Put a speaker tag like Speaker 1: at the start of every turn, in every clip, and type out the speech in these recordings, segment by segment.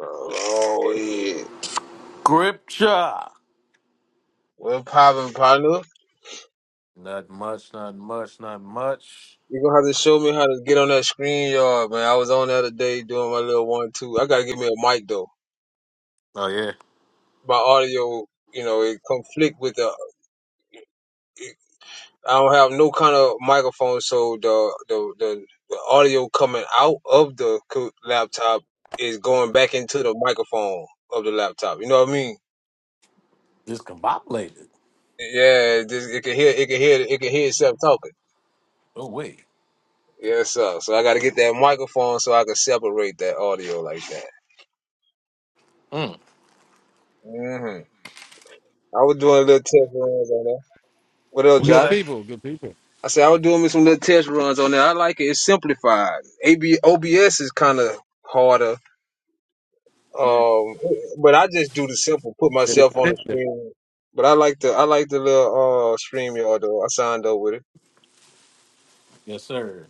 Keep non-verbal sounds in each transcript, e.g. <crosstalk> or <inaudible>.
Speaker 1: Oh, yeah.
Speaker 2: Scripture.
Speaker 1: Well, popping partner.
Speaker 2: Not much, not much, not much.
Speaker 1: You're gonna have to show me how to get on that screen yard, man. I was on the other day doing my little one, two. I gotta get me a mic, though.
Speaker 2: Oh yeah.
Speaker 1: My audio, you know, it conflict with the, I don't have no kind of microphone, so the, the, the, the audio coming out of the co- laptop is going back into the microphone of the laptop. You know what I mean?
Speaker 2: Discombobulated.
Speaker 1: Yeah, it, just, it can hear, it can hear, it can hear itself talking.
Speaker 2: Oh wait.
Speaker 1: Yes, sir. So I got to get that microphone so I can separate that audio like that.
Speaker 2: Mm.
Speaker 1: hmm I was doing little test runs on that. What else,
Speaker 2: What you
Speaker 3: Good
Speaker 1: Jai?
Speaker 2: say?
Speaker 3: people, good people.
Speaker 1: I said I was doing me some little test runs on there. I like it. It's simplified. AB, OBS is kind of harder,
Speaker 2: Yeah.
Speaker 1: um, but I just do the simple. Put
Speaker 3: It is
Speaker 1: myself on the
Speaker 3: expensive.
Speaker 1: screen. But I like the I like the little uh stream yard though. I signed up with it.
Speaker 2: Yes, sir.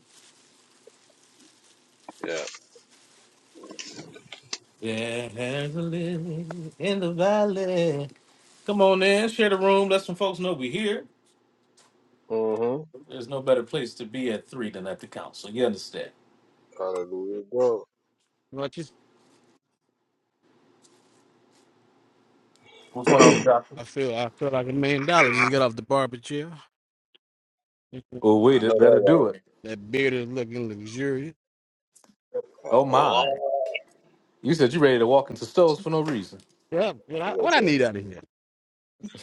Speaker 1: Yeah.
Speaker 2: Yeah, there's a living in the valley. Come on in, share the room, let some folks know we're here.
Speaker 1: Mm-hmm.
Speaker 2: There's no better place to be at three than at the council. You understand?
Speaker 1: Hallelujah. God.
Speaker 3: What you say?
Speaker 1: <clears throat>
Speaker 2: What's going on,
Speaker 1: I
Speaker 2: Joshua?
Speaker 3: I feel I feel like a million dollars just got off the barber chair.
Speaker 2: Oh wait,
Speaker 1: know
Speaker 2: that- that'll do
Speaker 1: that
Speaker 2: it.
Speaker 3: That beard is looking luxurious.
Speaker 1: right.
Speaker 2: Oh my. You said you ready to walk into stores for no reason.
Speaker 3: Yeah, what I, what I
Speaker 1: Oh,
Speaker 3: need out of here.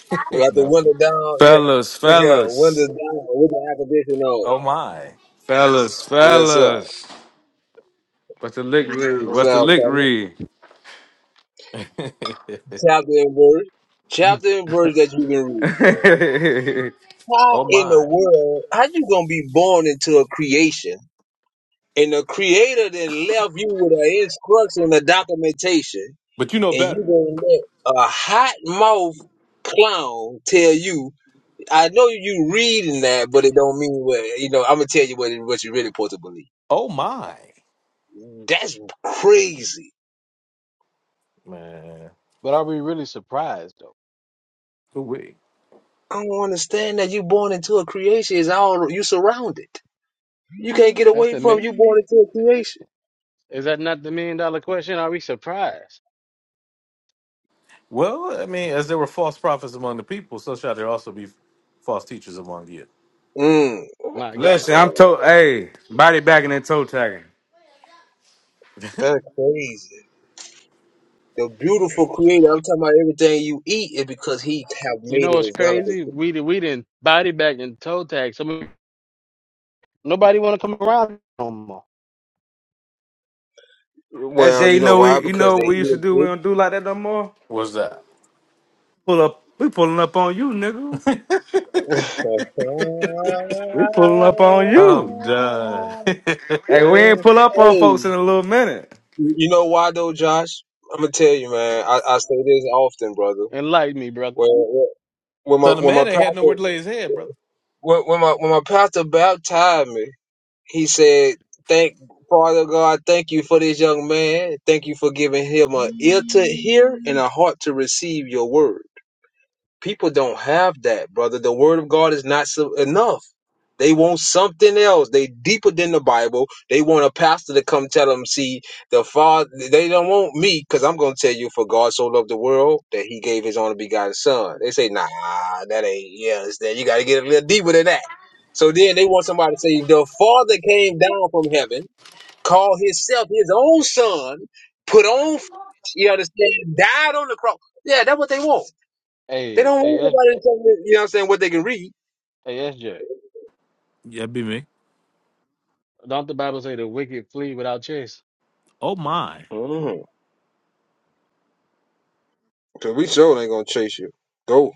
Speaker 2: <laughs>
Speaker 1: We got the window
Speaker 2: Nothing.
Speaker 1: down. Yeah.
Speaker 4: Fellas,
Speaker 1: Look here. Windows
Speaker 4: fellas,
Speaker 1: down with the air conditioning on.
Speaker 2: Oh my.
Speaker 4: fellas,
Speaker 1: Yes, sir.
Speaker 4: fellas. What's the lick read?
Speaker 1: What's
Speaker 4: What's the
Speaker 1: up,
Speaker 4: lick
Speaker 1: partner?
Speaker 4: read?
Speaker 1: Chapter and verse. Chapter and verse that you can read, man.
Speaker 4: <laughs>
Speaker 2: <laughs>
Speaker 1: How
Speaker 2: oh
Speaker 1: in the
Speaker 2: my.
Speaker 1: world, how you gonna be born into a creation and the creator then left you with an instruction, a documentation,
Speaker 2: But you know
Speaker 1: and you
Speaker 2: better.
Speaker 1: gonna let a hot mouth clown tell you, I know you reading that, but it don't mean what, you know, I'm gonna tell you what, it- what you really supposed to believe.
Speaker 2: Oh my,
Speaker 1: That's crazy.
Speaker 2: man.
Speaker 3: But are we really surprised though?
Speaker 2: Ooh-wee.
Speaker 1: I don't understand that you born into a creation is all you surrounded. You can't get
Speaker 3: That's
Speaker 1: away
Speaker 3: the
Speaker 1: from
Speaker 3: min.
Speaker 1: you born into a creation.
Speaker 3: Is that not the million dollar question? Are we surprised?
Speaker 2: Well, I mean, as there were false prophets among the people, so shall there also be false teachers among you.
Speaker 1: Mm.
Speaker 3: My
Speaker 1: My
Speaker 3: God,
Speaker 4: Listen, I'm
Speaker 1: Lord.
Speaker 4: toe. Hey, body bagging and toe tagging.
Speaker 1: That's crazy. The beautiful creator, I'm talking about everything you eat is because he have
Speaker 3: you
Speaker 1: made
Speaker 3: know what's
Speaker 1: it available
Speaker 3: crazy?
Speaker 1: to
Speaker 3: We di- we didn't body back and toe tag. Some nobody want to come around no more.
Speaker 1: you. Well,
Speaker 4: SJ,
Speaker 1: you
Speaker 4: you
Speaker 1: know
Speaker 4: know
Speaker 1: why?
Speaker 4: we, you
Speaker 1: Because
Speaker 4: know
Speaker 1: they
Speaker 4: what we used to
Speaker 1: eat
Speaker 4: do. We
Speaker 1: it.
Speaker 4: don't do like that no more.
Speaker 2: What's that?
Speaker 4: Pull up, we pulling up on you, nigga. We pulling up on you.
Speaker 2: I'm done. <laughs>
Speaker 4: Hey, we ain't pull up on
Speaker 1: hey,
Speaker 4: folks in a little minute.
Speaker 1: you know why though, Josh? I'm gonna tell you, man. I, I say this often, brother.
Speaker 3: Enlighten me, brother.
Speaker 1: Well. well, when my
Speaker 2: Son of
Speaker 1: when my
Speaker 2: man ain't had
Speaker 1: pastor
Speaker 2: nowhere to lay his head, brother.
Speaker 1: when, when my when my pastor baptized me, he said, "Thank Father God, thank you for this young man. Thank you for giving him an ear to hear and a heart to receive your word." People don't have that, brother. The word of God is not so enough. They want something else. They deeper than the Bible. They want a pastor to come tell them, see, the Father, they don't want me because I'm going to tell you, for God so loved the world that he gave his only begotten son. They say, nah, that ain't, yeah, it's that. You got to get a little deeper than that. So then they want somebody to say, the Father came down from heaven, called himself his own son, put on, flesh, you understand, died on the cross. Yeah, that's what they want. They
Speaker 3: Hey,
Speaker 1: don't
Speaker 3: hey,
Speaker 1: worry
Speaker 3: S-
Speaker 1: about it, tell me, you know what I'm saying, what they can read.
Speaker 3: hey, SJ.
Speaker 2: Yeah, be me.
Speaker 3: Don't the Bible say the wicked flee without chasing?
Speaker 2: Oh my.
Speaker 1: Mm. Cause we sure ain't gonna chase you. Go.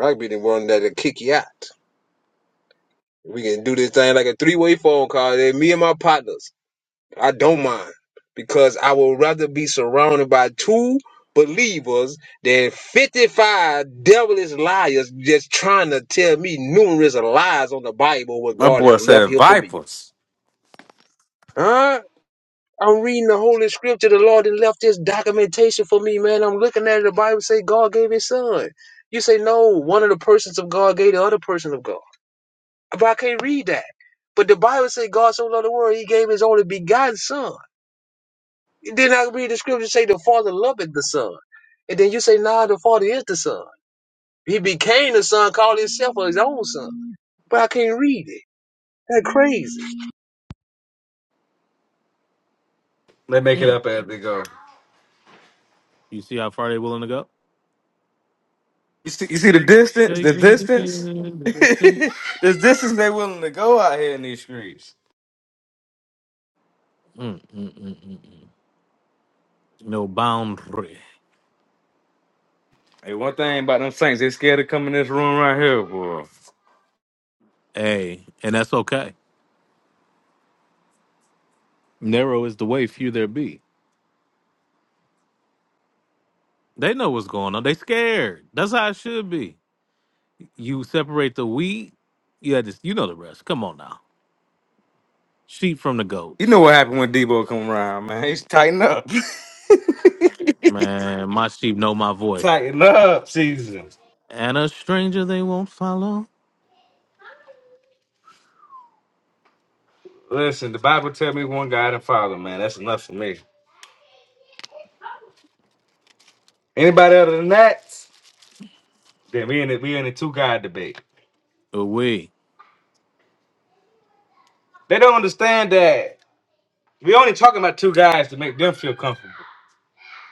Speaker 1: I'll be the one that'll kick you out. We can do this thing like a three way phone call. Then me and my partners. I don't mind. Because I would rather be surrounded by two believers than 55 devilish liars just trying to tell me numerous lies on the Bible what
Speaker 4: My
Speaker 1: God
Speaker 4: boy
Speaker 1: have left
Speaker 4: said
Speaker 1: here for me.
Speaker 4: vipers.
Speaker 1: Huh? I'm reading the Holy Scripture. The Lord and left this documentation for me, man. I'm looking at it. The Bible say God gave His Son. You say no. One of the persons of God gave the other person of God. But I can't read that. But the Bible say God so loved the world, He gave His only begotten Son. Then I read the Scripture say the Father loveth the Son, and then you say nah, the Father is the Son. He became the Son, called Himself His own Son. But I can't read it. That's crazy.
Speaker 4: They make it
Speaker 2: Mm.
Speaker 4: up as they go.
Speaker 2: You see how far they willing to go?
Speaker 4: You see, you see the distance,
Speaker 2: Take
Speaker 4: the
Speaker 2: me to
Speaker 4: distance, <laughs>
Speaker 2: the distance.
Speaker 4: the distance they willing to go out here in these streets.
Speaker 2: Mm, mm, mm, mm, mm. No boundary.
Speaker 4: Hey, one thing about them Saints, they scared to come in this room right here, boy.
Speaker 2: Hey, and that's okay. Narrow is the way, few there be. They know what's going on. They scared. That's how it should be. You separate the wheat. Yeah, this you know the rest. Come on now. Sheep from the
Speaker 4: You know
Speaker 2: goats.
Speaker 4: what happened when Debo come around, man? He's tighten up,
Speaker 2: Man, my sheep know my
Speaker 4: <laughs>
Speaker 2: voice.
Speaker 4: tighten up, season.
Speaker 2: And a stranger they won't follow.
Speaker 4: Listen, the Bible tell me one God and Father, man. That's enough for me. Anybody other than that, then we in the we in the two God debate.
Speaker 2: We
Speaker 4: They don't understand that we only talking about two guys to make them feel comfortable.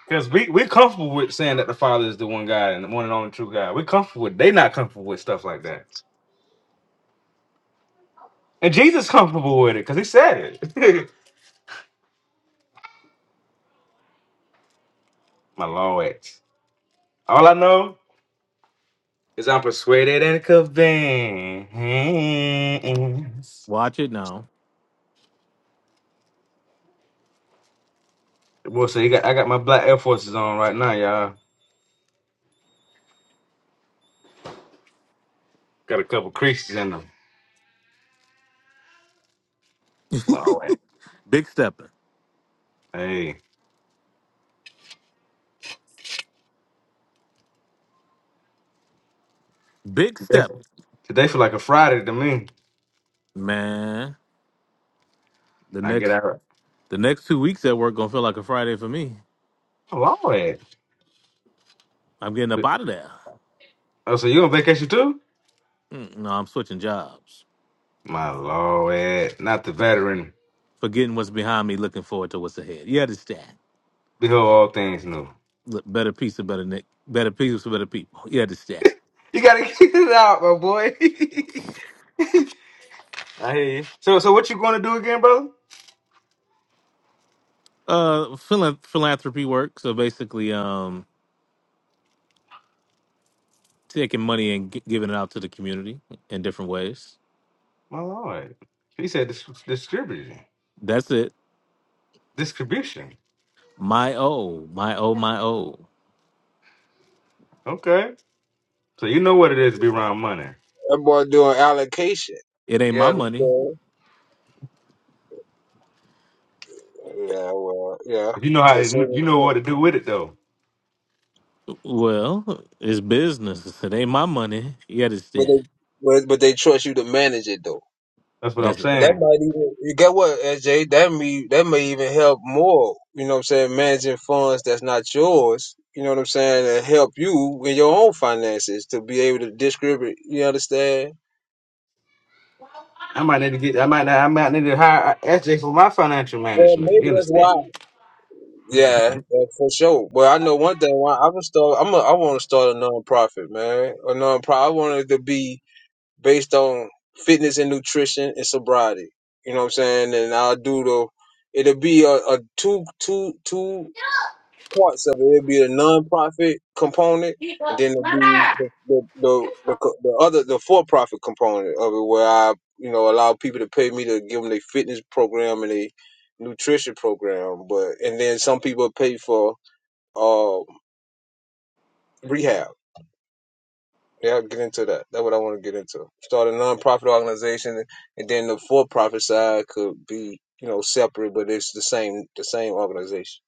Speaker 4: Because we we're comfortable with saying that the Father is the one God and the one and only true God. We're comfortable with. They not comfortable with stuff like that. And Jesus comfortable with it because he said it. <laughs> My Lord, all I know is I'm persuaded and convinced.
Speaker 2: watch it now.
Speaker 4: Boy, so you got I got my black Air Forces on right now, y'all. Got a couple creases in them. Lord,
Speaker 2: Big stepper.
Speaker 4: hey,
Speaker 2: Big
Speaker 4: today feel
Speaker 2: stepper.
Speaker 4: today feel like a Friday to me.
Speaker 2: Man, the
Speaker 4: I get
Speaker 2: next
Speaker 4: out.
Speaker 2: the next two weeks at work gonna feel like a Friday for me.
Speaker 4: Lord,
Speaker 2: I'm getting up out of there.
Speaker 4: oh so you on vacation too?
Speaker 2: Mm, No, I'm switching jobs.
Speaker 4: My lord, Ed. not the veteran.
Speaker 2: Forgetting what's behind me, looking forward to what's ahead. You understand?
Speaker 4: Behold, all things new.
Speaker 2: Look, better piece of better Nick. Better pieces for better people. You understand?
Speaker 4: You gotta <laughs> get it out, my boy. <laughs> I hear you. So, so what you gonna do again, brother?
Speaker 2: Uh, phila- philanthropy work. So basically, um, taking money and gi- giving it out to the community in different ways.
Speaker 4: My lord, he said dis- distribution,
Speaker 2: That's it.
Speaker 4: distribution.
Speaker 2: My oh, my oh, my oh.
Speaker 4: Okay, so you know what it is to be around money.
Speaker 1: That boy doing allocation.
Speaker 2: It ain't
Speaker 1: You
Speaker 2: my money.
Speaker 1: understand? Yeah, well, yeah,
Speaker 4: You know how
Speaker 1: to a
Speaker 4: to,
Speaker 1: certain
Speaker 4: you know
Speaker 1: extent.
Speaker 4: what to do with it though.
Speaker 2: Well, it's business. It ain't my money. You
Speaker 1: But
Speaker 2: understand?
Speaker 1: they, but, but they trust you to manage it though.
Speaker 4: That's what I'm
Speaker 2: That's it.
Speaker 1: And that
Speaker 4: saying.
Speaker 1: might even you get what, SJ? That may that may even help more. You know what I'm saying? Managing funds that's not yours. You know what I'm saying? And help you in your own finances to be able to distribute. You understand?
Speaker 4: I might need to get. I might. Not, I might need to hire SJ for my financial
Speaker 1: Well,
Speaker 4: management.
Speaker 1: maybe
Speaker 4: You
Speaker 1: that's
Speaker 4: understand?
Speaker 1: why.
Speaker 2: <laughs>
Speaker 1: Yeah, that's for sure. But I know one thing. Why I'm gonna start. I'm. A, I want to start a nonprofit, man. A nonprofit. I want it to be based on fitness and nutrition and sobriety. You know what I'm saying? And I'll do the it'll be a, a two two two parts of it. It'll be the non-profit component, and then it'll be the the the, the, co- the other the for-profit component of it, where I you know allow people to pay me to give them their fitness program and their nutrition program, but and then some people pay for uh rehab Yeah, I'll get into that. That's what I want to get into. Start a nonprofit organization, and then the for-profit side could be, you know, separate, but it's the same, the same organization.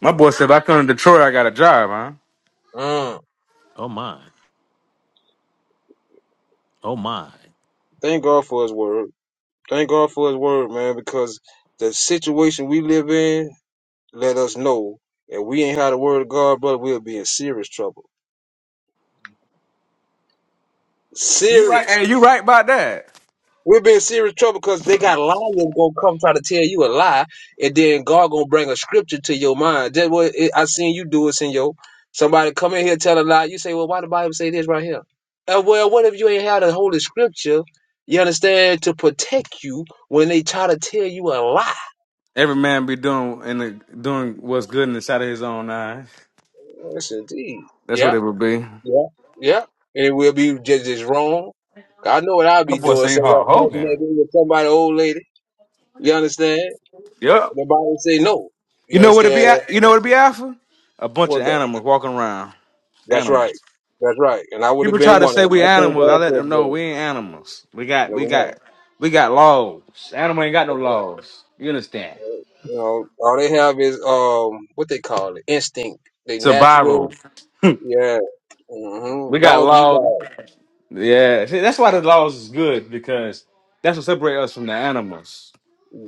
Speaker 4: My boy said, if I come to Detroit, I got a job, huh?
Speaker 1: Mm.
Speaker 2: oh my. Oh my.
Speaker 1: Thank God for His word. Thank God for His word, man, because the situation we live in let us know if we ain't had the word of God, brother, we'll be in serious trouble.
Speaker 4: You right?
Speaker 1: Serious.
Speaker 4: Hey, you right about that?
Speaker 1: We'll be in serious trouble because they got liars gonna come try to tell you a lie, and then God gonna bring a scripture to your mind. That's what it, I seen you do it, Senor. Somebody come in here tell a lie. You say, well, why the Bible say this right here? Uh, well, what if you ain't had the Holy Scripture? You understand to protect you when they try to tell you a lie.
Speaker 4: Every man be doing in the doing what's good in the sight of his own eye.
Speaker 1: Yes, indeed.
Speaker 4: That's what
Speaker 1: Yeah,
Speaker 4: it would be.
Speaker 1: yeah, yeah. And it will be just as wrong. I know what I'll
Speaker 4: That
Speaker 1: be
Speaker 4: boy
Speaker 1: doing.
Speaker 4: say
Speaker 1: So I
Speaker 4: Hulk
Speaker 1: butt
Speaker 4: Hogan.
Speaker 1: naked with somebody old lady. You understand?
Speaker 4: Yep.
Speaker 1: The Bible say no.
Speaker 4: You
Speaker 1: You
Speaker 4: know what it be?
Speaker 1: understand?
Speaker 4: Al- You know what it be, Alpha? A bunch of
Speaker 1: was that?
Speaker 4: animals walking around.
Speaker 1: That's
Speaker 4: Animals.
Speaker 1: right. That's right. And I would have
Speaker 4: People try
Speaker 1: been
Speaker 4: to
Speaker 1: one
Speaker 4: say
Speaker 1: of them.
Speaker 4: we
Speaker 1: I thank
Speaker 4: animals. I
Speaker 1: God
Speaker 4: let
Speaker 1: for
Speaker 4: them know
Speaker 1: that.
Speaker 4: we ain't animals. We got
Speaker 1: No,
Speaker 4: we
Speaker 1: we're not.
Speaker 4: got we got laws. Animal ain't got no
Speaker 1: That's
Speaker 4: laws. You understand?
Speaker 1: right. You know, all they have is um, what they call it, instinct. They
Speaker 4: Survival.
Speaker 1: natural,
Speaker 4: <laughs>
Speaker 1: yeah.
Speaker 4: We
Speaker 1: hmm
Speaker 4: got
Speaker 1: Dog eat
Speaker 4: laws.
Speaker 1: dog.
Speaker 4: Yeah. See, that's why the laws is good because that's what separates us from the animals.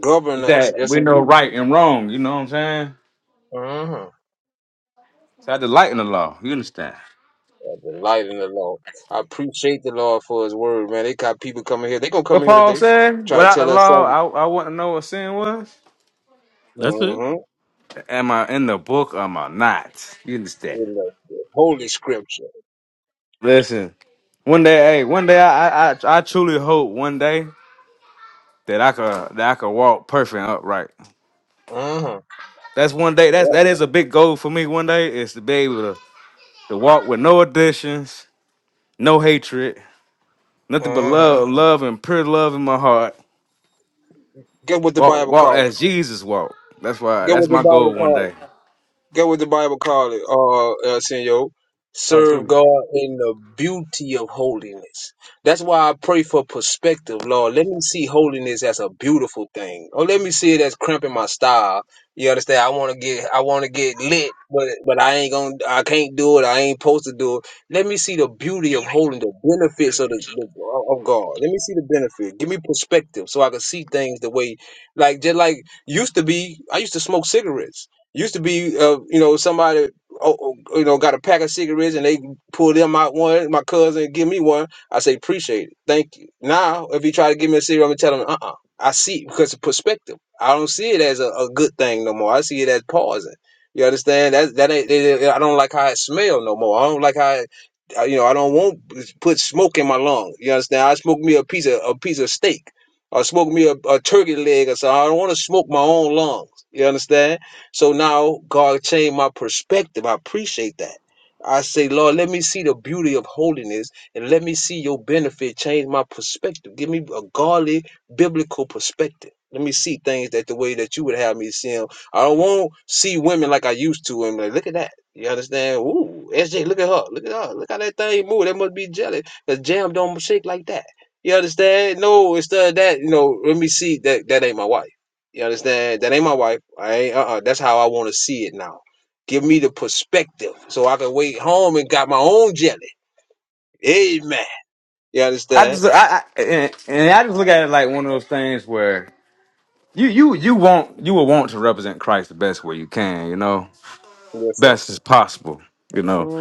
Speaker 1: Govern us,
Speaker 4: that
Speaker 1: yes
Speaker 4: we know
Speaker 1: indeed.
Speaker 4: right and wrong. You know what I'm saying?
Speaker 1: hmm
Speaker 4: So I delight in the law. You understand?
Speaker 1: The light in the law. I appreciate the Lord for His word, man. They got people coming here. They gonna
Speaker 4: What
Speaker 1: come here
Speaker 4: Paul
Speaker 1: today,
Speaker 4: said?
Speaker 1: try to
Speaker 4: Without the
Speaker 1: tell us
Speaker 4: law,
Speaker 1: something.
Speaker 4: I, I wouldn't know what sin was.
Speaker 2: That's
Speaker 1: hmm
Speaker 4: Am I in the book? Or am I not? You understand?
Speaker 1: In the, the holy scripture.
Speaker 4: Listen, one day, hey, one day, I, I, I I truly hope one day that I could that I could walk perfect and upright.
Speaker 1: hmm
Speaker 4: That's one day. That's
Speaker 1: Yep.
Speaker 4: that is a big goal for me. One day is to be able to, to walk with no additions, no hatred, nothing but
Speaker 1: hmm
Speaker 4: love, love and pure love in my heart
Speaker 1: Get what the
Speaker 4: Walk,
Speaker 1: Bible
Speaker 4: walk
Speaker 1: calls.
Speaker 4: as Jesus walked. That's why.
Speaker 1: Go
Speaker 4: That's
Speaker 1: with the
Speaker 4: my
Speaker 1: dollar
Speaker 4: goal one
Speaker 1: card.
Speaker 4: day.
Speaker 1: Get what the Bible call it, uh, El Senor.
Speaker 4: Talk to
Speaker 1: Serve
Speaker 4: me.
Speaker 1: God in the beauty of holiness. That's why I pray for perspective, Lord. Let me see holiness as a beautiful thing. Or let me see it as cramping my style. You understand? I want to get, I want to get lit, but but I ain't gonna, I can't do it. I ain't supposed to do it. Let me see the beauty of holding the benefits of the the- of God. Let me see the benefit. Give me perspective so I can see things the way, like just like used to be. I used to smoke cigarettes. Used to be, uh, you know, somebody, oh, oh, you know, got a pack of cigarettes and they pull them out one. My cousin give me one. I say appreciate it, thank you. Now, if he try to give me a cigarette, I'm gonna tell him, uh, uh I see it because of perspective. I don't see it as a, a good thing no more. I see it as pausing. You understand? That that ain't. It, it- I don't like how it smell no more. I don't like how. It, I- you know, I don't want to put smoke in my lung. You understand? I smoke me a piece of a piece of steak, or smoke me a, a turkey leg, or something. I don't want to smoke my own lungs. You understand? So now God changed my perspective. I appreciate that. I say, Lord, let me see the beauty of holiness and let me see your benefit change my perspective. Give me a godly biblical perspective. Let me see things that the way that you would have me see 'em. I do not want to see women like I used to. And like, look at that. You understand? Ooh, SJ, look at her. Look at her. Look how that thing move. That must be jelly. Cause jam don't shake like that. You understand? No, instead of that, you know, let me see that that ain't my wife. You understand? That ain't my wife. I ain't, uh-uh. That's how I want to see it now. Give me the perspective so I can wait home and got my own jelly. Amen. You
Speaker 4: I
Speaker 1: understand?
Speaker 4: just, I, I and, and I just look at it like one of those things where you, you, you want, you will want to represent Christ the best way you can. You know,
Speaker 1: Yes, sir.
Speaker 4: best as possible. You know,
Speaker 1: hmm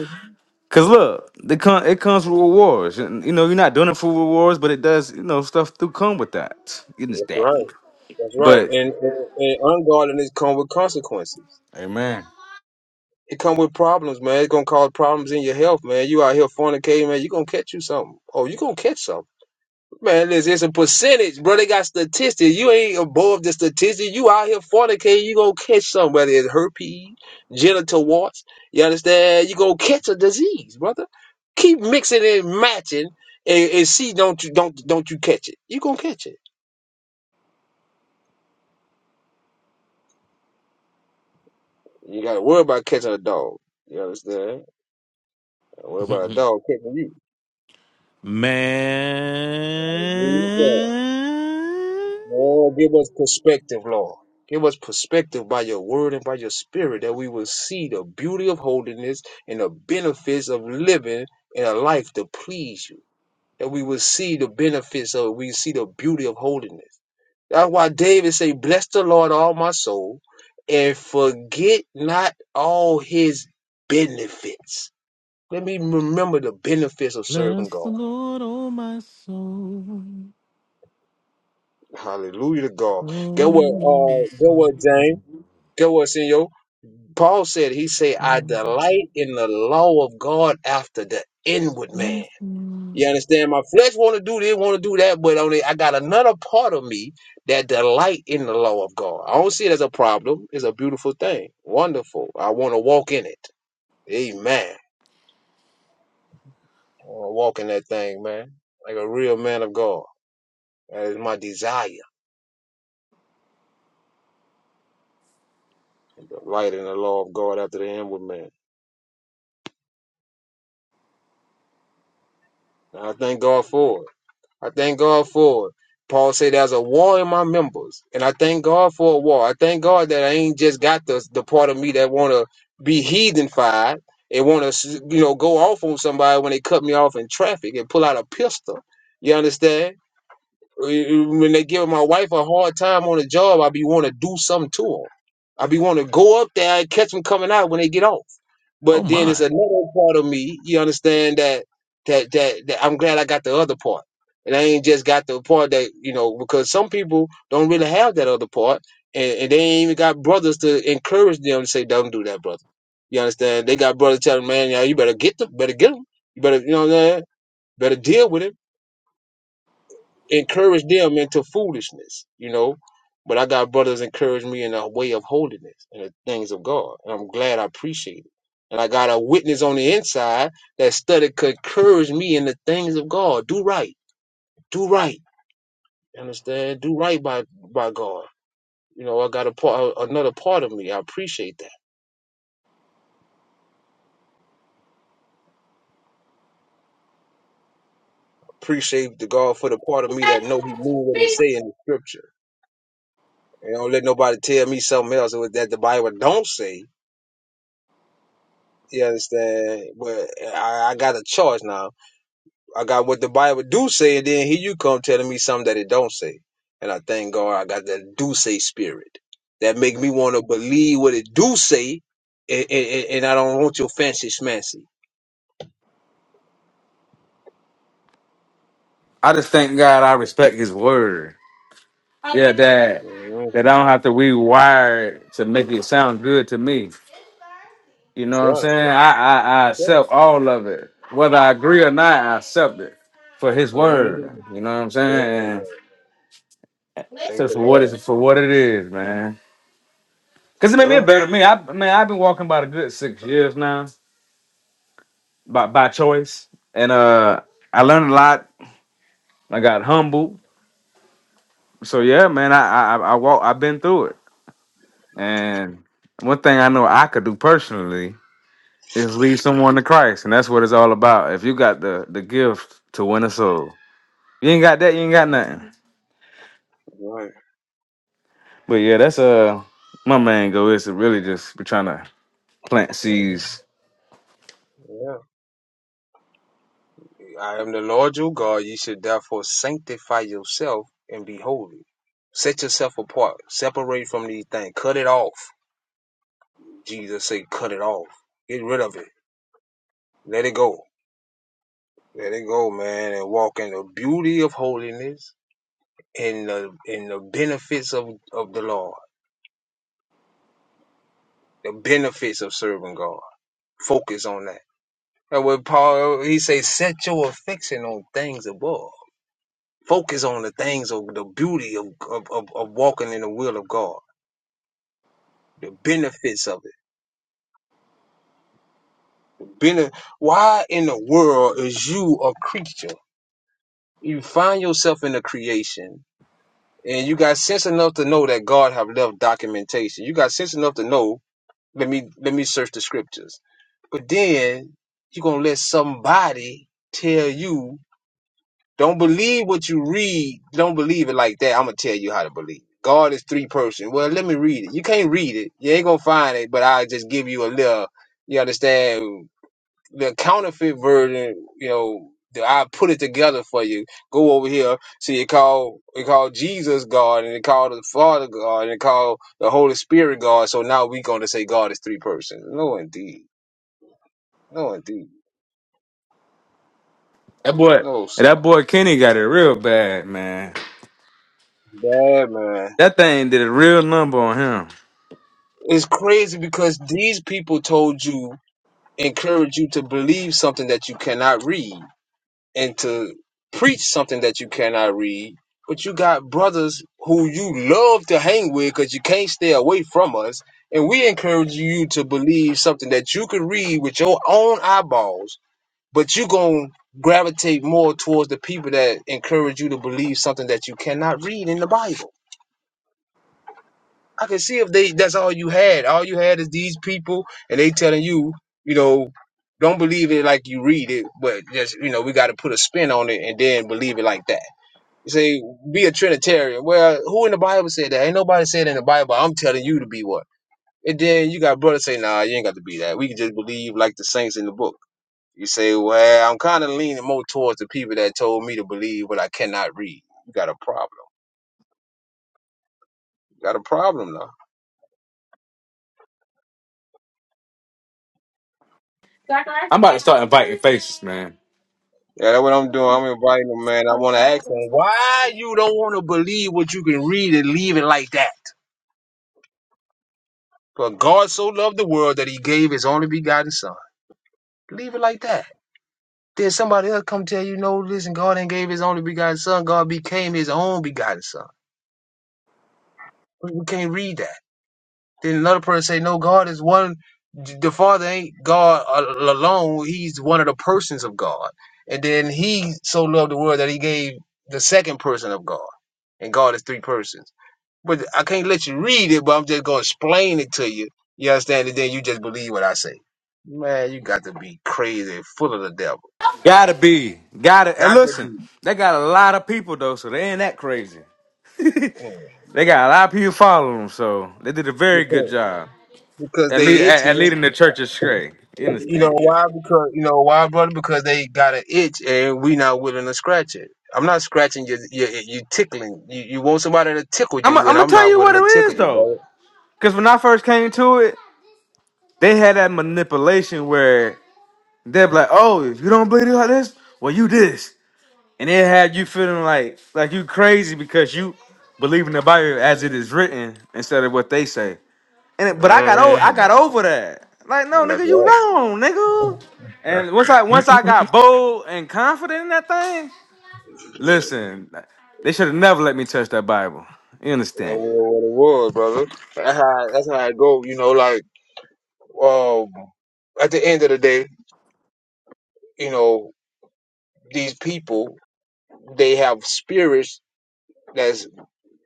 Speaker 4: cause look, it comes, it comes with rewards. And, you know, you're not doing it for rewards, but it does. You know, stuff do come with that. You
Speaker 1: That's right.
Speaker 4: understand?
Speaker 1: That's right.
Speaker 4: But,
Speaker 1: And, and, and ungodliness come with consequences.
Speaker 4: amen.
Speaker 1: It come with problems, man. It's gonna cause problems in your health, man. You out here fornicating, man. You gonna catch you something. Oh, you gonna catch something. Man, listen, it's a percentage, bro. They got statistics. You ain't above the statistics. You out here fornicating, you gonna catch something, whether it's herpes, genital warts. You understand? You gonna catch a disease, brother. Keep mixing and matching, and, and see don't you don't don't you catch it? You gonna catch it. You gotta worry about catching a dog. You understand? Worry about a
Speaker 2: it.
Speaker 1: dog catching
Speaker 2: <laughs> Man.
Speaker 1: you. Lord, give us perspective, Lord. Give us perspective by your word and by your spirit that we will see the beauty of holiness and the benefits of living in a life to please you. That we will see the benefits of, we see the beauty of holiness. That's why David say, bless the Lord all my soul and forget not all his benefits. Let me remember the benefits of serving
Speaker 2: Bless the
Speaker 1: God.
Speaker 2: Lord, oh my soul.
Speaker 1: Hallelujah to God.
Speaker 2: Oh,
Speaker 1: Get what, uh,
Speaker 2: my
Speaker 1: get
Speaker 2: soul.
Speaker 1: what, James? Get what, Senor? Paul said, he said, I delight in the law of God after the inward man. You understand? My flesh want to do this, want to do that, but only I got another part of me that delight in the law of God. I don't see it as a problem. It's a beautiful thing. Wonderful. I want to walk in it. Amen. I want to walk in that thing, man. Like a real man of God. That is my desire. Delight in the law of God after the inward man. And I thank God for it. I thank God for it. Paul said there's a war in my members, and I thank God for a war. I thank God that I ain't just got the the part of me that want to be heathenified and want to you know go off on somebody when they cut me off in traffic and pull out a pistol. You understand? When they give my wife a hard time on the job, I be want to do something to them. I be want to go up there and catch them coming out when they get off.
Speaker 2: Oh,
Speaker 1: But then it's
Speaker 2: my.
Speaker 1: another part of me. You understand that that that, that I'm glad I got the other part, and I ain't just got the part that you know because some people don't really have that other part, and, and they ain't even got brothers to encourage them to say, "Don't do that, brother." You understand? They got brothers telling them, man, yeah, you better get them, better get them. You better, you know what I'm saying? Better deal with him encourage them into foolishness, you know. But I got brothers encourage me in a way of holiness and the things of God. And I'm glad I appreciate it. And I got a witness on the inside that study could encourage me in the things of God. Do right. Do right. Understand? Do right by by God. You know, I got a part another part of me. I appreciate that. Appreciate the God for the part of me that know he knew what he say in the scripture. And don't let nobody tell me something else that the Bible don't say You understand? But I, I got a choice now. I got what the Bible do say, and then here you come telling me something that it don't say. And I thank God I got that do say spirit that make me want to believe what it do say, and, and, and I don't want your fancy smancy.
Speaker 4: I just thank God. I respect His word. Yeah, that
Speaker 1: hmm
Speaker 4: that I don't have to rewire it to make it sound good to me. You know
Speaker 1: That's
Speaker 4: what I'm
Speaker 1: right.
Speaker 4: saying? I I, I
Speaker 1: That's right.
Speaker 4: accept all of it, whether I agree or not. I accept it for His word.
Speaker 1: Mhm.
Speaker 4: You know what I'm
Speaker 1: Thank the
Speaker 4: saying?
Speaker 1: Lord. Thank
Speaker 4: So
Speaker 1: the
Speaker 4: for what
Speaker 1: Lord.
Speaker 4: is for what it is, man. Cause it made me a
Speaker 1: Yeah.
Speaker 4: better me. I man, I've been walking about a good six years now, by by choice, and uh, I learned a lot. I got humble. So yeah, man, I I I I walk. I've been through it, and one thing I know I could do personally is lead someone to Christ, and that's what it's all about. If you got the the gift to win a soul, you ain't got that, you ain't got nothing.
Speaker 1: Mhm. Right.
Speaker 4: But yeah, that's uh my main goal is to really just be trying to plant
Speaker 1: Mhm.
Speaker 4: seeds.
Speaker 1: Yeah. I am the Lord your God. Ye should therefore sanctify yourself and be holy. Set yourself apart. Separate from these things. Cut it off. Jesus say, cut it off. Get rid of it. Let it go. Let it go, man, and walk in the beauty of holiness and the in the benefits of, of the Lord. The benefits of serving God. Focus on that. And when Paul he say, set your affection on things above. Focus on the things of the beauty of, of, of, of walking in the will of God the benefits of it. Bene- why in the world is you a creature? You find yourself in the creation, and you got sense enough to know that God have left documentation. You got sense enough to know. Let me let me search the scriptures. But then you gonna let somebody tell you don't believe what you read. Don't believe it like that. I'm gonna tell you how to believe. God is three person. Well, let me read it. You can't read it. You ain't gonna find it. But I just give you a little. You understand? the counterfeit version, you know, that I put it together for you. Go over here. See, it called it called Jesus God, and it called the Father God, and it called the Holy Spirit God. So now we gonna say God is three persons. No, indeed. No, indeed.
Speaker 4: That boy,
Speaker 1: No, sir.
Speaker 4: that boy Kenny got it real bad, man.
Speaker 1: Bad man.
Speaker 4: That thing did a real number on him.
Speaker 1: It's crazy because these people told you, encourage you to believe something that you cannot read. and to preach something that you cannot read, but you got brothers who you love to hang with because you can't stay away from us. And we encourage you to believe something that you could read with your own eyeballs, but you're going to gravitate more towards the people that encourage you to believe something that you cannot read in the Bible. I can see if they that's all you had. All you had is these people, and they telling you, you know, don't believe it like you read it, but just you know, we got to put a spin on it and then believe it like that. You say be a Trinitarian. Well, who in the Bible said that? Ain't nobody said in the Bible. I'm telling you to be one. And then you got brothers say, Nah, you ain't got to be that. We can just believe like the saints in the book. You say, Well, I'm kind of leaning more towards the people that told me to believe what I cannot read. You got a problem. You got a problem now.
Speaker 4: I'm about to start inviting faces, man.
Speaker 1: Yeah, that's what I'm doing. I'm inviting them, man. I want to ask them why you don't want to believe what you can read and leave it like that. But God so loved the world that He gave His only begotten Son. Leave it like that. Then somebody else come tell you, no, listen, God ain't gave his only begotten son. God became his own begotten son. We we can't read that. Then another person say, no, God is one. The Father ain't God al- alone. He's one of the persons of God. And then he so loved the world that he gave the second person of God. And God is three persons. But I can't let you read it, but I'm just going to explain it to you. You understand? And then you just believe what I say. Man, you got to be crazy, full of the devil.
Speaker 4: Gotta be, gotta. And
Speaker 1: Got to
Speaker 4: listen,
Speaker 1: be.
Speaker 4: they got a lot of people though, so they ain't that crazy. <laughs> they got a lot of people following them, so they did a very good
Speaker 1: Mm.
Speaker 4: job.
Speaker 1: because
Speaker 4: At lead,
Speaker 1: they
Speaker 4: at, at
Speaker 1: itching.
Speaker 4: leading the church is straight, You
Speaker 1: You know
Speaker 4: understand?
Speaker 1: why? Because you know why, brother? Because they got an itch and we not willing to scratch it. I'm not scratching your your you tickling. You you want somebody to tickle
Speaker 4: I'm i
Speaker 1: you,
Speaker 4: I'm
Speaker 1: and
Speaker 4: gonna
Speaker 1: I'm
Speaker 4: tell
Speaker 1: not
Speaker 4: you what
Speaker 1: willing
Speaker 4: it
Speaker 1: to
Speaker 4: is
Speaker 1: tickle you,
Speaker 4: though,
Speaker 1: brother.
Speaker 4: because when I first came to it, they had that manipulation where they're like, "Oh, if you don't believe it like this, well, you this," and it had you feeling like like you crazy because you believe in the Bible as it is written instead of what they say. And it, but I got over I got
Speaker 1: hmm
Speaker 4: over that. Like, no,
Speaker 1: That's
Speaker 4: nigga, you
Speaker 1: right.
Speaker 4: wrong, nigga. And once I once I got bold and confident in that thing, Listen, they should have never let me touch that Bible. You
Speaker 1: That
Speaker 4: understand?
Speaker 1: was what it was, brother. That's how that's how it go. You know, like. Um, at the end of the day, you know, these people they have spirits that's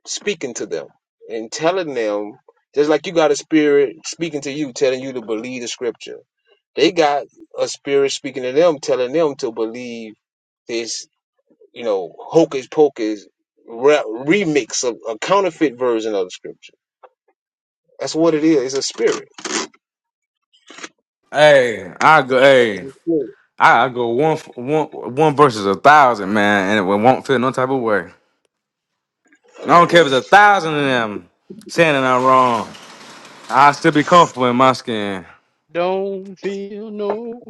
Speaker 1: speaking to them and telling them just like you got a spirit speaking to you, telling you to believe the scripture. They got a spirit speaking to them, telling them to believe this, you know, hocus pocus re- remix of a counterfeit version of the scripture. That's what it is. It's a spirit.
Speaker 4: Hey, I go.
Speaker 1: It's
Speaker 4: Hey,
Speaker 1: a
Speaker 4: I, I go one f- one one versus a thousand, man, and it won't feel no type of way. I don't care
Speaker 1: spirit.
Speaker 4: if it's a thousand of them saying that I'm wrong. I still be comfortable in my skin.
Speaker 3: Don't feel no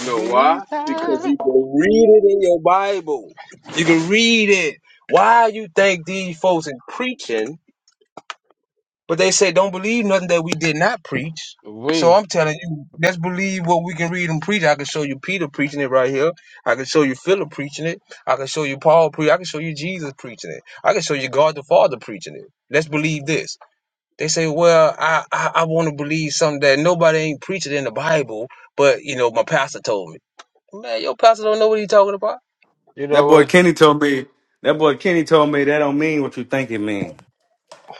Speaker 1: You know why? Because
Speaker 3: time.
Speaker 1: you can read it in your Bible. You can read it. Why you think these folks is preaching, but they say don't believe nothing that we did not preach. So
Speaker 3: We,
Speaker 1: I'm telling you, let's believe what we can read and preach. I can show you Peter preaching it right here. I can show you Philip preaching it. I can show you Paul preaching. I can show you Jesus preaching it. I can show you God the Father preaching it. Let's believe this. They say, well, I I, I want to believe something that nobody ain't preaching in the Bible, but you know my pastor told me. Man, your pastor don't know what he talking about.
Speaker 3: you
Speaker 4: That
Speaker 3: know
Speaker 4: boy
Speaker 3: what,
Speaker 4: Kenny told me. That boy Kenny told me that don't mean what you think it mean.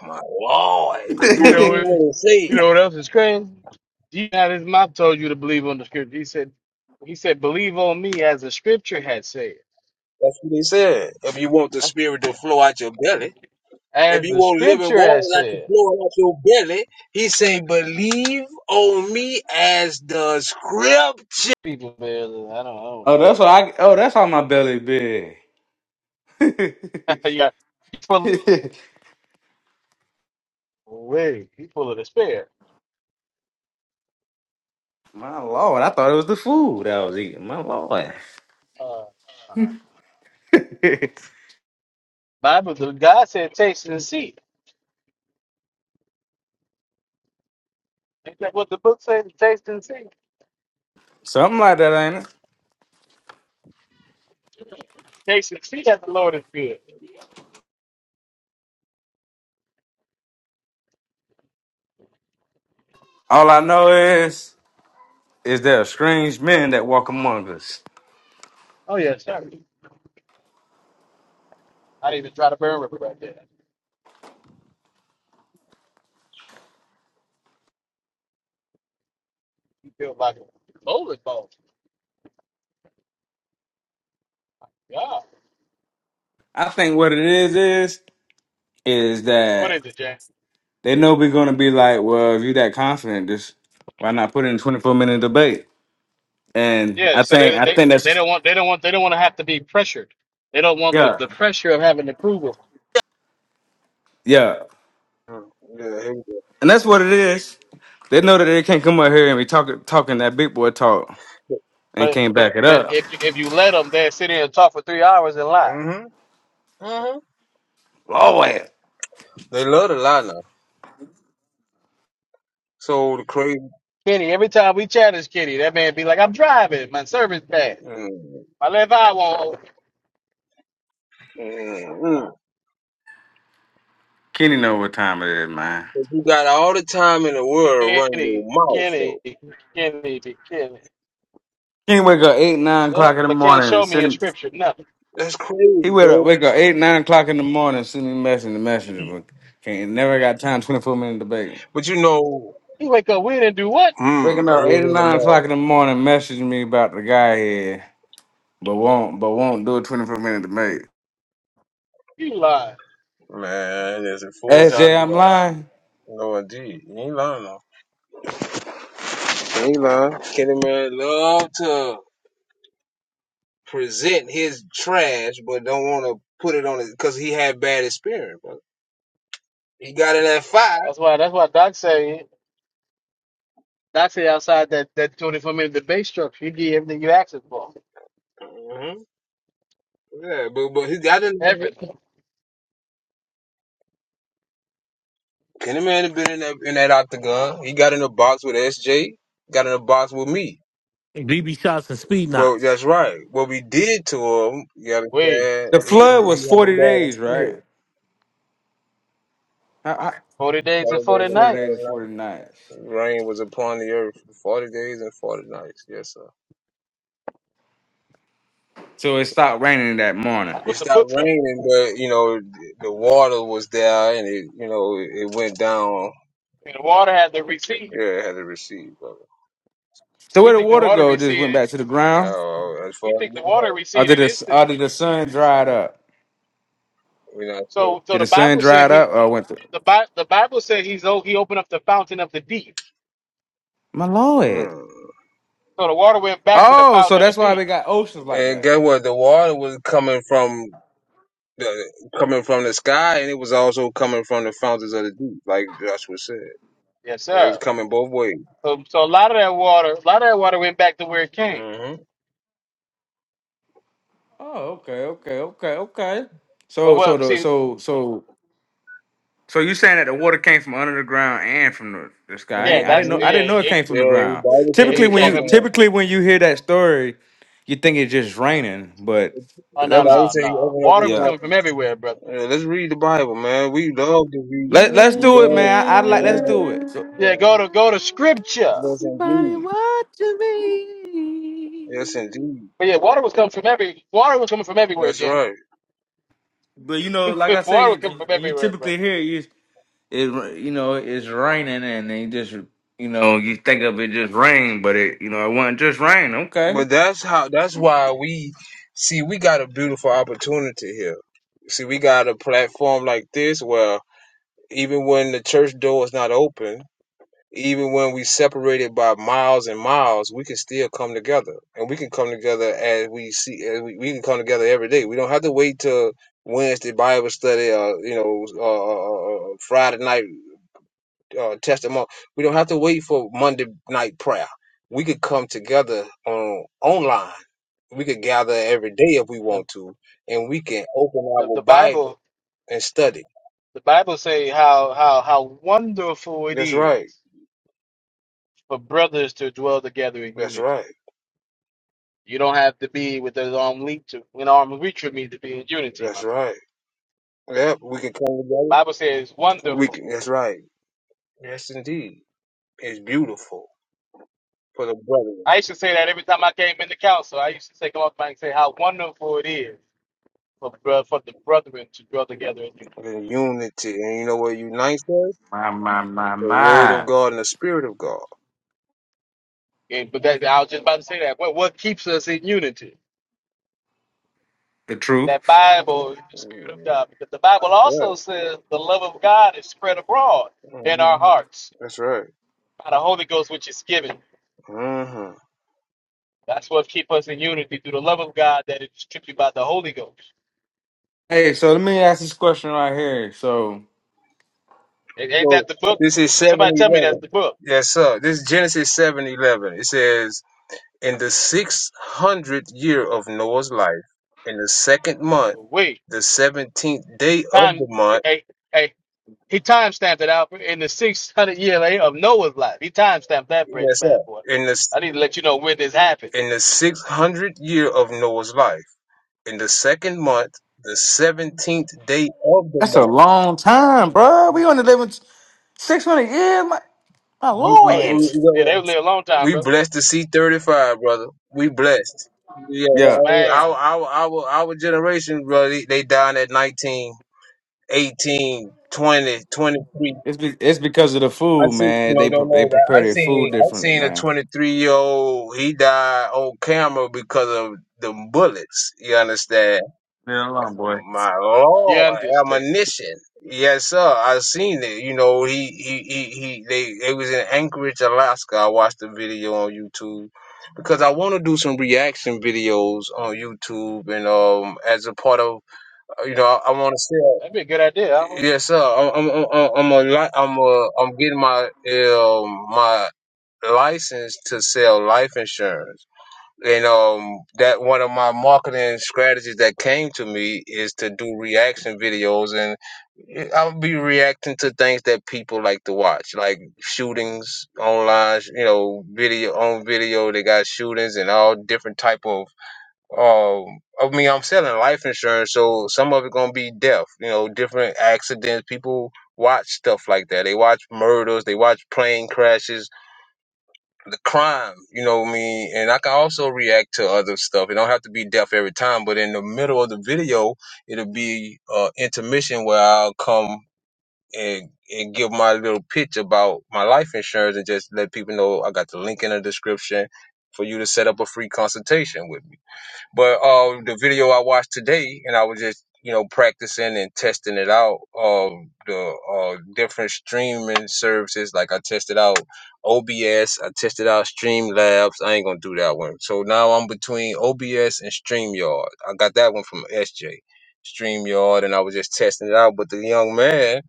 Speaker 1: Oh my lord.
Speaker 4: <laughs>
Speaker 1: But
Speaker 3: you
Speaker 1: do it
Speaker 3: know
Speaker 1: mean
Speaker 3: what,
Speaker 4: oh,
Speaker 1: what it
Speaker 3: you
Speaker 1: say?
Speaker 3: know what else is crazy? Jesus' mouth told you to believe on the scripture. He said, he said, believe on me as the scripture had said,
Speaker 1: That's what they said. If you want the spirit to flow out your belly, if
Speaker 3: as
Speaker 1: you
Speaker 3: the
Speaker 1: want living
Speaker 3: scripture has
Speaker 1: water like to
Speaker 3: said.
Speaker 1: flow out your belly, he say, believe on me as the scripture.
Speaker 3: People, barely, I don't, I don't know.
Speaker 4: that's what I. Oh, that's how my belly big. <laughs>
Speaker 3: <laughs> yeah, he full way, he full of despair.
Speaker 4: my lord, I thought it was the food I was eating. My lord.
Speaker 3: Uh, uh,
Speaker 4: <laughs>
Speaker 3: Bible, the God said, taste and see. Isn't that what the book says? Taste and see.
Speaker 4: Something like that, ain't it?
Speaker 3: Taste and see that the Lord is good.
Speaker 4: All I know is, is there are strange men that walk among us.
Speaker 3: Oh yeah, sorry. I didn't even try to burn rubber right there. You feel like a bowling ball. Yeah.
Speaker 4: I think what it is is, is
Speaker 3: What
Speaker 4: that
Speaker 3: is it, Jack?
Speaker 4: they know we're gonna be like, well, if you that confident, just why not put in twenty four minute debate? And
Speaker 3: Yeah.
Speaker 4: I
Speaker 3: So they
Speaker 4: think, I
Speaker 3: they
Speaker 4: think
Speaker 3: they
Speaker 4: that's
Speaker 3: don't want they don't want they don't want to have to be pressured. They don't want the,
Speaker 4: yeah,
Speaker 3: the pressure of having approval.
Speaker 4: yeah,
Speaker 1: Mm, Yeah, here we
Speaker 4: and that's what it is. They know that they can't come up here and be talking talking that big boy talk
Speaker 1: go.
Speaker 4: and
Speaker 3: But
Speaker 4: can't
Speaker 3: but
Speaker 4: back it
Speaker 3: but
Speaker 4: up.
Speaker 3: if you, if you let them, they sit here and talk for three hours and lie.
Speaker 1: Mm-hmm. Mm-hmm.
Speaker 4: Lord,
Speaker 1: They love the lie now. So the crazy.
Speaker 3: Kenny, every time we challenge Kenny, that man be like, "I'm driving. My service bad.
Speaker 1: Mm,
Speaker 3: My left eye won't." open."
Speaker 1: mm, mm.
Speaker 4: Kenny know what time it is, man.
Speaker 1: But You got all the time in the world to run your
Speaker 3: Kenny,
Speaker 1: mouth,
Speaker 3: Kenny,
Speaker 1: though.
Speaker 3: Kenny, Kenny.
Speaker 4: Kenny wake up eight nine
Speaker 3: Yeah,
Speaker 4: o'clock in the
Speaker 3: but can't
Speaker 4: morning, and
Speaker 3: show me in
Speaker 4: sit
Speaker 3: scripture nothing.
Speaker 1: That's
Speaker 4: He
Speaker 1: crazy,
Speaker 4: wake up,
Speaker 1: bro.
Speaker 4: wake up eight, nine o'clock in the morning, send me a message in the messenger book. Can't never got time, twenty four minute debate.
Speaker 1: But you know.
Speaker 3: He wake up, we didn't do what?
Speaker 4: Waking
Speaker 1: Mm,
Speaker 4: up
Speaker 1: early
Speaker 4: eight or
Speaker 1: in the
Speaker 4: nine o'clock in
Speaker 1: morning.
Speaker 4: the morning, messaging me about the guy here, but won't but won't do a twenty four minute debate.
Speaker 3: You lie.
Speaker 1: Man, it's a full time
Speaker 4: SJ, I'm
Speaker 1: job.
Speaker 4: lying.
Speaker 1: No, indeed. He ain't lying though. He ain't lying. Kenny Man love to present his trash, but don't want to put it on it because he had bad experience, bro. He got in that fire.
Speaker 3: That's why that's why Doc say Doc say outside that that twenty four minute debate structure, you get everything you asked for.
Speaker 1: hmm Yeah, but but he got in that.
Speaker 3: Everything.
Speaker 1: Kenny Man had been in that in that octagon. He got in a box with SJ. Got in a box with me.
Speaker 2: BB shots and speed
Speaker 1: Well, that's
Speaker 2: knots.
Speaker 1: right. What we did to him, you gotta
Speaker 3: Wait,
Speaker 1: say,
Speaker 4: The
Speaker 1: he, he
Speaker 4: flood
Speaker 1: he
Speaker 4: was
Speaker 1: had a
Speaker 4: forty
Speaker 1: bad
Speaker 4: days, right?
Speaker 1: experience.
Speaker 4: I, I,
Speaker 3: forty days and forty
Speaker 4: forty
Speaker 3: nights.
Speaker 4: days
Speaker 1: So,
Speaker 4: and forty nights.
Speaker 1: rain was upon the earth 40 days and 40 nights. Yes, sir.
Speaker 4: So it stopped raining that morning.
Speaker 3: That's
Speaker 1: It
Speaker 3: what the
Speaker 1: stopped
Speaker 3: book says.
Speaker 1: raining, but, you know, the water was there and it, you know, it went down.
Speaker 3: And the water had to recede.
Speaker 1: Yeah, it had to recede, brother.
Speaker 4: So
Speaker 3: We
Speaker 4: where the
Speaker 3: think the
Speaker 4: water
Speaker 3: water
Speaker 4: go? It Just went
Speaker 3: receded.
Speaker 4: back to the ground,
Speaker 1: Uh, as far
Speaker 3: We
Speaker 1: as
Speaker 3: think
Speaker 1: we
Speaker 3: the
Speaker 1: know,
Speaker 3: water
Speaker 4: or did
Speaker 3: receded
Speaker 4: the or did
Speaker 3: instantly.
Speaker 4: the sun dried up?
Speaker 1: we're not sure.
Speaker 3: So so
Speaker 4: Did
Speaker 3: the
Speaker 4: the sun
Speaker 3: Bible said
Speaker 4: dried
Speaker 3: he
Speaker 4: up, or went through?
Speaker 3: the Bi- the Bible said he's oh he opened up the fountain of the deep.
Speaker 4: My lord.
Speaker 1: Mm.
Speaker 3: So the water went back to the
Speaker 4: Oh, so
Speaker 3: fountain of
Speaker 4: that's
Speaker 3: the
Speaker 4: why
Speaker 3: deep.
Speaker 4: we got oceans like
Speaker 1: And
Speaker 4: that.
Speaker 1: guess what? The water was coming from the coming from the sky, and it was also coming from the fountains of the deep, like Joshua said.
Speaker 3: Yes,
Speaker 1: It was
Speaker 3: sir.
Speaker 1: coming both ways.
Speaker 3: So so a lot of that water a lot of that water went back to where it came.
Speaker 1: hmm
Speaker 4: Oh, okay, okay, okay, okay.
Speaker 3: But
Speaker 4: So, so
Speaker 3: what
Speaker 4: the
Speaker 3: see
Speaker 4: so so so you saying that the water came from under the ground and from the, the sky? I,
Speaker 3: yeah
Speaker 4: ain't, I didn't
Speaker 3: that's
Speaker 4: know.
Speaker 3: yeah
Speaker 1: hmm
Speaker 4: I didn't know it
Speaker 3: it
Speaker 4: came from
Speaker 1: Yeah,
Speaker 4: the
Speaker 1: the
Speaker 4: ground.
Speaker 1: Bible said
Speaker 3: yeah,
Speaker 4: Typically,
Speaker 1: he
Speaker 3: it
Speaker 4: when you
Speaker 3: came.
Speaker 1: opened up.
Speaker 4: typically when you hear that story, you think it's just raining, but
Speaker 3: Oh
Speaker 4: that
Speaker 1: The
Speaker 3: no
Speaker 4: was
Speaker 1: Bible
Speaker 3: no
Speaker 1: said he
Speaker 3: no!
Speaker 1: opened up the
Speaker 3: Water was
Speaker 4: yeah.
Speaker 3: coming from
Speaker 1: fountains.
Speaker 3: everywhere, brother.
Speaker 1: Yeah, let's read the Bible, man. We love to read.
Speaker 4: Let
Speaker 2: Yeah.
Speaker 4: Let's
Speaker 1: We
Speaker 4: do it,
Speaker 1: love,
Speaker 4: man. I, I like. Let's do it. So-
Speaker 1: yeah,
Speaker 3: Yeah, go
Speaker 1: yeah.
Speaker 3: to go to scripture.
Speaker 1: Yes,
Speaker 2: Somebody
Speaker 1: indeed.
Speaker 2: watching me.
Speaker 1: Yes, indeed.
Speaker 3: But yeah, water was coming from every water was coming from everywhere,
Speaker 1: That's
Speaker 3: James.
Speaker 1: right.
Speaker 4: but you
Speaker 3: <laughs>
Speaker 4: know, like
Speaker 3: water
Speaker 4: I said,
Speaker 3: was coming
Speaker 4: you,
Speaker 3: from
Speaker 4: when you
Speaker 3: everywhere,
Speaker 4: typically
Speaker 3: brother.
Speaker 4: hear it, it you know it's raining and they just you know you think of it just rain, but it you know it wasn't just rain. Okay,
Speaker 1: But that's how. That's why we see we got a beautiful opportunity here. See, we got a platform like this where even when the church door is not open, Even when we separated by miles and miles, we can still come together, and we can come together as we see. As we, we can come together every day. We don't have to wait till Wednesday Bible study, or you know, uh, uh, uh, uh, Friday night uh, testimony. We don't have to wait for Monday night prayer. We could come together on online. We could gather every day if we
Speaker 3: The,
Speaker 1: want to, and we can open
Speaker 3: the
Speaker 1: our
Speaker 3: the
Speaker 1: Bible
Speaker 3: Bible
Speaker 1: and study.
Speaker 3: the Bible say how how how wonderful it
Speaker 1: That's
Speaker 3: is
Speaker 1: right.
Speaker 3: for brothers to dwell together in
Speaker 1: That's
Speaker 3: unity.
Speaker 1: right.
Speaker 3: You don't have to be with an arm reach of- an arm reach of me to be in unity, my
Speaker 1: That's
Speaker 3: friend.
Speaker 1: right. Yep, we can come together.
Speaker 3: Bible says
Speaker 1: We
Speaker 3: wonderful.
Speaker 1: can, that's right. Yes, indeed. It's beautiful for the brethren.
Speaker 3: I used to say that every time I came into council. I used to say come up and say how wonderful it is for bro- for the brethren to draw together in unity.
Speaker 1: The unity. And you know what unites us?
Speaker 4: My, my, my,
Speaker 1: The word of
Speaker 4: my.
Speaker 1: God and the spirit of God.
Speaker 3: And, but that I was just about to say that. What what keeps us in unity?
Speaker 4: the truth.
Speaker 3: That Bible, the Spirit of
Speaker 1: Mhm.
Speaker 3: God, because the Bible also
Speaker 1: Right.
Speaker 3: says the love of God is spread abroad in our
Speaker 1: hmm
Speaker 3: hearts
Speaker 1: That's right.
Speaker 3: by the Holy Ghost, which is given.
Speaker 1: hmm
Speaker 3: That's what keeps us in unity through the love of God that is distributed by the Holy Ghost.
Speaker 4: Hey, so let me ask this question right here. So
Speaker 3: Ain't ain't
Speaker 1: So
Speaker 3: that the book?
Speaker 1: this is
Speaker 3: And
Speaker 1: seven
Speaker 3: somebody tell me that's
Speaker 1: eleven.
Speaker 3: the book.
Speaker 1: Yes, sir. This is Genesis seven eleven. It says, In the six hundredth year of Noah's life, in the second month,
Speaker 3: Wait,
Speaker 1: the seventeenth day of the
Speaker 3: find.
Speaker 1: month.
Speaker 3: Hey, hey. He time stamped it out in the 600 year lay of Noah's life. He time stamped that bad,
Speaker 1: Yes, sir.
Speaker 3: bad boy.
Speaker 1: In the
Speaker 3: I need to let you know when this happened.
Speaker 1: in the six hundredth year of Noah's life, in the second month, the seventeenth day of the
Speaker 4: That's a
Speaker 1: month.
Speaker 4: long time, bro. We only living 600 years. My, my
Speaker 1: We, we, we,
Speaker 3: Oh,
Speaker 4: lord.
Speaker 3: yeah. Yeah, they live a long time,
Speaker 1: we
Speaker 3: bro.
Speaker 1: blessed to see thirty five, brother. We blessed. Yeah,
Speaker 4: yeah,
Speaker 1: well, our
Speaker 3: Man,
Speaker 1: our our our generation, brother, they, they dying at 19, 18, 20, twenty-three.
Speaker 4: it's be- it's because of the
Speaker 1: I
Speaker 4: food,
Speaker 1: see
Speaker 4: man.
Speaker 1: no
Speaker 4: They
Speaker 1: no
Speaker 4: pre- they
Speaker 1: no that
Speaker 4: prepare
Speaker 1: I
Speaker 4: their food
Speaker 1: seen I
Speaker 4: differently,
Speaker 1: seen a
Speaker 4: man.
Speaker 1: twenty three year old he died on camera because of the bullets. You understand?
Speaker 4: Yeah, long boy.
Speaker 1: My
Speaker 3: you
Speaker 1: Lord,
Speaker 3: understand.
Speaker 1: admonition. Yes, sir. I seen it. You know, he he he, he they they was in Anchorage, Alaska. I watched the video on YouTube because I want to do some reaction videos on YouTube and um as a part of you know I, I want to sell.
Speaker 3: That'd be a good idea, Alpha.
Speaker 1: Yes, sir. I'm I'm I'm I'm a li- I'm a I'm getting my um my license to sell life insurance. And um, that one of my marketing strategies that came to me is to do reaction videos, and eh, I'll be reacting to things that people like to watch, like shootings online. You know, video on video, they got shootings and all different type of. Um, I mean, I'm selling life insurance, so some of it gonna be death. You know, different accidents. People watch stuff like that. They watch murders. They watch plane crashes the crime, you know what I mean? And I can also react to other stuff. It don't have to be deaf every time, but in the middle of the video, it'll be uh intermission where I'll come and and give my little pitch about my life insurance and just let people know I got the link in the description for you to set up a free consultation with me. But um, the video I watched today, and I was just you know practicing and testing it out of the uh, different streaming services. Like I tested out OBS, I tested out Streamlabs. I ain't gonna do that one. So now I'm between OBS and Streamyard. I got that one from SJ. Streamyard, and I was just testing it out. But the young man,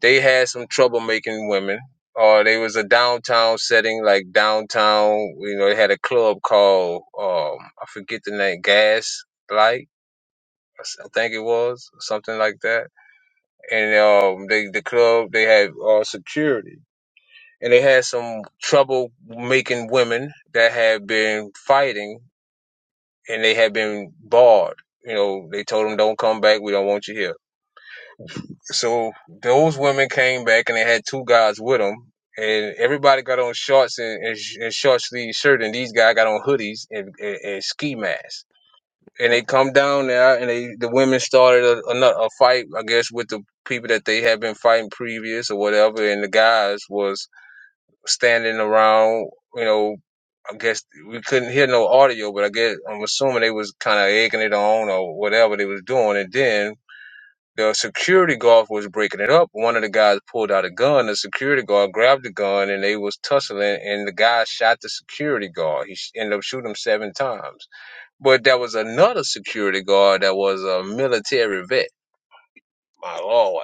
Speaker 1: they had some trouble making women or they was a downtown setting, like downtown. You know, they had a club called um, I forget the name, Gaslight. Light, I s- I think it was something like that. And um, they the club they had uh, security, and they had some trouble making women that had been fighting, and they had been barred. You know, they told them don't come back. We don't want you here So those women came back and they had two guys with them, and everybody got on shorts and, and, sh- and short sleeve shirt, and these guys got on hoodies and, and, and ski masks. And they come down there, and they the women started a, another a fight, I guess, with the people that they had been fighting previous or whatever, and the guys was standing around, you know. I guess we couldn't hear no audio, but I guess I'm assuming they was kind of egging it on or whatever they was doing. And then the security guard was breaking it up. One of the guys pulled out a gun. The security guard grabbed the gun and they was tussling. And the guy shot the security guard. He sh- ended up shooting him seven times. But there was another security guard that was a military vet. My lord!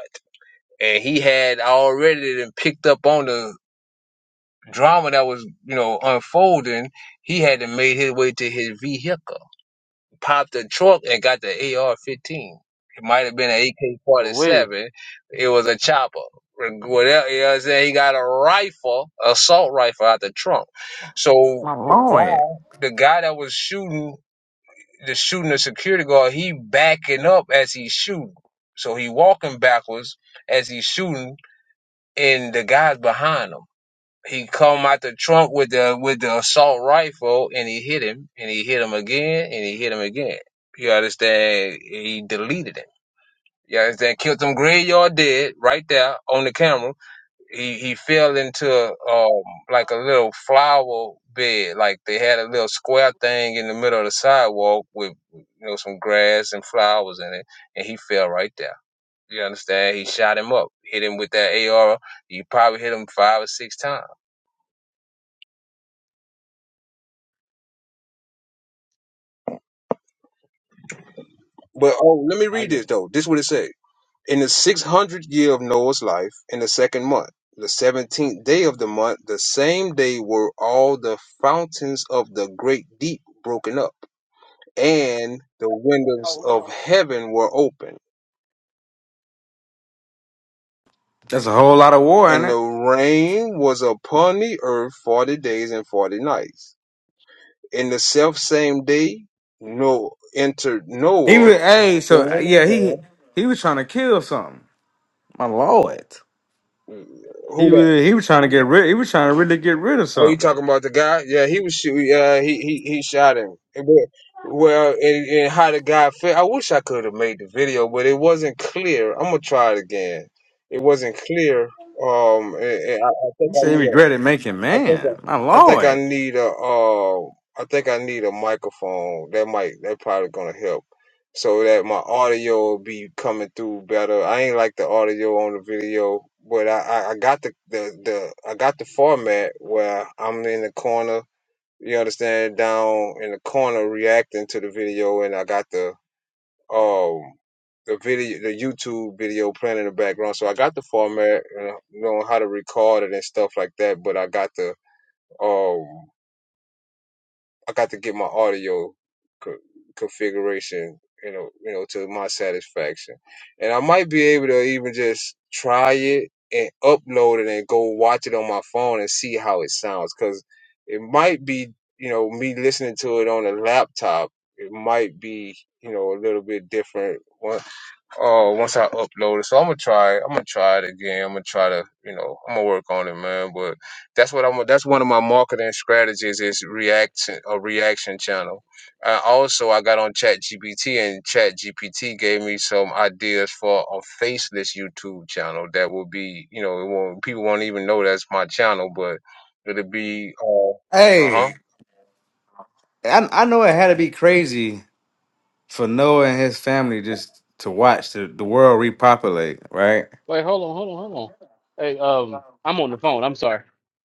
Speaker 1: And he had already then picked up on the drama that was you know unfolding. He had to made his way to his vehicle popped a trunk and got the AR-15. It might have been an
Speaker 3: Wait,
Speaker 1: AK-47. It was a chopper. Whatever, you know what I'm saying? He got a rifle, assault rifle out the trunk. So
Speaker 4: My
Speaker 1: the
Speaker 4: lord.
Speaker 1: guy, the guy that was shooting, the shooting the security guard, he backing up as he's shooting. So he walking backwards as he's shooting, and the guy's behind him. He come out the trunk with the with the assault rifle and he hit him and he hit him again and he hit him again. You understand? He deleted him. You understand? Killed him graveyard dead right there on the camera. He he fell into um like a little flower bed. Like they had a little square thing in the middle of the sidewalk with you know some grass and flowers in it, and he fell right there. You understand? He shot him up, hit him with that AR. He probably hit him five or six times. But oh, let me
Speaker 3: my
Speaker 1: read this
Speaker 3: goodness.
Speaker 1: though. This is what it say. In the six hundredth year of Noah's life, in the second month, the seventeenth day of the month, the same day were all the fountains of the great deep broken up, and the windows
Speaker 3: Oh, we're
Speaker 1: of
Speaker 3: on.
Speaker 1: heaven were opened.
Speaker 4: That's a whole lot of war in
Speaker 1: And
Speaker 4: it.
Speaker 1: the rain was upon the earth forty days and forty nights. In the self same day, Noah entered
Speaker 4: He was
Speaker 1: Noah,
Speaker 4: hey, so
Speaker 1: son
Speaker 4: yeah,
Speaker 1: of
Speaker 4: he he was trying to kill something. My lord,
Speaker 1: Who
Speaker 4: he was he was trying to get rid. He was trying to really get rid of
Speaker 1: Oh, you
Speaker 4: something.
Speaker 1: talking about the guy? Yeah, he was shoot. Uh, he he he shot him. And we- Well, and, and how the guy felt. I wish I could have made the video, but it wasn't clear. I'm gonna try it again. It wasn't clear. Um, and, and I, I think
Speaker 4: He
Speaker 1: I
Speaker 4: said he
Speaker 1: need a.
Speaker 4: regretted making
Speaker 1: I think
Speaker 4: man. My
Speaker 1: I, I think I
Speaker 4: lord,
Speaker 1: need a uh I think I need a microphone. That might that probably gonna help so that my audio be coming through better. I ain't like the audio on the video, but I I, I got the, the the I got the format where I'm in the corner. You understand? Down in the corner reacting to the video, and I got the um the video the YouTube video playing in the background. So I got the format, and I know how to record it and stuff like that. But I got the um, I got to get my audio co- configuration, you know, you know, to my satisfaction, and I might be able to even just try it and upload it and go watch it on my phone and see how it sounds, because it might be, you know, me listening to it on a laptop. It might be, you know, a little bit different One, Oh, once I upload it, so I'm gonna try. I'm gonna try it again. I'm gonna try to, you know, I'm gonna work on it, man. But that's what I'm. That's one of my marketing strategies is reaction a reaction channel. Uh, also, I got on ChatGPT, and ChatGPT gave me some ideas for a faceless YouTube channel that will be, you know, it won't people won't even know that's my channel, but it'll be, uh huh,
Speaker 4: hey, I I know it had to be crazy for Noah and his family just to watch the, the world repopulate, right?
Speaker 3: Wait, hold on, hold on, hold on. Hey, um, I'm on the phone. I'm sorry.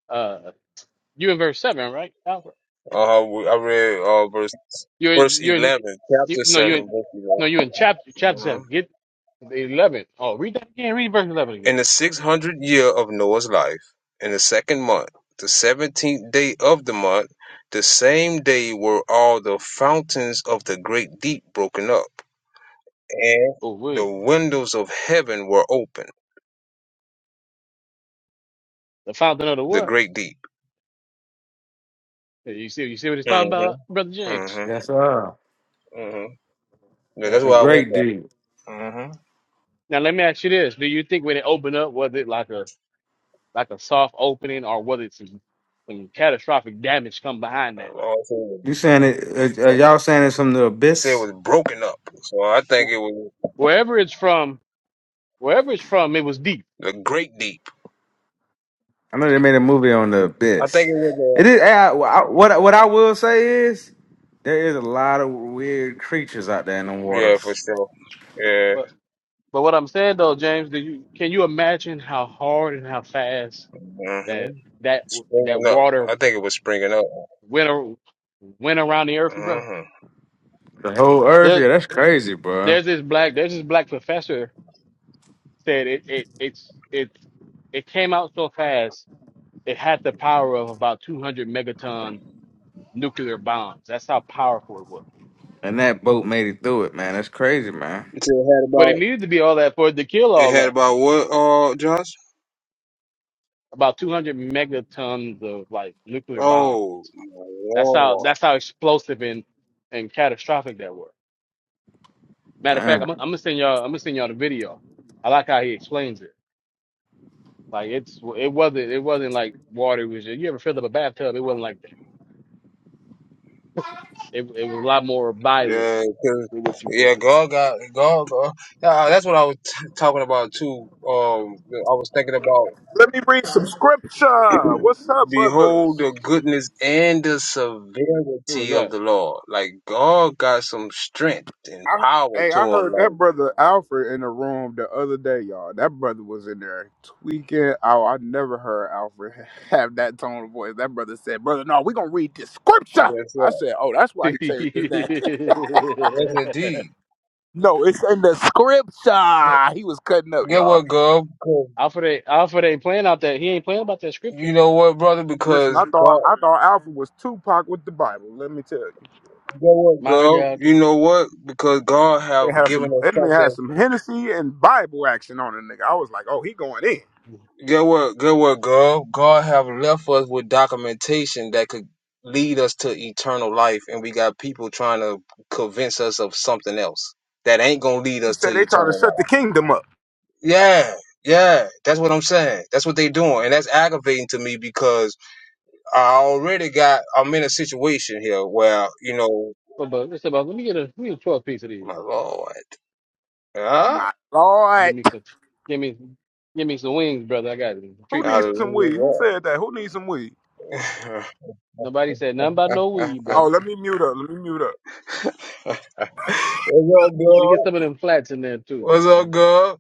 Speaker 3: Uh, you in verse seven, right, Alfred?
Speaker 1: uh huh. I read uh verse
Speaker 3: You're
Speaker 1: verse
Speaker 3: you're in,
Speaker 1: eleven,
Speaker 3: you,
Speaker 1: chapter
Speaker 3: no, you're
Speaker 1: seven,
Speaker 3: in,
Speaker 1: verse
Speaker 3: no,
Speaker 1: 11.
Speaker 3: you're in chapter chapter
Speaker 1: uh-huh.
Speaker 3: seven. Get the eleven. Oh, read that again. Read verse eleven
Speaker 1: In
Speaker 3: again.
Speaker 1: the six hundredth year of Noah's life, in the second month, the seventeenth day of the month, the same day were all the fountains of the great deep broken up, and
Speaker 3: Oh,
Speaker 1: the
Speaker 3: wait.
Speaker 1: windows of heaven were opened.
Speaker 3: The fountain of the
Speaker 1: The
Speaker 3: what?
Speaker 1: great deep.
Speaker 3: Yeah, You see, you see what he's talking about,
Speaker 1: Mm-hmm.
Speaker 3: brother James.
Speaker 1: Mm-hmm.
Speaker 4: Yes, sir.
Speaker 1: Mm-hmm. Yeah, that's
Speaker 3: Yeah.
Speaker 4: The
Speaker 1: why I went
Speaker 4: great
Speaker 1: there.
Speaker 4: dude.
Speaker 1: Mm-hmm.
Speaker 3: Now let me ask you this: Do you think when it opened up, was it like a like a soft opening, or was it some, some catastrophic damage come behind that?
Speaker 4: You saying it? Are, are y'all saying it's from the
Speaker 1: It said it
Speaker 4: abyss?
Speaker 1: was broken up, so I think
Speaker 3: Wh-
Speaker 1: it was
Speaker 3: Wherever it's from, wherever it's from, it was deep.
Speaker 1: the great deep.
Speaker 4: I know they made a movie on the
Speaker 1: I
Speaker 4: abyss.
Speaker 1: think it
Speaker 4: It
Speaker 1: was. Uh,
Speaker 4: is I, I- what I- what I will say is there is a lot of weird creatures out there in the
Speaker 1: yeah, for
Speaker 4: waters.
Speaker 1: sure. Yeah.
Speaker 3: But but what I'm saying though, James, do you can you imagine how hard and how fast
Speaker 1: Mm-hmm.
Speaker 3: that that that
Speaker 1: Springing up.
Speaker 3: water
Speaker 1: I think it was springing up.
Speaker 3: went ar- went around the earth, bro?
Speaker 1: hmm
Speaker 4: The whole earth,
Speaker 3: There,
Speaker 4: yeah, that's crazy, bro.
Speaker 3: there's this black there's this black professor said it, it it's it's it came out so fast it had the power of about 200 megaton nuclear bombs that's how powerful it was
Speaker 4: And that boat made it through it, man. That's crazy, man.
Speaker 1: It said it had
Speaker 3: but
Speaker 1: about
Speaker 3: it needed to be all that for it to kill
Speaker 1: it
Speaker 3: all
Speaker 1: had
Speaker 3: that
Speaker 1: about what? Uh, Josh.
Speaker 3: about 200 megatons of like nuclear bomb
Speaker 1: Oh my
Speaker 3: that's how
Speaker 1: lord.
Speaker 3: that's how explosive and and catastrophic that was matter of fact i'm,
Speaker 4: Damn.
Speaker 3: gonna- I'm gonna send y'all i'm gonna send y'all the video i like how he explains it like it's it wasn't it wasn't like water it was just, you ever filled up a bathtub it wasn't like that it, it was a lot more violent
Speaker 1: Yeah,
Speaker 3: than
Speaker 1: 'cause-
Speaker 3: what you
Speaker 1: yeah,
Speaker 3: think
Speaker 1: God got God. God. Yeah, that's what I was t- talking about too. Um, I was thinking about
Speaker 5: Let me read some scripture. What's up,
Speaker 1: behold
Speaker 5: brothers?
Speaker 1: the goodness and the
Speaker 3: Who was
Speaker 1: severity of
Speaker 3: that?
Speaker 1: the Lord. Like God got some strength and
Speaker 5: I,
Speaker 1: power
Speaker 5: hey,
Speaker 1: to
Speaker 5: I
Speaker 1: him.
Speaker 5: heard that
Speaker 1: Like
Speaker 5: brother Alfred in the room the other day, y'all. That brother was in there tweaking. Oh, I never heard Alfred <laughs> have that tone of voice. That brother said, "Brother, no, we gonna read the scripture."
Speaker 1: yes,
Speaker 5: I
Speaker 1: sir.
Speaker 5: said, "Oh, that's why he changed his name."
Speaker 1: yes,
Speaker 3: <laughs>
Speaker 1: indeed.
Speaker 5: <laughs> no, it's in the scripture. He was cutting up,
Speaker 1: Get
Speaker 5: y'all.
Speaker 1: what, God?
Speaker 3: Alfred ain't, Alfred ain't playing out that. He ain't playing about that scripture,
Speaker 1: You
Speaker 3: man.
Speaker 1: know what, brother?
Speaker 5: Listen, I
Speaker 1: Because
Speaker 5: thought
Speaker 1: God,
Speaker 5: I thought Alfred was Tupac with the Bible. Let me tell you.
Speaker 1: you know what,
Speaker 3: My
Speaker 1: girl?
Speaker 3: God,
Speaker 1: You
Speaker 3: today.
Speaker 1: know what? Because God
Speaker 5: It
Speaker 1: have
Speaker 5: had
Speaker 1: given
Speaker 5: some
Speaker 1: us
Speaker 5: it had
Speaker 1: something.
Speaker 5: some Hennessy and Bible action on it, nigga. I was like, oh, he going in.
Speaker 1: Get what, get what, girl? God have left us with documentation that could lead us to eternal life, and we got people trying to convince us of something else that ain't gonna lead
Speaker 5: He
Speaker 1: us to
Speaker 5: said they trying to
Speaker 1: eternal life.
Speaker 5: shut the kingdom up.
Speaker 1: Yeah, yeah, that's what I'm saying. That's what they doing, and that's aggravating to me because I already got. I'm in a situation here where you know,
Speaker 3: But, but listen, about let me get a let me get a twelve piece of these.
Speaker 1: my lord. Huh?
Speaker 5: My lord,
Speaker 3: Give me some, give me, give me some wings, brother. I got it.
Speaker 5: who
Speaker 3: treatment
Speaker 5: needs
Speaker 3: there.
Speaker 5: some weed? Who
Speaker 1: Hallelujah.
Speaker 5: said that? Who needs some weed?
Speaker 1: <laughs>
Speaker 3: Nobody said nothing about no weed,
Speaker 5: Oh,
Speaker 3: brother.
Speaker 5: let me mute up. Let me mute up.
Speaker 1: What's up,
Speaker 3: Let me get
Speaker 1: girl?
Speaker 3: some of them flats in there too.
Speaker 1: What's up,
Speaker 3: Man.
Speaker 1: girl?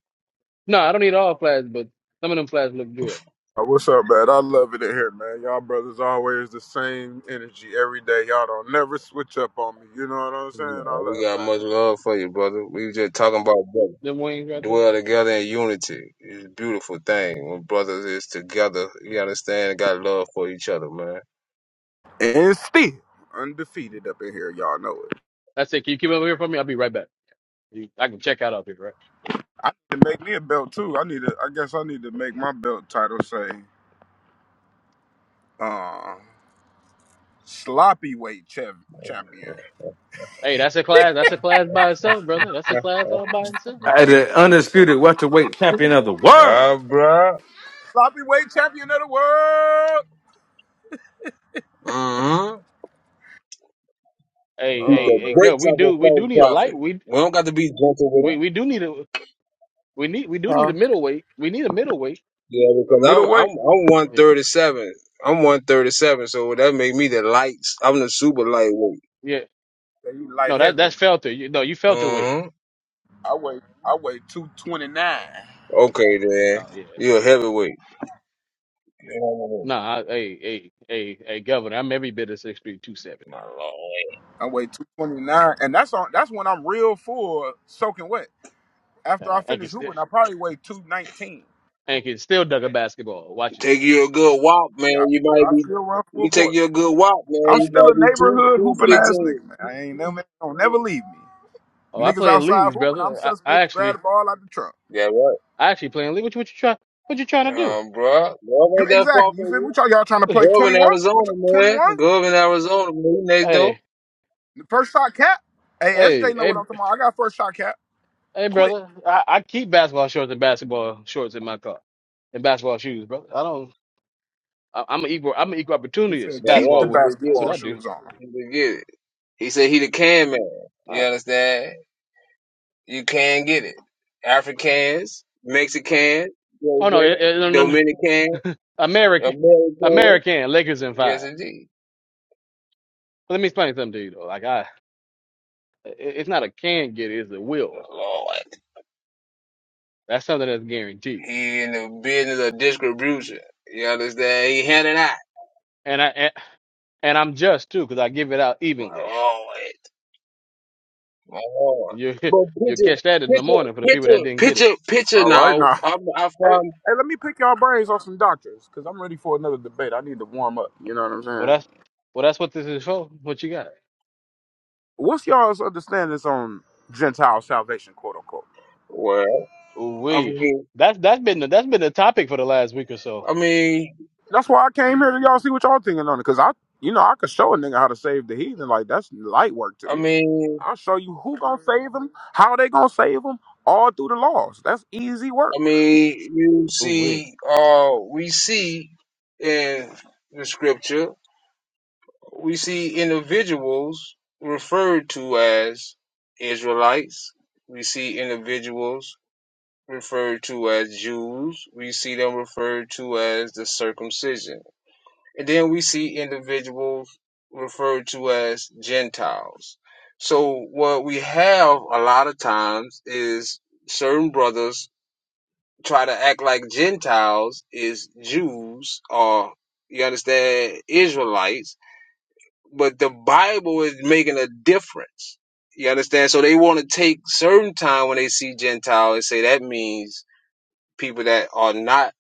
Speaker 3: No, I don't need all flats, but some of them flats look good.
Speaker 5: Oh, what's up, man? I love it in here, man. Y'all brothers always the same energy every day. Y'all don't never switch up on me. You know what I'm
Speaker 1: Yeah,
Speaker 5: saying? I
Speaker 1: we
Speaker 5: love
Speaker 1: got much
Speaker 5: that.
Speaker 1: love for you, brother. We just talking about brother.
Speaker 3: Them wings right there.
Speaker 1: Dwell together in unity. It's a beautiful thing when brothers is together. You understand? Got love for each other, man.
Speaker 5: And still undefeated up in here. Y'all know it.
Speaker 3: That's it. Can you keep them over here for me? I'll be right back. You, I can check out up here, right?
Speaker 5: I need to make me a belt too. I need to. I guess I need to make my belt title say uh, sloppy weight champ- champion.
Speaker 3: Hey, that's a class. That's a class by itself, brother. That's a class all
Speaker 1: <laughs>
Speaker 3: by itself.
Speaker 4: I, the undisputed welterweight champion of the world.
Speaker 1: Ah, bruh.
Speaker 5: Sloppy weight champion of the world.
Speaker 1: Mm-hmm.
Speaker 3: Hey,
Speaker 1: Beat
Speaker 5: Oh
Speaker 3: hey,
Speaker 1: the
Speaker 3: hey,
Speaker 5: man.
Speaker 3: go.
Speaker 1: brakes
Speaker 3: We
Speaker 1: off
Speaker 3: do.
Speaker 1: a
Speaker 3: We
Speaker 1: false
Speaker 3: do need a light.
Speaker 1: prophet.
Speaker 3: We
Speaker 1: We don't got to be gentle
Speaker 3: we we do need a. We need. We do need a
Speaker 5: Huh?
Speaker 3: middleweight. We need a middleweight.
Speaker 1: Yeah,
Speaker 5: A
Speaker 1: because I'm I'm
Speaker 5: middleweight?
Speaker 1: I'm one
Speaker 3: Yeah,
Speaker 1: thirty seven. I'm one thirty seven, so that make me the lights. I'm the super lightweight.
Speaker 3: yeah.
Speaker 5: Yeah, you
Speaker 3: No,
Speaker 5: light
Speaker 3: that
Speaker 5: heavy.
Speaker 3: that's Felter. You, no, you felt weight.
Speaker 1: Mm-hmm.
Speaker 5: I weigh I weigh two twenty nine.
Speaker 1: Okay, then
Speaker 3: Oh yeah.
Speaker 1: you're a heavyweight. Yeah.
Speaker 3: Nah, I, hey, hey, hey, hey, Governor. I'm every bit of six three two seventy.
Speaker 1: My lord.
Speaker 5: I weigh two twenty nine, and that's on that's when I'm real full, soaking wet. After I
Speaker 3: Uh, and can
Speaker 5: finish
Speaker 3: still,
Speaker 5: hooping, I probably weigh two nineteen.
Speaker 3: and can still dunk a basketball. Watch
Speaker 1: Take
Speaker 3: yourself.
Speaker 1: you a good walk, man.
Speaker 5: Yeah, I
Speaker 1: You
Speaker 5: still,
Speaker 1: might
Speaker 5: I
Speaker 1: be.
Speaker 5: still run full
Speaker 1: You take
Speaker 5: court.
Speaker 1: you a good walk, man.
Speaker 5: I'm
Speaker 1: You
Speaker 5: still a
Speaker 1: might be two
Speaker 5: neighborhood
Speaker 1: two
Speaker 5: hooping ass
Speaker 1: fifteen.
Speaker 5: nigga, man. I ain't never don't never leave
Speaker 3: Oh,
Speaker 5: me.
Speaker 3: I
Speaker 5: Niggas
Speaker 3: play in
Speaker 5: outside
Speaker 3: leagues,
Speaker 5: hooping, I'm
Speaker 3: brother. I, I
Speaker 5: suspect to grab
Speaker 3: actually
Speaker 5: the ball out the trunk.
Speaker 1: Yeah, right.
Speaker 3: I actually play in league. What you what you try? What you trying to
Speaker 1: Um, bro. Love
Speaker 5: You-
Speaker 1: ain't that far
Speaker 5: Exactly.
Speaker 1: from
Speaker 5: You feel me?
Speaker 1: you.
Speaker 5: What y'all, y'all trying to
Speaker 3: do?
Speaker 5: play
Speaker 1: Go
Speaker 3: <laughs>
Speaker 1: up
Speaker 5: twenty
Speaker 1: in
Speaker 5: one? What
Speaker 1: Arizona,
Speaker 5: twenty
Speaker 1: man.
Speaker 5: one?
Speaker 1: Go up in Arizona, man. You next door.
Speaker 3: Hey,
Speaker 5: The first shot cap? Hey,
Speaker 3: hey,
Speaker 5: SJ know what
Speaker 3: hey.
Speaker 5: I'm talking about. I got first shot cap.
Speaker 3: Hey,
Speaker 5: Quit.
Speaker 3: brother, I, I keep basketball shorts and basketball shorts in my car and basketball shoes, brother. I don't. I, I'm an equal. I'm an equal
Speaker 5: He said,
Speaker 3: opportunist
Speaker 1: Yeah,
Speaker 5: keep
Speaker 1: right.
Speaker 5: the
Speaker 3: basketball
Speaker 1: You
Speaker 3: whooper.
Speaker 1: just
Speaker 3: That's
Speaker 1: get
Speaker 3: what
Speaker 5: basketball
Speaker 1: it.
Speaker 3: I do.
Speaker 5: shoes on.
Speaker 1: You just get it. He said he the can man. You
Speaker 3: Uh,
Speaker 1: understand? You can get it. Africans, Mexican, you know what
Speaker 3: oh
Speaker 1: I'm
Speaker 3: no, it, it, no, no,
Speaker 1: saying?
Speaker 3: no,
Speaker 1: Dominican,
Speaker 3: American,
Speaker 1: American.
Speaker 3: American Lakers in
Speaker 1: Yes,
Speaker 3: five.
Speaker 1: indeed.
Speaker 3: But let me explain something to you though. Like I, it, it's not a can get it, it's a will.
Speaker 1: Lord,
Speaker 3: That's something that's guaranteed.
Speaker 1: he in the business of distribution. You understand? He handing out.
Speaker 3: And I and, and I'm just too, 'cause I give it out
Speaker 1: My
Speaker 3: evenly.
Speaker 1: Lord, my Lord.
Speaker 3: You
Speaker 1: But
Speaker 3: <laughs> you
Speaker 1: picture,
Speaker 3: catch that in the
Speaker 1: picture,
Speaker 3: morning for the people that
Speaker 1: picture,
Speaker 3: didn't get it.
Speaker 1: picture, picture.
Speaker 5: All right,
Speaker 1: Now,
Speaker 5: now. <laughs>
Speaker 1: I'm, I
Speaker 5: Hey,
Speaker 1: found.
Speaker 5: hey, let me pick y'all brains on some doctors, because I'm ready for another debate. I need to warm up. You know what I'm
Speaker 3: Well,
Speaker 5: saying?
Speaker 3: that's well, that's what this is for. What you got?
Speaker 5: What's y'all's understandings on Gentile salvation, quote unquote?
Speaker 1: Well,
Speaker 3: Ooh
Speaker 1: I
Speaker 3: wee.
Speaker 1: mean,
Speaker 3: That's that's been the, that's been the topic for the last week or so.
Speaker 1: I mean,
Speaker 5: That's why I came here to y'all see what y'all thinking on it, because I, you know, I could show a nigga how to save the heathen. Like, that's light work to
Speaker 1: I
Speaker 5: me.
Speaker 1: mean,
Speaker 5: I'll show you who gonna save them, how they gonna save them, all through the laws. That's easy work.
Speaker 1: I mean. You
Speaker 3: Ooh wee.
Speaker 1: see, uh, we see in the scripture we see individuals referred to as Israelites. We see individuals referred to as Jews. We see them referred to as the circumcision. And then we see individuals referred to as Gentiles. So what we have a lot of times is certain brothers try to act like Gentiles is Jews or you understand Israelites but the Bible is making a difference. You understand? So they want to take certain time when they see Gentile and say that means people that are not.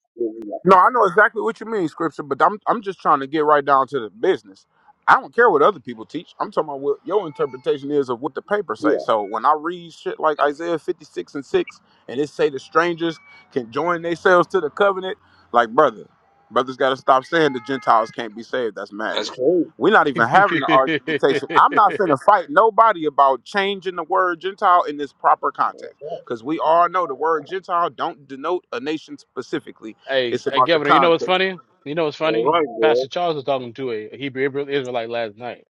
Speaker 5: No, I know exactly what you mean, scripture, but I'm I'm just trying to get right down to the business. I don't care what other people teach. I'm talking about what your interpretation is of what the paper say.
Speaker 1: Yeah,
Speaker 5: So when I read shit like Isaiah 56 and 6, and it say the strangers can join themselves to the covenant, like brother, brothers got to stop saying the Gentiles can't be saved. That's
Speaker 1: that's
Speaker 5: madness.
Speaker 1: crazy.
Speaker 5: We're not even having the argumentation. I'm not
Speaker 3: <laughs>
Speaker 5: finna fight nobody about changing the word Gentile in this proper context, because we all know the word Gentile don't denote a nation specifically
Speaker 3: Hey,
Speaker 5: it's
Speaker 3: hey,
Speaker 5: about the
Speaker 3: Governor, you know what's
Speaker 5: context.
Speaker 3: funny? You know what's
Speaker 1: All
Speaker 3: funny?
Speaker 1: right, bro.
Speaker 3: Pastor Charles was talking to a a Hebrew Israel- Israelite last night,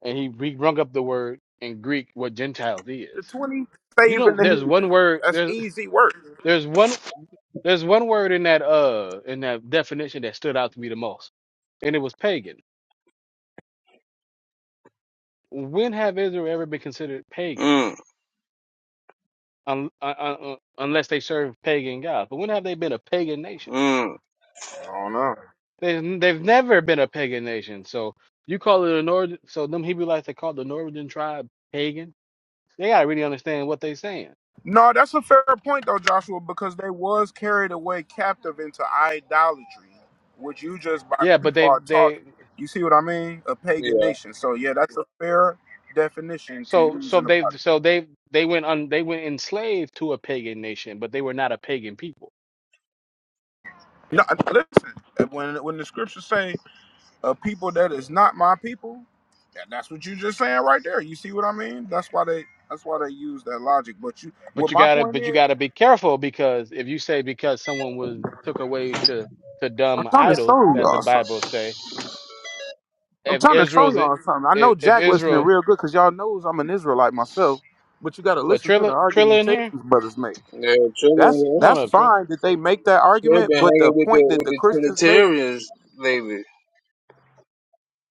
Speaker 3: and he he brung up the word in Greek what Gentiles
Speaker 5: The
Speaker 3: is.
Speaker 5: 20
Speaker 3: You
Speaker 5: saving
Speaker 3: know,
Speaker 5: the
Speaker 3: there's one
Speaker 5: heathen.
Speaker 3: word
Speaker 5: That's
Speaker 3: there's
Speaker 5: easy work.
Speaker 3: there's one there's one word in that uh in that definition that stood out to me the most, and it was pagan. When have Israel ever been considered pagan?
Speaker 1: Mm,
Speaker 3: un, un, un, unless they serve pagan gods. But when have they been a pagan nation?
Speaker 1: mm.
Speaker 5: I don't know.
Speaker 3: They they've never been a pagan nation. So you call it a northern. So them Hebrewites they call the northern tribe pagan. They gotta really understand what they saying.
Speaker 5: No, that's a fair point though, Joshua, because they was carried away captive into idolatry, which you just by
Speaker 3: Yeah, but they
Speaker 5: default taught.
Speaker 3: they
Speaker 5: You see what I mean? A pagan
Speaker 1: Yeah,
Speaker 5: nation. So yeah, that's a fair definition to
Speaker 3: so
Speaker 5: use
Speaker 3: so
Speaker 5: in the
Speaker 3: they
Speaker 5: project.
Speaker 3: so they they went on they went enslaved to a pagan nation, but they were not a pagan people.
Speaker 5: No, listen. When when the scriptures say a people that is not my people, that, that's what you just saying right there. You see what I mean? That's why they that's why they use that logic. But you,
Speaker 3: But
Speaker 5: what
Speaker 3: you
Speaker 5: my
Speaker 3: gotta
Speaker 5: point
Speaker 3: but you
Speaker 5: is.
Speaker 3: gotta be careful because if you say because someone was took away to to
Speaker 5: I'm
Speaker 3: dumb
Speaker 5: trying to
Speaker 3: idols,
Speaker 5: show
Speaker 3: as the
Speaker 5: y'all something.
Speaker 3: Bible say,
Speaker 5: I'm
Speaker 3: if
Speaker 5: trying to show
Speaker 3: Israel's if,
Speaker 5: y'all something. I know
Speaker 3: if
Speaker 5: Jack listening
Speaker 3: Israel
Speaker 5: real good because y'all knows I'm an Israelite myself, but you got to
Speaker 3: but
Speaker 5: listen to the
Speaker 3: Trilla Trilla in here?
Speaker 5: argumentations brothers make.
Speaker 1: yeah.
Speaker 5: That's
Speaker 1: Children,
Speaker 3: Come on
Speaker 5: that's
Speaker 3: up, Trilla.
Speaker 5: fine that they make that
Speaker 1: children
Speaker 5: argument,
Speaker 1: been
Speaker 5: but the
Speaker 1: hanging with the
Speaker 5: point that
Speaker 1: with
Speaker 5: the
Speaker 1: the
Speaker 5: Christians make,
Speaker 1: Trinitarians lately.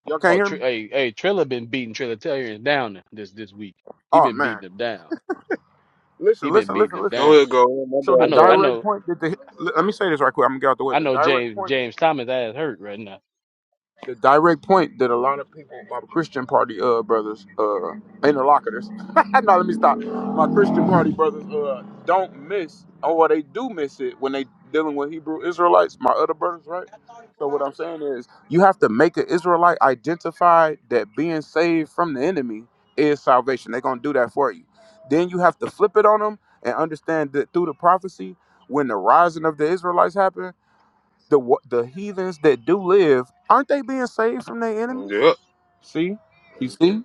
Speaker 5: y'all can't
Speaker 3: Oh,
Speaker 5: hear
Speaker 3: Tr-
Speaker 5: me.
Speaker 3: hey, hey, Trilla been beating Trilletarians down this this week. He
Speaker 5: Oh
Speaker 3: been
Speaker 5: man,
Speaker 3: beating them down.
Speaker 5: listen,
Speaker 3: He been
Speaker 5: listen,
Speaker 3: beating
Speaker 5: listen,
Speaker 3: them
Speaker 5: listen.
Speaker 1: Go
Speaker 3: down.
Speaker 1: ahead, go. My
Speaker 5: So the
Speaker 1: bad,
Speaker 3: I know, I
Speaker 5: direct
Speaker 3: know,
Speaker 5: point that the let me say this right quick. I'm gonna get out the way.
Speaker 3: I
Speaker 5: The
Speaker 3: know.
Speaker 5: direct
Speaker 3: James
Speaker 5: point.
Speaker 3: James Thomas ass hurt right now.
Speaker 5: the direct point that a lot of people, my Christian party uh brothers, uh interlocutors. <laughs> no, let me stop. My Christian party brothers uh don't miss or well, they do miss it when they dealing with Hebrew Israelites, my other brothers, right? So what I'm saying is you have to make an Israelite identify that being saved from the enemy is salvation. They're gonna do that for you. Then you have to flip it on them and understand that through the prophecy, when the rising of the Israelites happened the wa- the heathens that do live, aren't they being saved from their
Speaker 1: brother.
Speaker 5: enemies?
Speaker 1: Yep.
Speaker 5: See, you see,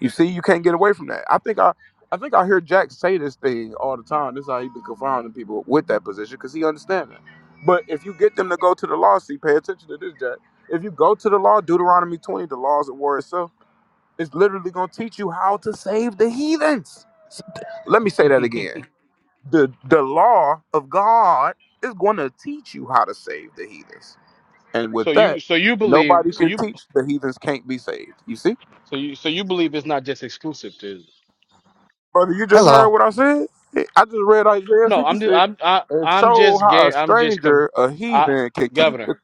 Speaker 5: you see, you can't get away from that. I think I, I think I hear Jack say this thing all the time. This is how he been confounding people with that position because he understands it. But if you get them to go to the law, see, pay attention to this, Jack. If you go to the law, Deuteronomy twenty, the laws of war itself, it's literally going to teach you how to save the heathens. S- Let me say
Speaker 3: <laughs>
Speaker 5: that again. The the law of God is going to teach you how to save the heathens and
Speaker 3: so
Speaker 5: with that,
Speaker 3: you so you believe
Speaker 5: nobody
Speaker 3: so
Speaker 5: can
Speaker 3: you
Speaker 5: teach the heathens can't be saved. You see?
Speaker 3: so you so you believe it's not just exclusive to Israel.
Speaker 5: Brother, you just heard
Speaker 6: Hello.
Speaker 5: what I said? I just read Isaiah
Speaker 3: No, I'm just
Speaker 5: 56
Speaker 3: I'm I,
Speaker 5: and
Speaker 3: I'm
Speaker 5: showed
Speaker 3: just
Speaker 5: how a
Speaker 3: ga- I'm just com-
Speaker 5: stranger, a
Speaker 3: I,
Speaker 5: heathen, can keep
Speaker 3: governor
Speaker 5: the.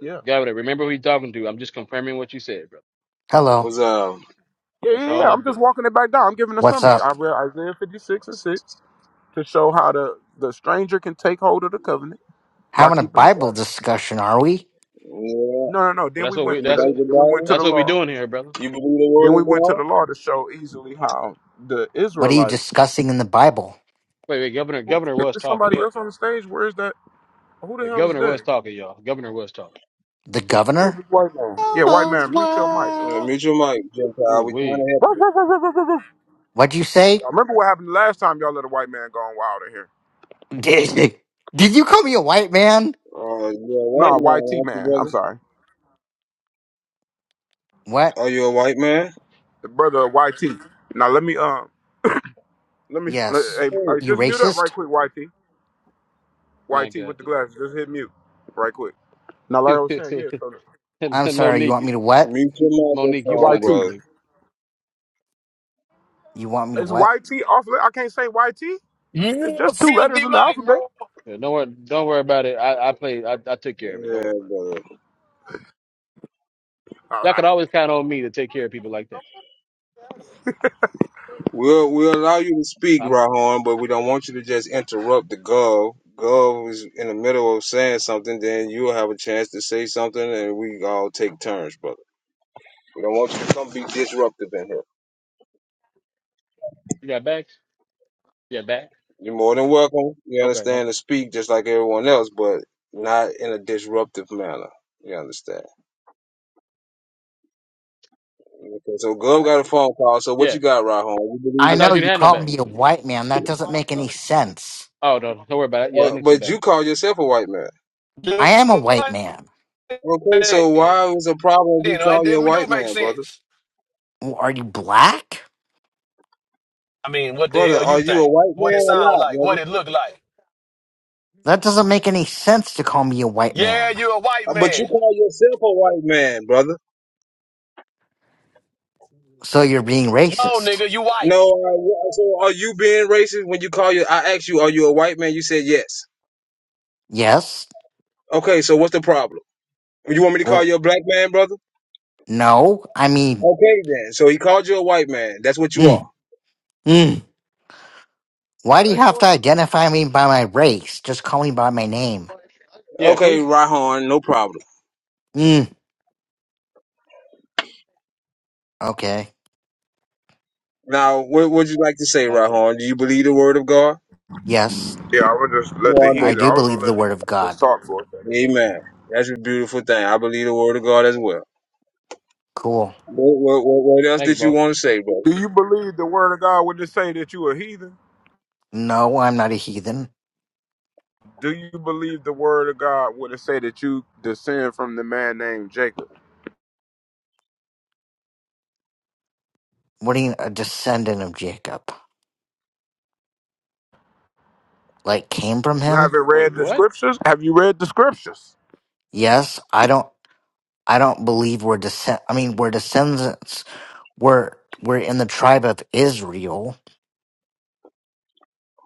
Speaker 5: Yeah.
Speaker 3: governor. Remember who you talking to. I'm just confirming what you said, bro.
Speaker 6: Hello.
Speaker 1: What's up?
Speaker 5: Yeah,
Speaker 3: That's
Speaker 5: yeah,
Speaker 3: all
Speaker 5: yeah.
Speaker 3: I'm
Speaker 5: I'm just
Speaker 3: doing.
Speaker 5: walking it back down. I'm giving a
Speaker 6: What's
Speaker 5: summary. I
Speaker 6: up?
Speaker 5: read Isaiah 56 and 6 to show how the, the stranger can take hold of the covenant by
Speaker 6: Having a
Speaker 5: keeping the
Speaker 6: Bible
Speaker 5: Sabbath.
Speaker 6: discussion, are we?
Speaker 1: Yeah.
Speaker 5: No, no, no.
Speaker 3: Well,
Speaker 5: Then
Speaker 3: that's
Speaker 5: we
Speaker 3: what
Speaker 1: You
Speaker 5: went
Speaker 3: we
Speaker 5: to
Speaker 3: that's
Speaker 5: the
Speaker 1: like
Speaker 3: what
Speaker 1: the
Speaker 5: then we went to
Speaker 1: Bible?
Speaker 5: the
Speaker 3: that's what we
Speaker 5: law.
Speaker 3: doing here, brother.
Speaker 1: You believe the
Speaker 5: Then
Speaker 1: Word
Speaker 5: we
Speaker 1: of
Speaker 5: went to
Speaker 1: God?
Speaker 5: the law to show easily how the
Speaker 6: What are you
Speaker 5: Israelite.
Speaker 6: discussing in the Bible?
Speaker 3: Wait, wait, governor, governor
Speaker 5: Is
Speaker 3: was
Speaker 5: there
Speaker 3: talking,
Speaker 5: somebody
Speaker 3: dog,
Speaker 5: else on the
Speaker 3: y'all.
Speaker 5: stage? Where is that? Who the
Speaker 3: Hey,
Speaker 5: hell is
Speaker 3: governor was
Speaker 5: that?
Speaker 3: talking, y'all. Governor was talking.
Speaker 6: The
Speaker 5: Who's
Speaker 6: governor?
Speaker 5: this white man? Yeah, white
Speaker 2: Almost
Speaker 5: man, mute your mic.
Speaker 2: wild.
Speaker 1: Yeah, mute your mic, Gentile.
Speaker 3: Ooh,
Speaker 1: We trying
Speaker 3: we,
Speaker 1: to help.
Speaker 5: Ruff, ruff, ruff, ruff, ruff, ruff, ruff.
Speaker 6: What'd you
Speaker 5: I
Speaker 6: say?
Speaker 5: remember what happened the last time y'all let a white man go on wild in here.
Speaker 6: <laughs> Did, did you call me a white man?
Speaker 1: Uh, you a white
Speaker 5: No,
Speaker 1: man,
Speaker 5: YT
Speaker 1: aren't you,
Speaker 5: man. I'm
Speaker 1: brother?
Speaker 5: sorry.
Speaker 6: What?
Speaker 1: Are you a white man?
Speaker 5: The brother of YT. Now let me um let me let,
Speaker 6: Yes.
Speaker 5: hey,
Speaker 1: Hey,
Speaker 5: hey,
Speaker 6: You
Speaker 5: just mute up right
Speaker 6: racist?
Speaker 5: quick, YT.
Speaker 3: my
Speaker 5: YT with
Speaker 3: God,
Speaker 5: the glasses. Just hit mute right quick. Now like I was saying,
Speaker 3: today.
Speaker 5: yeah, so
Speaker 6: I'm
Speaker 3: <laughs>
Speaker 6: sorry, you want me
Speaker 3: Monique,
Speaker 6: to what?
Speaker 1: mute your
Speaker 3: Monique,
Speaker 5: uh,
Speaker 3: you
Speaker 1: microphone,
Speaker 3: funny,
Speaker 5: YT.
Speaker 1: brother.
Speaker 3: Monique.
Speaker 6: You want me to
Speaker 5: Is
Speaker 6: what?
Speaker 5: YT off li- I can't say YT. It's
Speaker 7: You
Speaker 5: just two letters
Speaker 7: filthy
Speaker 5: in the
Speaker 7: Mike,
Speaker 5: alphabet.
Speaker 7: bro.
Speaker 3: Yeah, don't worry, don't worry about it. I, I played, I, I took care of it. Don't
Speaker 1: Yeah,
Speaker 3: worry about it.
Speaker 1: brother.
Speaker 5: All
Speaker 3: Y'all
Speaker 5: right.
Speaker 3: can always count on me to take care of people like that.
Speaker 1: We'll we'll allow you to speak,
Speaker 3: I'm,
Speaker 1: Rahon, but we don't want you to just interrupt the gov. Gov is in the middle of saying something, then you'll have a chance to say something, and we all take turns, brother. We don't want you to come be disruptive in here.
Speaker 3: you got bags? Yeah, bag.
Speaker 1: You're more than welcome. You
Speaker 3: Okay, no
Speaker 1: understand to
Speaker 3: problem.
Speaker 1: speak just like everyone else, but not in a disruptive manner. You understand? Okay, so Gov got a phone call. So what
Speaker 3: Yeah,
Speaker 1: you got, Rahon? You believe
Speaker 6: I
Speaker 3: I
Speaker 1: it?
Speaker 3: thought
Speaker 6: know
Speaker 3: you
Speaker 6: you
Speaker 3: didn't have no
Speaker 6: called
Speaker 3: bag.
Speaker 6: me a white man. That doesn't make any sense.
Speaker 3: Oh no, no, don't worry about it. Yeah, I
Speaker 1: Uh,
Speaker 3: need some
Speaker 1: but you
Speaker 3: bags.
Speaker 1: call yourself a white man.
Speaker 7: Dude,
Speaker 6: I am a white man.
Speaker 1: Okay,
Speaker 7: man.
Speaker 1: so why was a problem if we
Speaker 7: Then I
Speaker 1: call you a
Speaker 7: didn't do
Speaker 1: white
Speaker 7: make
Speaker 1: man, brother?
Speaker 7: sense.
Speaker 6: Well, Are you black?
Speaker 7: I mean, what the
Speaker 1: Brother,
Speaker 7: hell you
Speaker 1: are you a
Speaker 7: think?
Speaker 1: white
Speaker 7: What it
Speaker 1: man or
Speaker 7: sound
Speaker 1: not,
Speaker 7: like? What
Speaker 1: brother?
Speaker 7: it look like?
Speaker 6: That doesn't make any sense to call me a white
Speaker 7: Yeah,
Speaker 6: man.
Speaker 7: you a white
Speaker 1: Uh, But you
Speaker 7: man.
Speaker 1: call yourself a white man, brother.
Speaker 6: So you're being
Speaker 7: No,
Speaker 6: racist.
Speaker 7: nigga, you white.
Speaker 1: No, uh, wh- so are you being racist when you call you? I asked you, are you a white man? You said yes.
Speaker 6: Yes.
Speaker 1: Okay, so what's the problem? You want me to call
Speaker 6: Well,
Speaker 1: you a black man, brother?
Speaker 6: No, I mean,
Speaker 1: Okay, then. So he called you a white man. That's what you are.
Speaker 6: mm, mm. Why do you have to identify me by my race? Just call me by my name.
Speaker 3: Yeah,
Speaker 1: Okay,
Speaker 3: please.
Speaker 1: Rahon, no problem.
Speaker 6: Mm, okay.
Speaker 1: Now, what would you like to say,
Speaker 3: My God,
Speaker 1: Rahon? Do you believe the word of God?
Speaker 6: Yes,
Speaker 5: Yeah, I would just let the
Speaker 6: I
Speaker 5: heathen.
Speaker 6: do
Speaker 5: I
Speaker 1: Wonderful.
Speaker 5: was gonna
Speaker 6: believe the
Speaker 5: let the
Speaker 6: word
Speaker 5: heathen
Speaker 6: of
Speaker 5: just
Speaker 6: God.
Speaker 5: talk for a second.
Speaker 1: Amen. That's a beautiful thing. I believe the word of God as well.
Speaker 6: Cool.
Speaker 1: What, what, what, what else
Speaker 3: thank you,
Speaker 1: did you
Speaker 3: bro.
Speaker 1: want to say, brother?
Speaker 5: Do you believe the word of God when it say that you a heathen?
Speaker 6: No, I'm not a heathen.
Speaker 5: Do you believe the word of God would it say that you descend from the man named Jacob?
Speaker 6: What do you a descendant of Jacob? Like came from
Speaker 5: You
Speaker 6: him?
Speaker 5: haven't read
Speaker 3: Wait,
Speaker 5: the
Speaker 3: what?
Speaker 5: scriptures? Have you read the scriptures?
Speaker 6: Yes, I don't I don't believe we're descend I mean we're descendants we're we're in the tribe of Israel.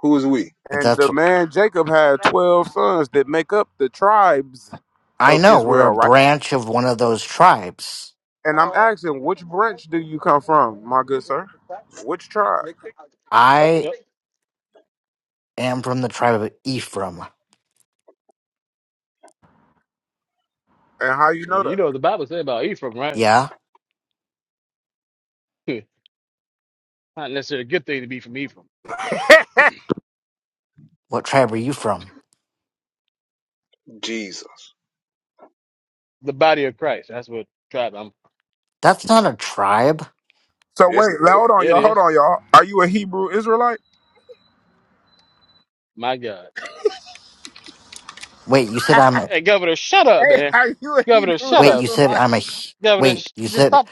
Speaker 1: Who is we?
Speaker 6: If
Speaker 5: And
Speaker 6: that's
Speaker 5: the man Jacob had 12 sons that make up the tribes
Speaker 6: I
Speaker 5: of
Speaker 6: know, we're
Speaker 5: Israel,
Speaker 6: a
Speaker 5: right?
Speaker 6: branch of one of those tribes.
Speaker 5: And I'm asking, which branch do you come from, my good sir? Which tribe?
Speaker 6: I.
Speaker 3: Yep.
Speaker 6: i am from the tribe of Ephraim.
Speaker 5: And how you know
Speaker 3: You
Speaker 5: that?
Speaker 3: know the Bible said about Ephraim, right?
Speaker 6: Yeah?
Speaker 3: <laughs> Not necessarily a good thing to be from Ephraim.
Speaker 6: What tribe are you from?
Speaker 1: Jesus.
Speaker 3: The body of Christ. That's what tribe I'm.
Speaker 6: That's not a tribe.
Speaker 5: So
Speaker 1: Yes, it
Speaker 5: wait, now,
Speaker 1: is.
Speaker 5: hold on,
Speaker 3: Yeah, it
Speaker 5: y'all. Hold
Speaker 3: is.
Speaker 5: on, y'all. Are you a Hebrew Israelite?
Speaker 3: My God.
Speaker 6: Wait, you said I'm a,
Speaker 3: Hey, Governor, shut up,
Speaker 5: Hey,
Speaker 3: man.
Speaker 5: <laughs> are you a
Speaker 3: Governor,
Speaker 5: Hebrew
Speaker 3: shut
Speaker 6: wait, you
Speaker 3: up.
Speaker 6: said
Speaker 5: Israelite?
Speaker 6: I'm a, He-
Speaker 3: Governor,
Speaker 6: wait,
Speaker 3: sh-
Speaker 6: you
Speaker 3: just
Speaker 6: said,
Speaker 3: stop.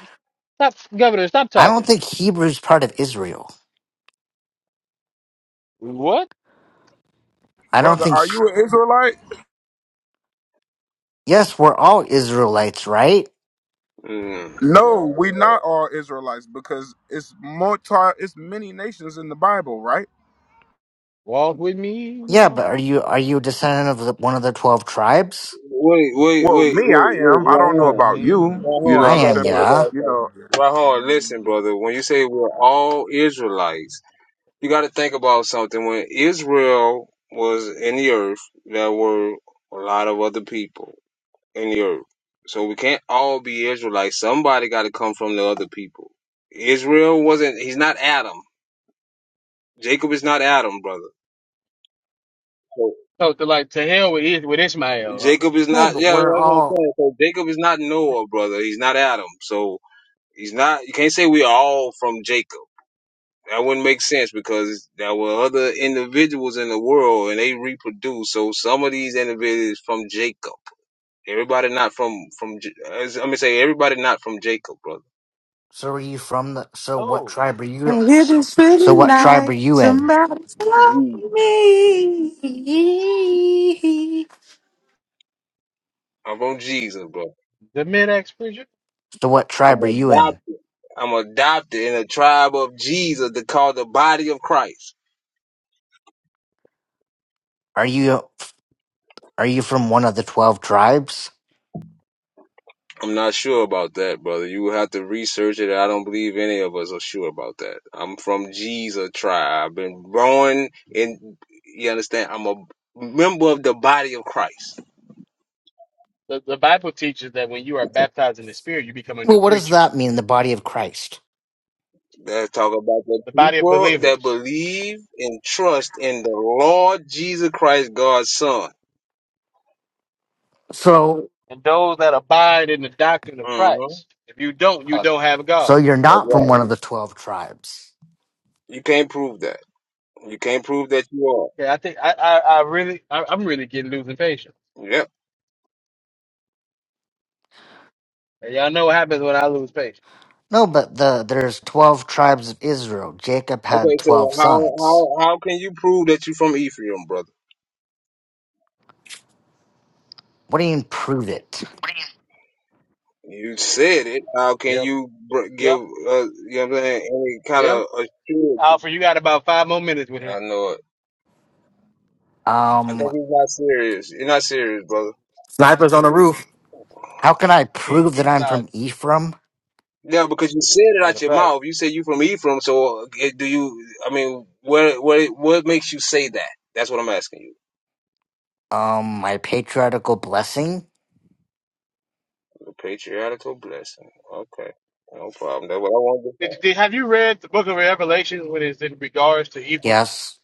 Speaker 3: Stop. Governor, stop
Speaker 6: I don't
Speaker 3: talking.
Speaker 6: think Hebrew's part of Israel.
Speaker 3: What?
Speaker 6: I don't
Speaker 5: Brother,
Speaker 6: think,
Speaker 5: are
Speaker 6: He-
Speaker 5: you an Israelite?
Speaker 6: yes, we're all Israelites, right?
Speaker 1: Mm.
Speaker 5: No,
Speaker 1: Oh,
Speaker 5: we
Speaker 1: yeah.
Speaker 5: not all Israelites because it's multi, it's many nations in the Bible, right?
Speaker 3: Walk with me,
Speaker 6: Yeah, but are
Speaker 3: Lord.
Speaker 6: you, are you a descendant of the, one of the 12 tribes?
Speaker 1: Wait, wait,
Speaker 5: Well,
Speaker 1: wait, wait,
Speaker 5: me, I am.
Speaker 1: wait,
Speaker 5: I don't
Speaker 3: Walk
Speaker 5: know
Speaker 3: with
Speaker 1: Rahon.
Speaker 5: about
Speaker 3: me.
Speaker 5: you. You know
Speaker 1: Rahon,
Speaker 6: I
Speaker 5: what
Speaker 1: you
Speaker 5: I'm
Speaker 1: gotta
Speaker 6: am,
Speaker 5: saying?
Speaker 1: think
Speaker 5: But
Speaker 6: yeah.
Speaker 1: about
Speaker 5: you
Speaker 1: something.
Speaker 5: know,
Speaker 1: Rahon, listen, brother. When you say we're all Israelites, you gotta think about something. When Israel was in the earth, there were a lot of other people. in the earth. So we can't all be Israelites. Somebody got to come from the other people. Israel wasn't. He's not Adam. Jacob is not Adam, brother. So
Speaker 3: Oh, to like to hell with, Is- with Ishmael. Huh?
Speaker 1: Jacob is
Speaker 6: No,
Speaker 1: not.
Speaker 6: but
Speaker 1: Yeah, that's
Speaker 6: we're
Speaker 1: what I'm
Speaker 6: all,
Speaker 1: saying. So Jacob is not Noah, brother. He's not Adam. So he's not. You can't say we are all from Jacob. That wouldn't make sense because there were other individuals in the world and they reproduce. So some of these individuals from Jacob. Everybody not from from. J- as- I'm gonna say everybody not from Jacob, brother.
Speaker 6: so are you from the, so what tribe are
Speaker 4: I
Speaker 6: you,
Speaker 4: hear
Speaker 6: so
Speaker 4: feeling
Speaker 6: what tribe are
Speaker 4: like
Speaker 6: you in?
Speaker 4: somebody's love me.
Speaker 1: I'm on Jesus, bro.
Speaker 3: The mid-ex preacher.
Speaker 6: So what
Speaker 1: I'm
Speaker 6: tribe are you in?
Speaker 1: adopted. I'm adopted in the tribe of Jesus to call the body of Christ.
Speaker 6: Are you, are you from one of the 12 tribes?
Speaker 1: I'm not sure about that, brother. You will have to research it. I don't believe any of us are sure about that. I'm from Jesus tribe. I've been born in, you understand? I'm a member of the body of Christ.
Speaker 3: The, the Bible teaches that when you are baptized in the Spirit, you become a new
Speaker 6: Well, what does
Speaker 3: creature.
Speaker 6: that mean, the body of Christ?
Speaker 1: Let's talk about the
Speaker 3: The body of
Speaker 1: people that
Speaker 3: believers.
Speaker 1: believe and trust in the Lord Jesus Christ, God's son.
Speaker 6: So,
Speaker 3: and those that abide in the doctrine of
Speaker 1: hmm
Speaker 3: Christ. If you don't, you don't have
Speaker 6: so
Speaker 3: God.
Speaker 6: you're
Speaker 1: That's
Speaker 6: not from
Speaker 1: right.
Speaker 6: one of the 12 tribes.
Speaker 1: You can't prove that. You can't prove that you are.
Speaker 3: Yeah, I think I, I, I really, I, I'm really getting losing patience.
Speaker 1: Yep.
Speaker 3: And y'all know what happens when I lose patience.
Speaker 6: No, but the, there's 12 tribes of Israel. Jacob had
Speaker 1: Okay,
Speaker 6: 12
Speaker 1: so how
Speaker 6: sons.
Speaker 1: how how can you prove that you from Ephraim, brother?
Speaker 6: What do you mean, prove it?
Speaker 1: You said it. How can
Speaker 3: Yep,
Speaker 1: you br- give
Speaker 3: yep,
Speaker 1: uh, you know what I'm saying any kind
Speaker 3: yep.
Speaker 1: of assurance?
Speaker 3: Alfred, you got about five more minutes with him.
Speaker 1: I
Speaker 3: <laughs>
Speaker 1: know it. I
Speaker 6: Um,
Speaker 1: think he's not serious. You're not serious, brother.
Speaker 8: Snipers on the roof.
Speaker 6: how can I
Speaker 3: He,
Speaker 6: prove that
Speaker 3: he's
Speaker 6: I'm
Speaker 3: not.
Speaker 6: from Ephraim?
Speaker 1: Yeah, because you said it
Speaker 3: Matter
Speaker 1: out
Speaker 3: of
Speaker 1: your
Speaker 3: fact,
Speaker 1: mouth. You said you from Ephraim, so eh, do you? I mean, where where what makes you say that? That's what I'm asking you.
Speaker 6: Um, my patriarchal blessing?
Speaker 1: A patriarchal blessing. Okay, no problem. That's what I wanted to
Speaker 3: did,
Speaker 1: say.
Speaker 3: did, have you read the Book of Revelation when it's in regards to Ephraim?
Speaker 6: Yes.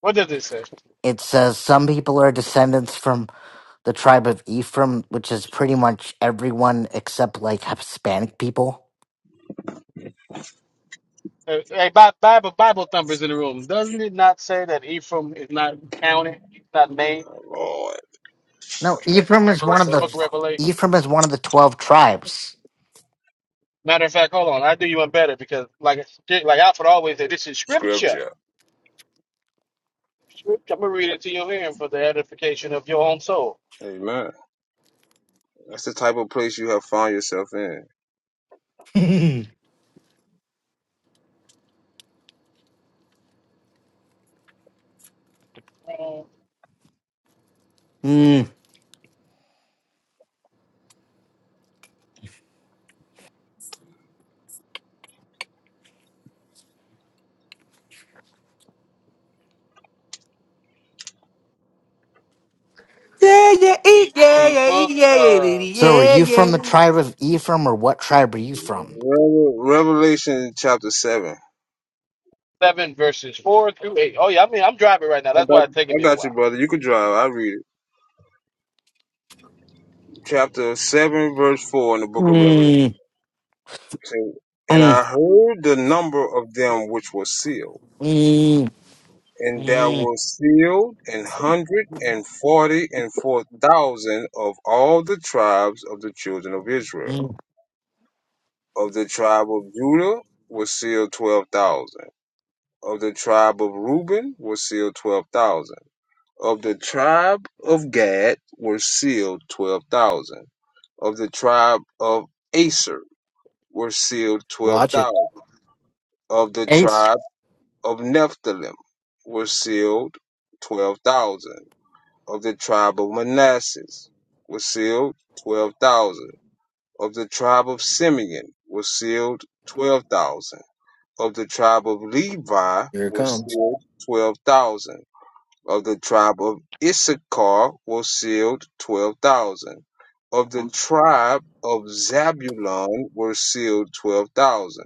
Speaker 3: What does it say?
Speaker 6: It says some people are descendants from the tribe of Ephraim, which is pretty much everyone except like Hispanic people.
Speaker 3: Hey, hey, Bi- Bible, Bible thumpers in the room. Doesn't it not say that Ephraim is not counted? He's not named
Speaker 1: Lord,
Speaker 6: No, Ephraim is one
Speaker 3: in
Speaker 6: of
Speaker 3: the
Speaker 6: the
Speaker 3: Book of Revelation.
Speaker 6: Ephraim is one of the twelve tribes.
Speaker 3: Matter of fact, hold on. I do you one better because, like, like Alfred always said, this is scripture.
Speaker 1: scripture.
Speaker 3: Scripture. I'm gonna read it to your hearing for the edification of your own soul.
Speaker 1: Amen. That's the type of place you have found yourself in.
Speaker 6: <laughs> Mm.
Speaker 4: Yeah, yeah, yeah,
Speaker 3: The
Speaker 4: yeah,
Speaker 3: book,
Speaker 4: yeah, yeah,
Speaker 3: uh,
Speaker 6: So are
Speaker 4: yeah,
Speaker 6: you from the
Speaker 4: yeah.
Speaker 6: tribe of Ephraim or what tribe are you from?
Speaker 1: Revel- Revelation chapter seven.
Speaker 3: seven verses four through eight. Oh yeah, I mean, I'm driving right now.
Speaker 1: I
Speaker 3: That's
Speaker 1: got,
Speaker 3: why it's taking
Speaker 1: I
Speaker 3: me a
Speaker 1: got you,
Speaker 3: while.
Speaker 1: brother. You can drive. I read it. Chapter seven, verse four in the book of Revelation.
Speaker 6: Mm,
Speaker 1: And I
Speaker 6: mm,
Speaker 1: heard the number of them which were sealed,
Speaker 6: mm,
Speaker 1: and there
Speaker 6: mm,
Speaker 1: were sealed an hundred and forty and four thousand of all the tribes of the children of Israel.
Speaker 6: mm.
Speaker 1: Of the tribe of Judah were sealed twelve thousand. Of the tribe of Reuben were sealed twelve thousand Of the tribe of Gad were sealed twelve thousand. Of the tribe of Aser were sealed twelve
Speaker 8: Shit,
Speaker 1: thousand. Of the
Speaker 6: Hey,
Speaker 1: tribe of Nephthalim were sealed twelve thousand. Of the tribe of Manasseh were sealed twelve thousand. Of the tribe of Simeon were sealed twelve thousand. Of the tribe of Levi
Speaker 8: here it
Speaker 1: were
Speaker 8: comes.
Speaker 1: sealed twelve thousand Of the tribe of Issachar were sealed 12,000. Of the tribe of Zabulon were sealed 12,000.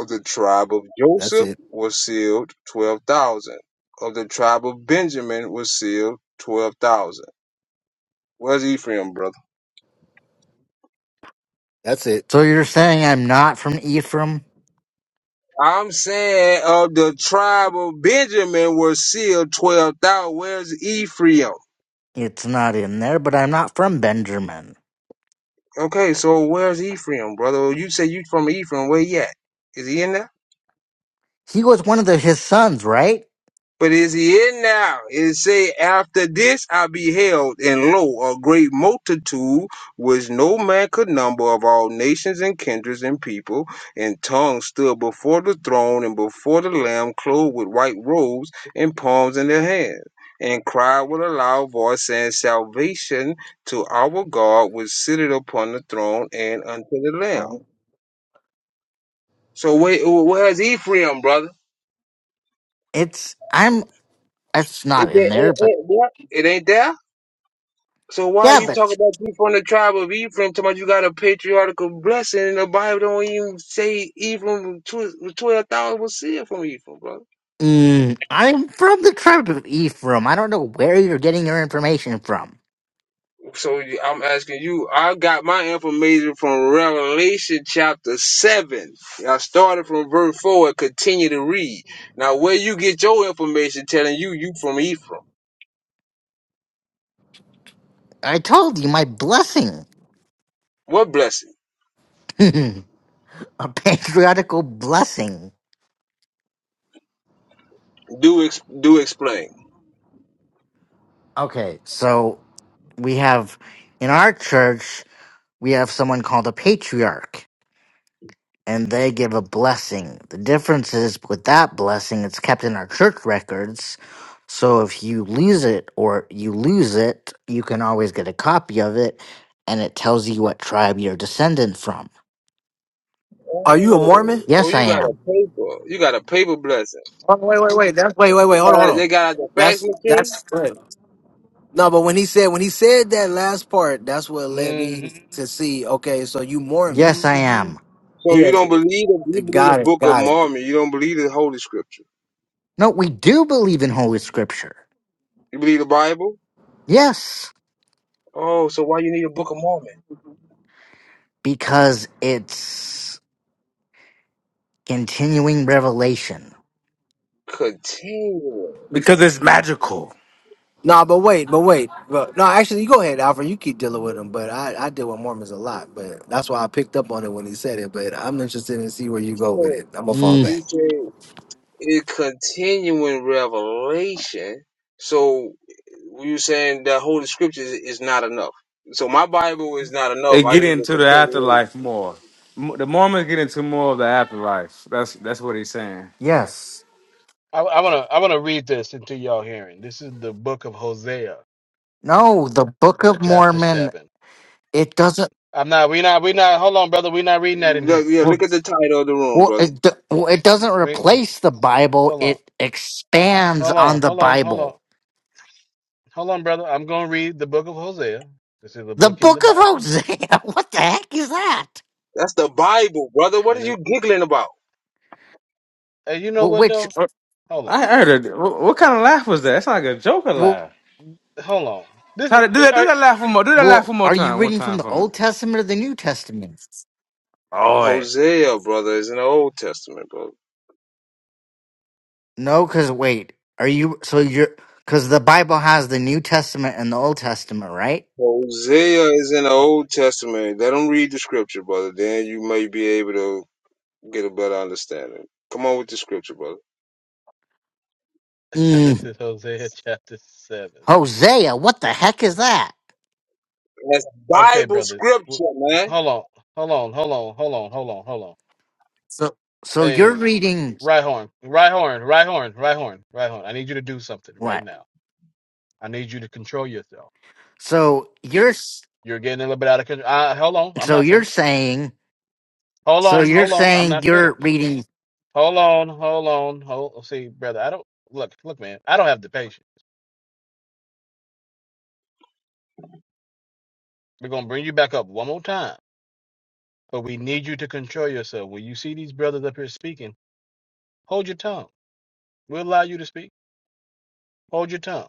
Speaker 1: Of the tribe of
Speaker 8: That's
Speaker 1: Joseph
Speaker 8: it.
Speaker 1: were sealed 12,000. Of the tribe of Benjamin were sealed 12,000. Where's Ephraim, brother?
Speaker 8: That's it.
Speaker 6: so you're saying I'm not from Ephraim?
Speaker 1: I'm saying of the tribe of Benjamin were sealed 12,000. Where's Ephraim?
Speaker 6: It's not in there, but I'm not from Benjamin.
Speaker 1: Okay, so where's Ephraim, brother? You say you from Ephraim. Where he at? Is he in there?
Speaker 6: He was one of the, his sons, right?
Speaker 1: But is he in now? It say, after this I beheld, and lo, a great multitude, which no man could number, of all nations and kindreds and people, and tongues stood before the throne and before the Lamb, clothed with white robes and palms in their hands, and cried with a loud voice, saying, Salvation to our God, which sitteth upon the throne and unto the Lamb. So wait, where's Ephraim, brother?
Speaker 6: It's I'm it's
Speaker 1: It,
Speaker 6: not
Speaker 1: it,
Speaker 6: in there,
Speaker 1: it,
Speaker 6: but
Speaker 1: it, what? it ain't there? So why
Speaker 6: yeah,
Speaker 1: you
Speaker 6: but
Speaker 1: talk about you from the tribe of Ephraim? Talking about you got a patriarchal blessing, and the Bible don't even say Ephraim twelve thousand was sealed from Ephraim, brother.
Speaker 6: mm, I'm from the tribe of Ephraim. I don't know where you're getting your information from.
Speaker 1: So you- I'm asking you. I got my information from Revelation chapter seven. I started from verse four and continue to read. Now, where you get your information telling you you from Ephraim?
Speaker 6: I told you my blessing.
Speaker 1: What blessing?
Speaker 6: <laughs> a patriarchal blessing.
Speaker 1: Do ex- do explain.
Speaker 6: Okay, so we have in our church we have someone called a patriarch and they give a blessing. The difference is with that blessing it's kept in our church records. So if you lose it or you lose it, you can always get a copy of it and it tells you what tribe you're descendant from.
Speaker 8: Are you a
Speaker 1: Oh,
Speaker 8: Mormon?
Speaker 1: oh,
Speaker 6: Yes,
Speaker 1: you
Speaker 6: I
Speaker 1: got a
Speaker 6: am.
Speaker 1: paper. You got a paper blessing.
Speaker 8: Oh, wait, wait, wait. That's wait, wait,
Speaker 1: You
Speaker 8: wait. Hold on,
Speaker 1: got
Speaker 8: hold
Speaker 1: they
Speaker 8: on.
Speaker 1: got the fax
Speaker 8: That's
Speaker 1: machine.
Speaker 8: that's right. no. But when he said when he said that last part, that's what led me
Speaker 3: Mm-hmm.
Speaker 8: to see. Okay, so you Mormon?
Speaker 6: Yes, I
Speaker 3: hmm
Speaker 6: am.
Speaker 1: So
Speaker 8: Yeah.
Speaker 1: you don't believe you believe the
Speaker 8: Got it.
Speaker 1: Book of
Speaker 8: Got it.
Speaker 1: Mormon. You don't believe the Holy Scripture.
Speaker 6: No, we do believe in holy scripture.
Speaker 1: You believe the Bible.
Speaker 6: Yes.
Speaker 1: Oh, so why you need a Book of Mormon?
Speaker 6: because it's continuing revelation.
Speaker 1: Continuing.
Speaker 4: Because it's magical.
Speaker 8: No, but wait, but wait, but no. Actually, you go ahead, Alfred. You keep dealing with them, but I I deal with Mormons a lot. But that's why I picked up on it when he said it. But I'm interested in see where you go with
Speaker 1: So
Speaker 8: it. I'm gonna fall
Speaker 6: Mm.
Speaker 8: back.
Speaker 1: you say it continuing revelation. So you saying that Holy Scripture is, is not enough. So my Bible is not enough.
Speaker 4: It
Speaker 1: I
Speaker 4: get
Speaker 1: need to
Speaker 4: into the
Speaker 1: continue.
Speaker 4: afterlife more. Mo- The Mormons get into more of the afterlife. That's that's what he's saying.
Speaker 6: Yes.
Speaker 3: I, I wanna, I wanna read this into y'all hearing. This is the book of Hosea,
Speaker 6: No, the Book of
Speaker 3: chapter
Speaker 6: Mormon
Speaker 3: seven.
Speaker 6: it doesn't
Speaker 3: I'm not. We not. We not. Hold on, brother. We not reading that in
Speaker 1: Look,
Speaker 3: here.
Speaker 1: yeah,
Speaker 6: well,
Speaker 1: look at the title of the room,
Speaker 6: well,
Speaker 1: brother.
Speaker 6: it, do- well it doesn't
Speaker 3: Wait. Hold
Speaker 6: replace the Bible,
Speaker 3: on.
Speaker 6: it expands
Speaker 3: Hold
Speaker 6: on
Speaker 3: on.
Speaker 6: the
Speaker 3: Hold on. Hold on.
Speaker 6: Bible.
Speaker 3: Hold on, brother. I'm going to read the book of Hosea. This is a
Speaker 6: The
Speaker 3: book in the
Speaker 6: Book of
Speaker 3: Bible.
Speaker 6: Hosea. <laughs> What the heck is that?
Speaker 1: That's the Bible, brother. What
Speaker 3: And
Speaker 1: are you
Speaker 3: it,
Speaker 1: giggling about?
Speaker 3: and you know
Speaker 6: Well,
Speaker 3: what,
Speaker 6: which
Speaker 3: though?
Speaker 6: are-
Speaker 3: Hold
Speaker 4: I
Speaker 3: on.
Speaker 4: heard it. Wh- What kind of laugh was that? It's like a Joker
Speaker 6: well,
Speaker 4: laugh.
Speaker 3: Hold on. This is,
Speaker 4: Tyler, do
Speaker 3: eh,
Speaker 4: that.
Speaker 3: all
Speaker 4: Do
Speaker 3: right.
Speaker 4: that laugh one more. Do that laugh one
Speaker 6: well
Speaker 4: more
Speaker 6: are you
Speaker 4: time. One
Speaker 6: reading from
Speaker 4: time
Speaker 6: the
Speaker 4: for me.
Speaker 6: Old Testament or the New Testament?
Speaker 4: Oh wait.
Speaker 1: Hosea, brother, is in the Old Testament, brother.
Speaker 6: No, cuz wait. Are you so you're cuz the Bible has the New Testament and the Old Testament, right?
Speaker 1: Hosea is in the
Speaker 3: Oh, my
Speaker 1: Old Testament. Let them read the scripture, brother. Then you may be able to get a better understanding. Come on with the scripture, brother.
Speaker 3: <laughs> God. This is Hosea <laughs> chapter 7.
Speaker 6: Hosea, what the heck is that?
Speaker 1: That's
Speaker 3: Okay,
Speaker 1: Bible
Speaker 3: brother.
Speaker 1: scripture,
Speaker 3: W-
Speaker 1: man.
Speaker 3: Hold on. Hold on. Hold on. Hold on. Hold on. Hold on.
Speaker 6: So, so you're
Speaker 3: Hey,
Speaker 6: reading
Speaker 3: right horn. Right horn. Right horn. Right horn. Right horn. I need you to do something right
Speaker 6: what?
Speaker 3: now. I need you to control yourself.
Speaker 6: So you're s-
Speaker 3: You're getting a little bit out of control. Uh, hold on. I'm
Speaker 6: so
Speaker 3: not
Speaker 6: you're
Speaker 3: finished.
Speaker 6: saying
Speaker 3: Hold
Speaker 6: so
Speaker 3: on.
Speaker 6: you're
Speaker 3: Hold on. I'm
Speaker 6: saying
Speaker 3: not
Speaker 6: you're
Speaker 3: finished.
Speaker 6: reading
Speaker 3: Hold on, hold on, hold. See, brother, I don't look, look, man. I don't have the patience. We're gonna bring you back up one more time, but we need you to control yourself. When you see these brothers up here speaking, hold your tongue. We'll allow you to speak. Hold your tongue.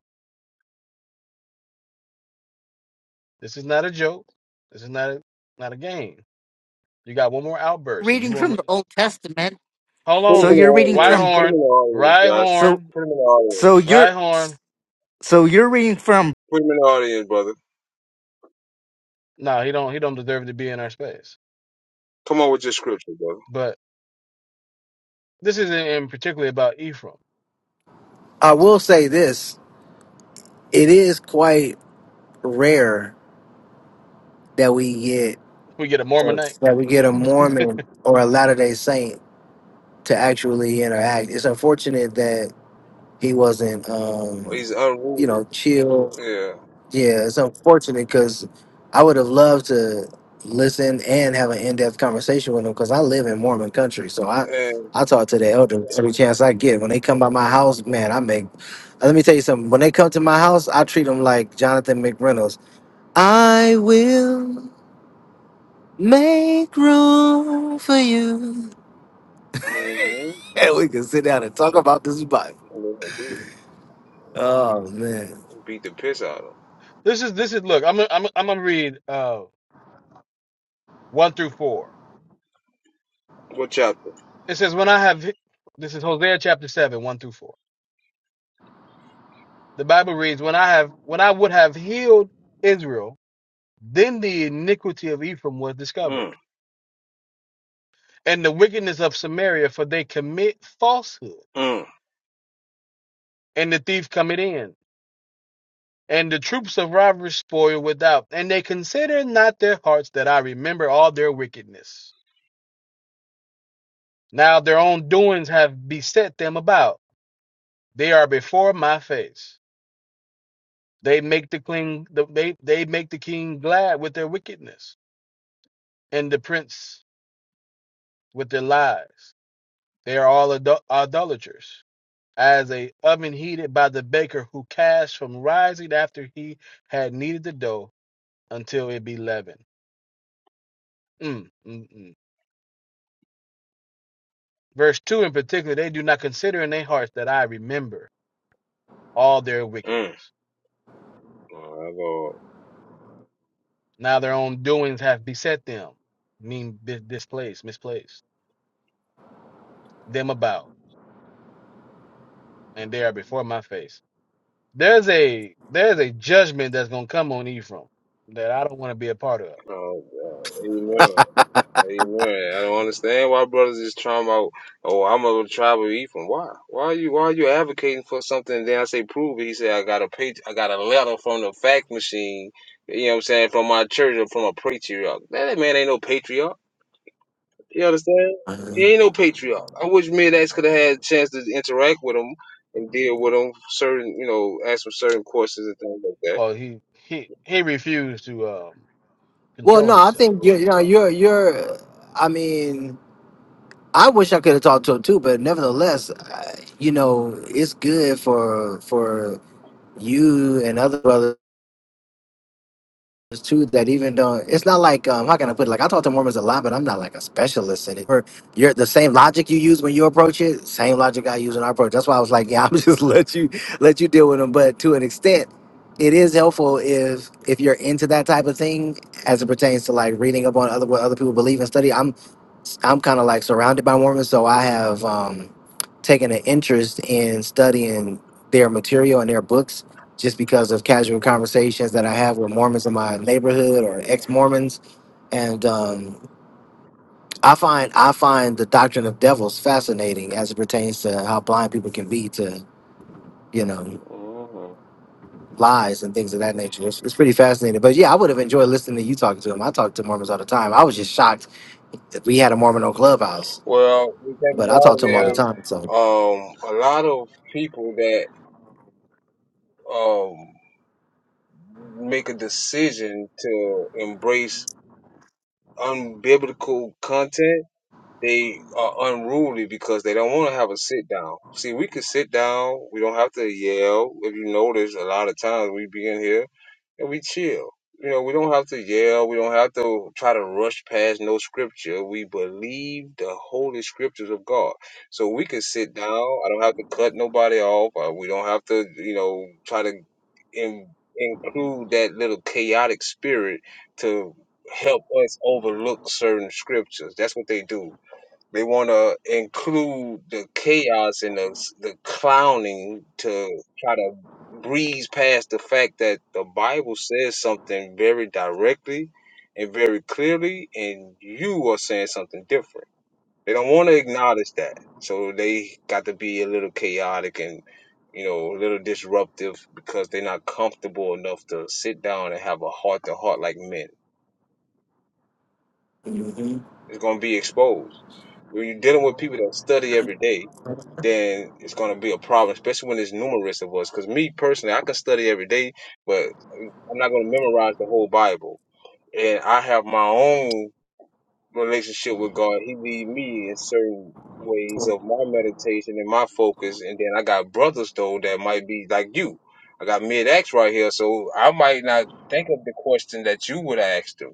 Speaker 3: This is not a joke. This is not a not a game. You got one more outburst, and you
Speaker 6: reading
Speaker 3: will.
Speaker 6: from
Speaker 3: not
Speaker 6: the Old Testament.
Speaker 3: Hold
Speaker 1: Put him
Speaker 6: So
Speaker 1: in the
Speaker 3: on,
Speaker 6: you're reading
Speaker 1: audience.
Speaker 6: from
Speaker 1: Put him
Speaker 3: Rhyhorn,
Speaker 1: in the audience, Josh.
Speaker 6: so
Speaker 3: Rhyhorn,
Speaker 1: Put him in the audience.
Speaker 6: so you're
Speaker 3: Rhyhorn.
Speaker 6: so you're reading from
Speaker 1: Put him in the audience, brother.
Speaker 3: No, he don't. He don't deserve to be in our space.
Speaker 1: Come on with your scripture, brother.
Speaker 3: But this isn't in particularly about Ephraim.
Speaker 8: I will say this. It is quite. rare that we get
Speaker 3: We get a Mormonite.
Speaker 8: that we get a Mormon or a Latter Day Saint to actually interact. It's unfortunate that he wasn't, um,
Speaker 1: He's
Speaker 8: you
Speaker 1: unruly.
Speaker 8: know, chill.
Speaker 1: Yeah.
Speaker 8: Yeah, it's unfortunate because I would have loved to listen and have an in depth conversation with him because I live in Mormon country, so I.
Speaker 1: And,
Speaker 8: I talk to the elders every chance I get. When they come by my house, man, I make. uh, Let me tell you something. When they come to my house, I treat them like Jonathan McReynolds. I will. Make room for you.
Speaker 1: mm-hmm.
Speaker 8: And we can sit down and talk about this bike.
Speaker 1: and then Beat
Speaker 8: Oh man.
Speaker 1: beat the piss out of him.
Speaker 3: This is this is look. I'm gonna- I'm gonna- I'm gonna read uh one through four.
Speaker 1: What chapter?
Speaker 3: It says, "When I have," this is Hosea chapter seven, one through four. The Bible reads, "When I have, when I would have healed Israel, then the iniquity of Ephraim was
Speaker 1: Mm,
Speaker 3: discovered, and the wickedness of Samaria, for they commit falsehood,
Speaker 1: mm,
Speaker 3: and the thief cometh in, and the troops of robbers spoil without, and they consider not their hearts that I remember all their wickedness. Now their own doings have beset them about; they are before my face." They make the king the, they they make the king glad with their wickedness, and the prince with their lies. They are all idol- idolaters, as a oven heated by the baker who casts from rising after he had kneaded the dough until it be leavened. Mm, mm, mm. Verse two in particular, they do not consider in their hearts that I remember all their
Speaker 1: mm.
Speaker 3: wickedness.
Speaker 1: Oh, Lord.
Speaker 3: Now their own doings have beset them, mean bi- displaced, misplaced them about, and they are before my face. There's a there's a judgment that's gonna come on Ephraim that I don't want to be a part of.
Speaker 1: Oh, God. Amen. Amen. I don't understand why brothers is trying about, oh, I'm a tribe of Ephraim. Why? Why are you why are you advocating for something? And then I say prove it. He said I got a page I got a letter from the fact machine, you know what I'm saying, from my church or from a patriarch. That man ain't no patriarch. You understand? He
Speaker 8: Uh,
Speaker 1: ain't no patriarch. I wish Mid X could have had a chance to interact with him and deal with him certain, you know, ask him certain questions and things like that.
Speaker 3: Well, he he he refused to um
Speaker 8: Well,
Speaker 3: control
Speaker 8: no, I
Speaker 3: himself.
Speaker 8: think you're, you know, you're, you're. I mean, I wish I could have talked to him too, but nevertheless, I, you know, it's good for for you and other brothers. It's true that even though it's not like um how can I put it? like I talk to Mormons a lot, but I'm not like a specialist in it. Or you're the same logic you use when you approach it, same logic I use when I approach. That's why I was like, yeah, <laughs> I'm just let you let you deal with them. But to an extent, it is helpful if if you're into that type of thing as it pertains to like reading up on other what other people believe and study. I'm. I'm kind of like surrounded by Mormons, so I have um, taken an interest in studying their material and their books just because of casual conversations that I have with Mormons in my neighborhood or ex-Mormons, and um, I find I find the doctrine of devils fascinating as it pertains to how blind people can be to you know
Speaker 1: hmm
Speaker 8: lies and things of that nature. It's, it's pretty fascinating. But yeah, I would have enjoyed listening to you talking to them. I talk to Mormons all the time. I was just shocked that we had a Mormon on Clubhouse,
Speaker 1: Well, the thing
Speaker 8: but I talk
Speaker 1: about
Speaker 8: to
Speaker 1: it
Speaker 8: them all the
Speaker 3: Yeah,
Speaker 1: is,
Speaker 3: um,
Speaker 8: time. So.
Speaker 1: um, a lot of people that um make a decision to embrace unbiblical content they are unruly because they don't want to have a sit down. See, we could sit down. We don't have to yell. If you notice, a lot of times we be in here and we chill. You know, we don't have to yell. We don't have to try to rush past no scripture. We believe the holy scriptures of God. So we can sit down. I don't have to cut nobody off. Uh, We don't have to, you know, try to in, include that little chaotic spirit to help us overlook certain scriptures. That's what they do. They want to include the chaos and the the clowning to try to breeze past the fact that the Bible says something very directly and very clearly, and you are saying something different. They don't want to acknowledge that, so they got to be a little chaotic and you know a little disruptive because they're not comfortable enough to sit down and have a heart to heart like men.
Speaker 8: hmm
Speaker 1: It's gonna be exposed when you're dealing with people that study every day then it's going to be a problem, especially when there's numerous of us. Because me personally, I can study every day, but I'm not going to memorize the whole Bible. And I have my own relationship with God. He lead me in certain ways of my meditation and my focus. And then I got brothers though that might be like you. I got mid acts right here, so I might not think of the question that you would ask them.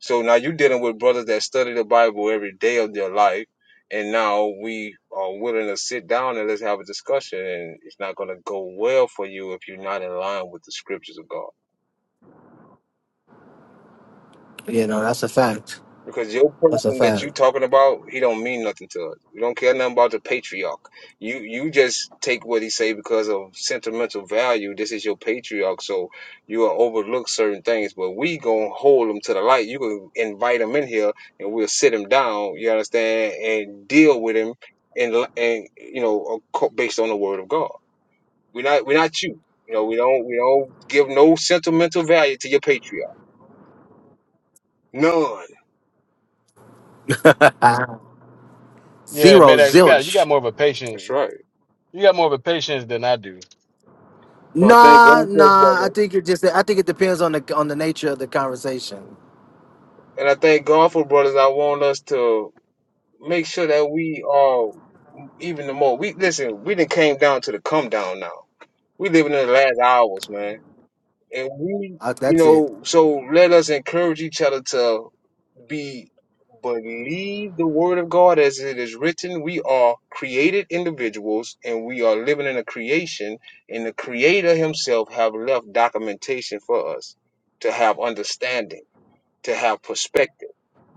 Speaker 1: So now you're dealing with brothers that study the Bible every day of their life, and now we are willing to sit down and let's have a discussion. And it's not going to go well for you if you're not in line with the scriptures of God.
Speaker 8: You know, that's a fact.
Speaker 1: Because your
Speaker 8: That's a
Speaker 1: person that you
Speaker 8: fact.
Speaker 1: talking about, he don't mean nothing to us. We don't care nothing about the patriarch. You you just take what he say because of sentimental value. This is your patriarch, so you will overlook certain things. But we gonna hold him to the light. You can invite him in here, and we'll sit him down. You understand, and deal with him, and and you know, ac- based on the word of God. We're not we're not you. You know, we don't we don't give no sentimental value to your patriarch. None.
Speaker 8: <laughs> Ah,
Speaker 3: yeah,
Speaker 8: Zero
Speaker 3: Medax, you got you got
Speaker 8: zilch.
Speaker 3: more of a
Speaker 1: That's
Speaker 3: patient
Speaker 1: right.
Speaker 3: you got more of a patience than I do.
Speaker 1: So I thank
Speaker 8: Nah,
Speaker 1: God for it,
Speaker 8: nah. I
Speaker 1: brother.
Speaker 8: think it just. I think it depends on the on the nature of the conversation.
Speaker 1: And I thank God for brothers. I want us to make sure that we are even the more. We listen. We done came down to the come down now. We living in the last hours, man. And we,
Speaker 8: Uh,
Speaker 1: you
Speaker 8: that's it.
Speaker 1: know, so let us encourage each other to be believe the word of God as it is written. We are created individuals, and we are living in a creation. And the Creator Himself have left documentation for us to have understanding, to have perspective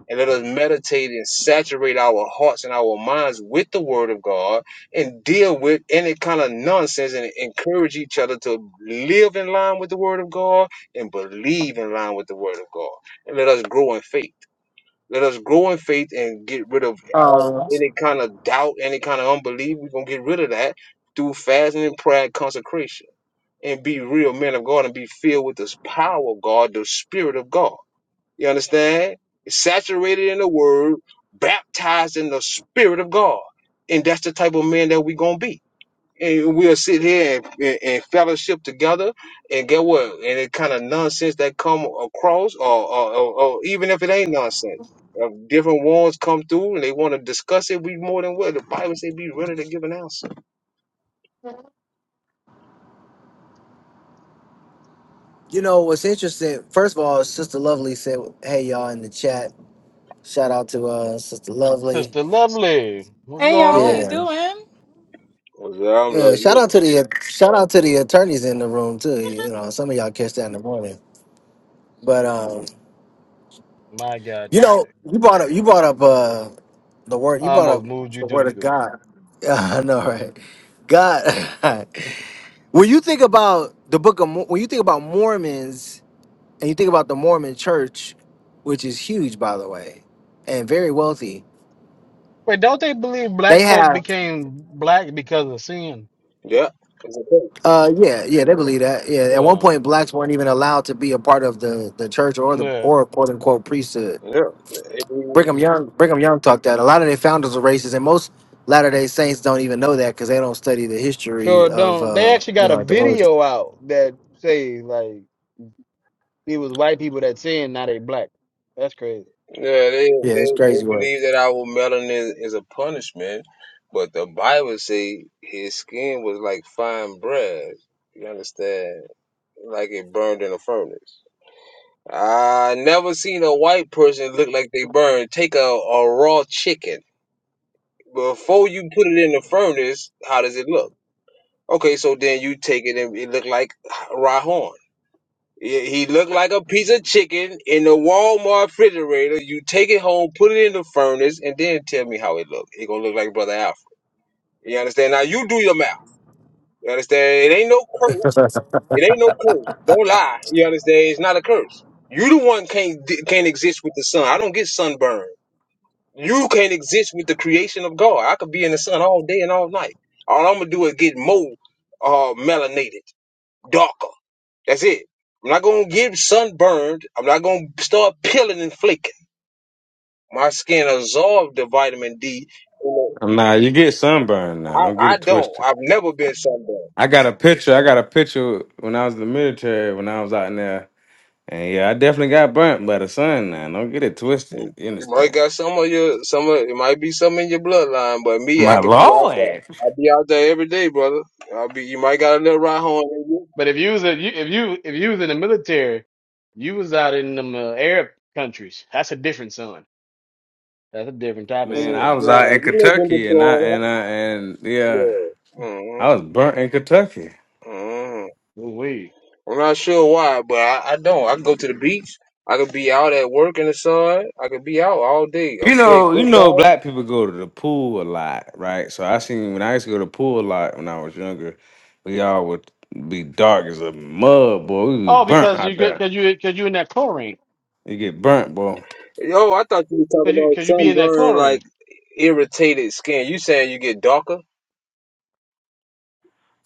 Speaker 1: and let us meditate and saturate our hearts and our minds with the word of God and deal with any kind of nonsense and encourage each other to live in line with the word of God and believe in line with the word of God. And let us grow in faith. Let us grow in faith and get rid of all,
Speaker 8: Uh,
Speaker 1: any kind of doubt, any kind of unbelief. We're going to get rid of that through fasting and prayer and consecration and be real men of God and be filled with this power of God, the spirit of God you understand? Saturated in the word, baptized in the spirit of God. And that's the type of man that we are going to be. And we'll sit here and, and, and fellowship together and get what? And it kind of nonsense that come across or, or, or, or even if it ain't nonsense. uh, different ones come through and they want to discuss it. We more than what the Bible say. Be ready to give an answer.
Speaker 8: you know what's interesting? First of all, Sister Lovely said, "Hey y'all in the chat. Shout out to uh, Sister Lovely.
Speaker 3: Sister Lovely, what's
Speaker 9: Hey
Speaker 3: going
Speaker 9: y'all, how you
Speaker 3: on?
Speaker 8: Yeah,
Speaker 9: doing?
Speaker 1: Yeah, I'm
Speaker 8: yeah. Shout
Speaker 1: loving
Speaker 8: out to the shout out to the attorneys in the room too. You know, some of y'all catch that in the morning. But um,
Speaker 3: My God,
Speaker 8: You
Speaker 3: today
Speaker 8: know, you brought up you brought up uh the word you
Speaker 3: I
Speaker 8: brought up
Speaker 3: almost moved you
Speaker 8: the
Speaker 3: to the
Speaker 8: word of
Speaker 3: goo.
Speaker 8: God. <laughs> Yeah, I know, right? God. <laughs> when you think about the book of Mo- when you think about Mormons and you think about the Mormon Church, which is huge by the way, and very wealthy,
Speaker 3: Wait, don't they believe
Speaker 8: they
Speaker 3: black folk
Speaker 8: have
Speaker 3: became black because of sin?
Speaker 1: it. Yeah, it's okay.
Speaker 8: uh yeah yeah they believe that yeah at one
Speaker 3: Yeah,
Speaker 8: point blacks weren't even allowed to be a part of the the church or the
Speaker 3: yeah,
Speaker 8: or quote unquote priesthood Brigham
Speaker 1: Yeah,
Speaker 8: Young, Brigham Young talked that a lot of their founders were racist, and most Latter Day Saints don't even know that because they don't study the history
Speaker 3: sure
Speaker 8: of,
Speaker 3: don't. They
Speaker 8: uh,
Speaker 3: actually
Speaker 8: you
Speaker 3: got
Speaker 8: know,
Speaker 3: a
Speaker 8: like the origin.
Speaker 3: video out that say like. It was white people that sinned, not a black. That's crazy.
Speaker 1: Yeah, they, they
Speaker 8: Yeah, it's crazy
Speaker 1: they
Speaker 8: work.
Speaker 1: believe that our melanin is a punishment, but the Bible say his skin was like fine bread. You understand? Like it burned in a furnace. I never seen a white person look like they burned. Take a, a raw chicken. Before you put it in the furnace, how does it look? Okay, so then you take it and it look like raw horn. Yeah, He looked like a piece of chicken in the Walmart refrigerator. You take it home, put it in the furnace, and then tell me how it looked. It gonna look like Brother Alfred. You understand? Now you do your math. You understand? It ain't no curse. It ain't no curse. Don't lie. You understand? It's not a curse. You the one can't can't exist with the sun. I don't get sunburned. You can't exist with the creation of God. I could be in the sun all day and all night. All I'm gonna do is get more uh, melanated, darker. That's it. I'm not gonna get sunburned. I'm not gonna start peeling and flaking. My skin absorbs the vitamin D. You
Speaker 4: Nah, you get sunburned now.
Speaker 1: know,
Speaker 4: Don't get
Speaker 1: I, I
Speaker 4: it
Speaker 1: don't.
Speaker 4: twisted.
Speaker 1: I've never been sunburned.
Speaker 4: I got a picture. I got a picture when I was in the military. When I was out in there, and yeah, I definitely got burnt by the sun. Now, don't get it twisted.
Speaker 1: You
Speaker 4: You
Speaker 1: might
Speaker 4: understand?
Speaker 1: got some of your some of it might be some in your bloodline, but me, I
Speaker 4: My
Speaker 1: could be out there.
Speaker 4: lord.
Speaker 1: I'll be out there every day, brother. I'll be. You might got a little right horn in you.
Speaker 3: But if you was a, you, if you if you was in the military, you was out in them uh, Arab countries. That's a different sun. That's a different type of
Speaker 4: Man,
Speaker 1: And,
Speaker 4: I
Speaker 3: sun
Speaker 4: was
Speaker 3: right
Speaker 4: out
Speaker 3: there.
Speaker 4: in
Speaker 1: uh, you never been
Speaker 4: Kentucky and I
Speaker 1: deployed,
Speaker 4: and I and
Speaker 1: huh?
Speaker 4: yeah.
Speaker 1: Yeah.
Speaker 4: I was
Speaker 1: Mm-hmm.
Speaker 4: burnt in Kentucky.
Speaker 1: Mm-hmm.
Speaker 3: Ooh wee.
Speaker 1: I'm not sure why, but I, I don't. I can go to the beach. I could be out at work in the sun. I could be out all day. I
Speaker 4: You
Speaker 1: play
Speaker 4: know, you know,
Speaker 1: football.
Speaker 4: black people go to the pool a lot, right? So I seen when I used to go to the pool a lot when I was younger, we all would be dark as a mud, boy. We was
Speaker 3: Oh,
Speaker 4: burnt
Speaker 3: because you
Speaker 4: out
Speaker 3: get
Speaker 4: there.
Speaker 3: because you because you in that chlorine.
Speaker 4: You get burnt, boy.
Speaker 1: Yo, I thought you were talking
Speaker 3: Because you
Speaker 1: about
Speaker 3: because you be in that
Speaker 1: sunburn, like
Speaker 3: chlorine.
Speaker 1: irritated skin. You saying you get darker?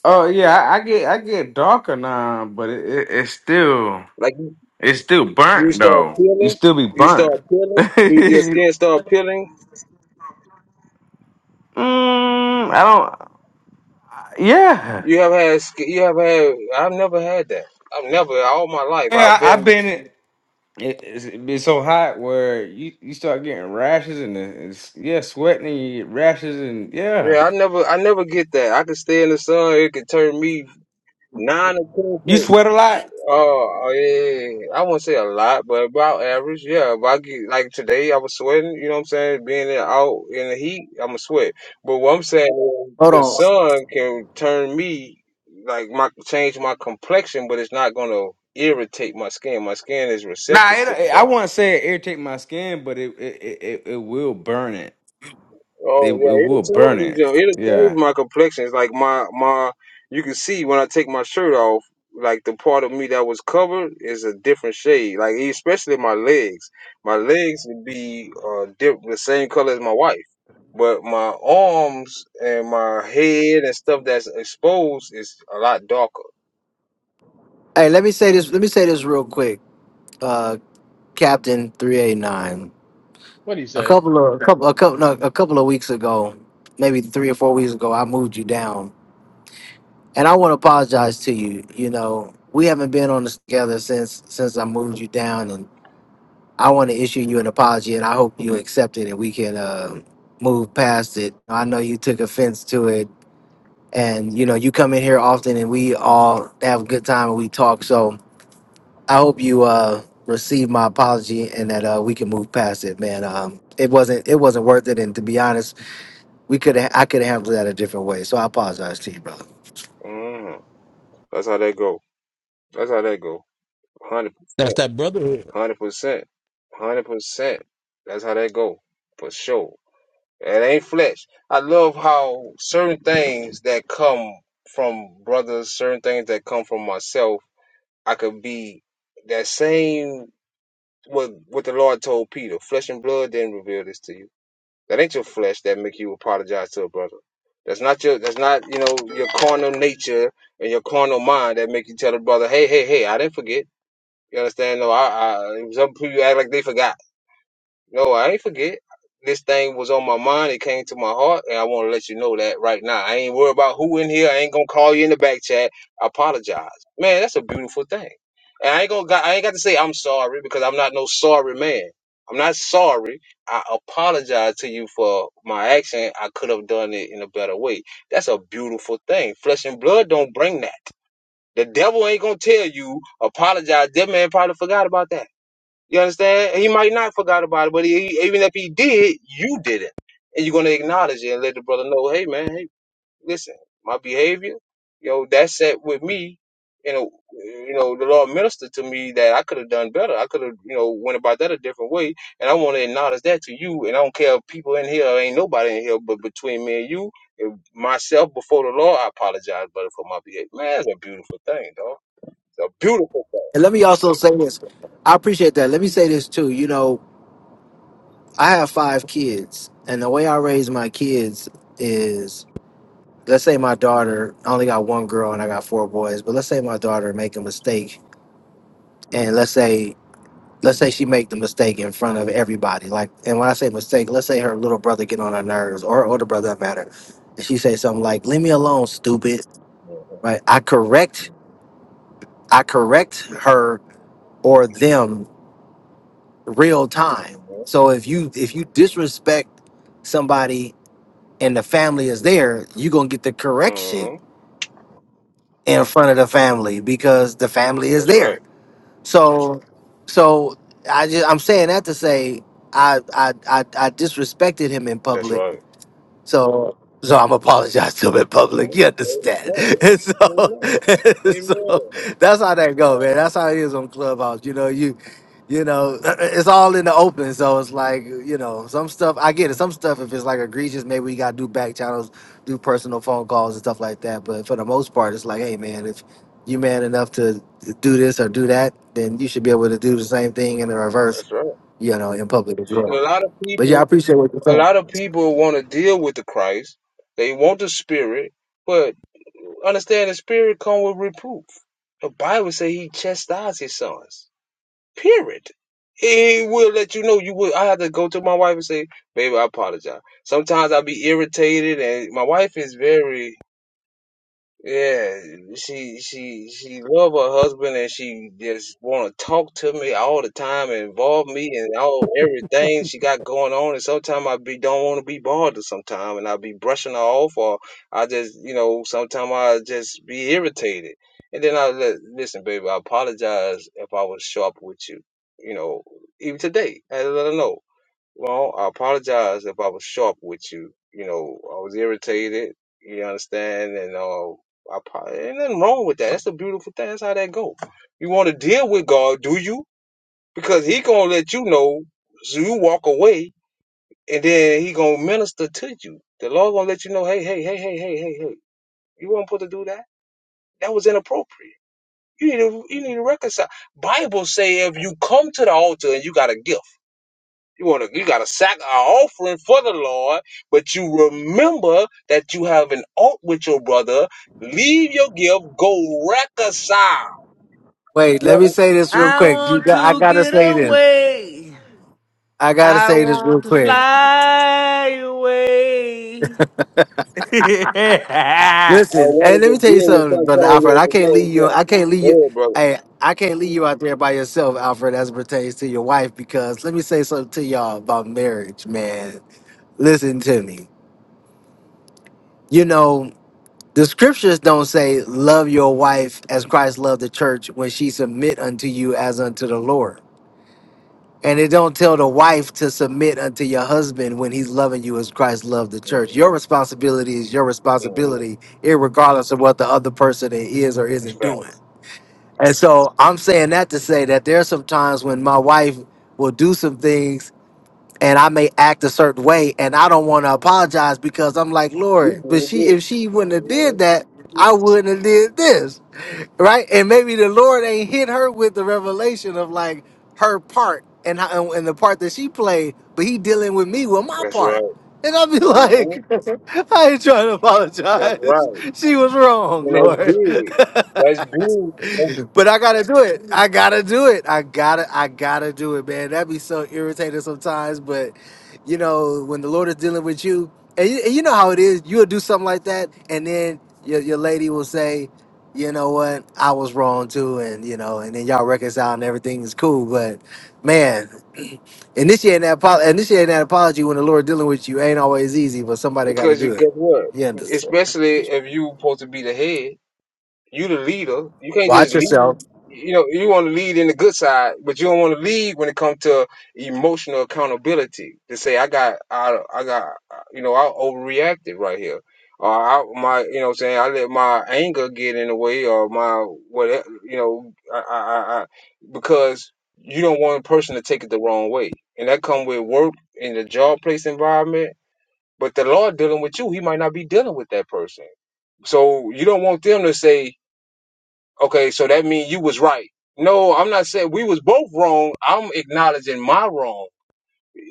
Speaker 4: Oh yeah, I, I get I get darker now, but it, it, it's still
Speaker 1: Like you
Speaker 4: it's still
Speaker 1: you
Speaker 4: burnt
Speaker 1: start
Speaker 4: though. You
Speaker 1: peeling?
Speaker 4: still be
Speaker 1: You start
Speaker 4: burnt. <laughs>
Speaker 1: peeling? You- Your
Speaker 4: mm,
Speaker 1: skin start peeling?
Speaker 4: I don't. Yeah.
Speaker 1: You have had? sk- You have had? I've never had that. I've never all my life.
Speaker 4: Yeah,
Speaker 1: I've
Speaker 4: I, I've
Speaker 1: been.
Speaker 4: been. it, it's, it be so hot where you, you start getting rashes and it's, yeah, sweating and you get rashes and yeah,
Speaker 1: Yeah, I never. I never get that. I can stay in the sun. It can turn me nine or
Speaker 4: you
Speaker 1: ten.
Speaker 4: sweat a lot.
Speaker 1: Oh, oh, yeah, yeah, yeah. yeah. I wouldn't say a lot, but about average, yeah. If I get like today, I was sweating. You know what I'm saying? Being there out in the heat, I'm a sweat. But what I'm saying is,
Speaker 8: Hold
Speaker 1: the
Speaker 8: on,
Speaker 1: sun can turn me like my change my complexion, but it's not gonna irritate my skin. My skin is
Speaker 4: Nah,
Speaker 1: receptive
Speaker 4: it,
Speaker 1: to the
Speaker 4: it- I
Speaker 1: sun.
Speaker 4: wouldn't say it irritate my skin, but it it it, it it will burn it. It it
Speaker 1: Oh yeah, it'll
Speaker 4: will burn
Speaker 1: totally
Speaker 4: it.
Speaker 1: yo, it'll change
Speaker 4: Yeah.
Speaker 1: my complexion. It's like my my you can see when I take my shirt off, like the part of me that was covered is a different shade. Like especially my legs. My legs would be uh dip the same color as my wife. But my arms and my head and stuff that's exposed is a lot darker.
Speaker 8: hey, let me say this. Let me say this real quick, uh, Captain Three Eight Nine.
Speaker 3: What do you
Speaker 8: A
Speaker 3: say?
Speaker 8: couple of a couple a couple no, a couple of weeks ago, maybe three or four weeks ago, I moved you down, and I want to apologize to you. You know, we haven't been on this together since since I moved you down, and. I want to issue you an apology, and I hope you accept it, and we can uh, move past it. I know you took offense to it, and you know you come in here often, and we all have a good time and we talk. So I hope you uh, receive my apology, and that uh, we can move past it, man. Um, it wasn't it wasn't worth it, and to be honest, we could I could have handled that a different way. So I apologize to you, brother.
Speaker 1: hmm That's how that go. That's how that go. Hundred
Speaker 3: That's
Speaker 1: percent.
Speaker 3: that brotherhood.
Speaker 1: Hundred percent. Hundred percent. That's how that go. For sure. It ain't flesh. I love how certain things that come from brothers, certain things that come from myself, I could be that same what what the Lord told Peter. Flesh and blood didn't reveal this to you. That ain't your flesh that make you apologize to a brother. That's not your that's not, you know, your carnal nature and your carnal mind that make you tell a brother, Hey, hey, hey, I didn't forget. You understand? No, I, I some people act like they forgot. No, I ain't forget. This thing was on my mind. It came to my heart, and I want to let you know that right now. I ain't worried about who in here. I ain't gonna call you in the back chat. I apologize, man. That's a beautiful thing. And I ain't gonna. got- I ain't got to say I'm sorry because I'm not no sorry man. I'm not sorry. I apologize to you for my action. I could have done it in a better way. That's a beautiful thing. Flesh and blood don't bring that. The devil ain't gonna tell you apologize. That man probably forgot about that. You understand? He might not forgot about it, but he, even if he did, you did it, and you're gonna acknowledge it and let the brother know, hey man, hey, listen, my behavior, you know, that set with me. You know, you know, the Lord ministered to me that I could have done better. I could have, you know, went about that a different way, and I want to acknowledge that to you. And I don't care if people in here, ain't nobody in here, but between me and you, if myself before the Lord, I apologize, brother, for my behavior. Man, that's a beautiful thing, dog. It's a beautiful
Speaker 8: And let me also say this. I appreciate that. Let me say this too. You know, I have five kids, and the way I raise my kids is let's say my daughter I only got one girl and I got four boys, but let's say my daughter make a mistake and let's say let's say she make the mistake in front of everybody. Like and when I say mistake, let's say her little brother get on her nerves or her older brother does matter. And she say something like, Leave me alone, stupid. Right. I correct I correct her or them real time.
Speaker 1: thing,
Speaker 8: So if you if you disrespect somebody and the family is there, you're gonna get the
Speaker 1: man.
Speaker 8: correction
Speaker 1: hmm
Speaker 8: in front of the family because the family is
Speaker 1: That's
Speaker 8: there
Speaker 1: right.
Speaker 8: So, so I just I'm saying that to say I I I, I disrespected him in
Speaker 1: That's
Speaker 8: public
Speaker 1: right.
Speaker 8: so so I'm apologize to him in public.
Speaker 1: Mhm.
Speaker 8: You understand? <laughs>
Speaker 1: Amen.
Speaker 8: And so, <laughs>
Speaker 1: Amen.
Speaker 8: and
Speaker 1: Amen.
Speaker 8: so that's how that go, man. That's how it is on Clubhouse. You know, you you know, <clears throat> it's all in the open. So it's like, you know, some stuff I get it. Some stuff if it's like egregious, maybe we gotta do back channels, do personal phone calls and stuff like that. But for the most part, it's like, hey man, if you man enough to do this or do that, then you should be able to do the same thing in the reverse,
Speaker 1: That's right.
Speaker 8: you know, in public as
Speaker 1: And
Speaker 8: well.
Speaker 1: a lot of
Speaker 8: But yeah, I
Speaker 1: people,
Speaker 8: appreciate what you're
Speaker 1: a
Speaker 8: saying.
Speaker 1: lot of people want to deal with the Christ. They want the Spirit, but understand the Spirit come with reproof. The Bible say He chastises His sons. Period. He will let you know. You will. I had to go to my wife and say, "Baby, I apologize." Sometimes I be irritated, and my wife is very Yeah, she she she love her husband and she just want to talk to me all the time and involve me in all everything she got going on. And sometimes I be don't want to be bothered sometimes, and I be brushing her off or I just you know sometimes I just be irritated. And then I let listen, baby, I apologize if I was sharp with you. You know, even today, I let her know. Well, I apologize if I was sharp with you. You know, I was irritated. You understand? And uh, I probably ain't nothing wrong with that. That's a beautiful thing. That's how that go. You want to deal with God, do you? Because He gonna let you know, so you walk away, and then He gonna minister to you. The Lord gonna let you know, hey, hey, hey, hey, hey, hey, hey. You weren't supposed to do that. That was inappropriate. You need to, you need to reconcile. Bible say if you come to the altar and you got a gift. You want to, you got to sack an offering for the Lord, but you remember that you have an alt with your brother. Leave your gift, go reconcile.
Speaker 8: Wait,
Speaker 1: You
Speaker 8: let me
Speaker 1: know,
Speaker 8: say this real
Speaker 4: I
Speaker 8: quick. You
Speaker 4: want
Speaker 8: got, I
Speaker 4: to
Speaker 8: gotta
Speaker 4: get
Speaker 8: say this.
Speaker 4: away.
Speaker 8: I gotta
Speaker 4: I
Speaker 8: say this real
Speaker 4: want to
Speaker 8: quick.
Speaker 4: fly away. <laughs> yeah,
Speaker 1: I
Speaker 8: Listen, and
Speaker 1: wanted
Speaker 8: let me
Speaker 1: to
Speaker 8: tell you
Speaker 1: deal with
Speaker 8: something,
Speaker 1: San
Speaker 8: brother Alfred.
Speaker 1: Antonio
Speaker 8: I can't
Speaker 1: before
Speaker 8: leave
Speaker 1: he
Speaker 8: you. I
Speaker 1: left.
Speaker 8: can't leave you.
Speaker 1: Go ahead, brother.
Speaker 8: Hey, I can't leave you out there by yourself, Alfred, as it pertains to your wife. Because let me say something to y'all about marriage, man. Listen to me. You know, the scriptures don't say love your wife as Christ loved the church when she submit unto you as unto the Lord. And it don't tell the wife to submit unto your husband when he's loving you as Christ loved the church. Your
Speaker 1: Mm-hmm.
Speaker 8: responsibility is your
Speaker 1: Mm-hmm.
Speaker 8: responsibility, regardless of what the other person is or isn't doing.
Speaker 1: Facts.
Speaker 8: And so I'm saying that to say that there are some times when my wife will do some things and I may act a certain way and I don't want to apologize because I'm like,
Speaker 1: You
Speaker 8: Lord, but
Speaker 1: did
Speaker 8: she if
Speaker 1: this.
Speaker 8: she wouldn't have
Speaker 1: hmm
Speaker 8: did that, I wouldn't have did this right? And maybe the Lord ain't hit her with the revelation of like her part and how, and the part that she played, but he dealing with me with my
Speaker 1: That's right.
Speaker 8: part. And I'll be <laughs> like,
Speaker 1: hmm
Speaker 8: I ain't trying to
Speaker 1: That's
Speaker 8: apologize.
Speaker 1: right.
Speaker 8: She was wrong,
Speaker 1: And that's big.
Speaker 8: Lord. <laughs>
Speaker 1: That's big. That's-
Speaker 8: But I gotta do it. I gotta do it. I gotta I gotta do it, man. That'd be so irritating sometimes. But you know, when the Lord is dealing with you, and you, and you know how it is, you'll do something like that, and then your your lady will say, you know what, I was wrong too, and you know, and then y'all reconcile and everything is cool. But man, <clears throat> initiating that apo- initiating that apology when the Lord dealing with you ain't always easy, but somebody gotta
Speaker 1: Because
Speaker 8: do
Speaker 1: you
Speaker 8: it.
Speaker 1: guess what?
Speaker 8: You understand?
Speaker 1: Especially if you supposed to be the head. You the leader. You can't just
Speaker 8: Watch
Speaker 1: lead.
Speaker 8: yourself.
Speaker 1: You know, you want to lead in the good side, but you don't want to lead when it comes to emotional accountability. To say I got, I, I got, you know, I overreacted right here, or I, my, you know, what I'm saying I let my anger get in the way, or my whatever, you know, I, I, I, I because you don't want a person to take it the wrong way, and that come with work in the job place environment. But the Lord dealing with you, He might not be dealing with that person. So you don't want them to say, Okay, so that means you was right. No, I'm not saying we was both wrong. I'm acknowledging my wrong.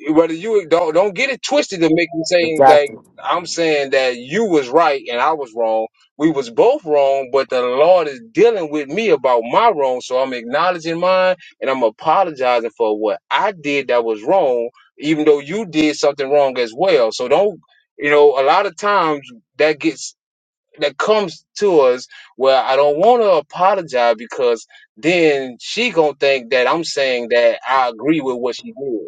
Speaker 1: Whether you don't don't get it twisted to make me saying like
Speaker 8: Exactly.
Speaker 1: I'm saying that you was right and I was wrong. We was both wrong, but the Lord is dealing with me about my wrong, so I'm acknowledging mine and I'm apologizing for what I did that was wrong, even though you did something wrong as well. So don't you know, a lot of times that gets that comes to us where I don't want to apologize because then she gonna think that I'm saying that I agree with what she did.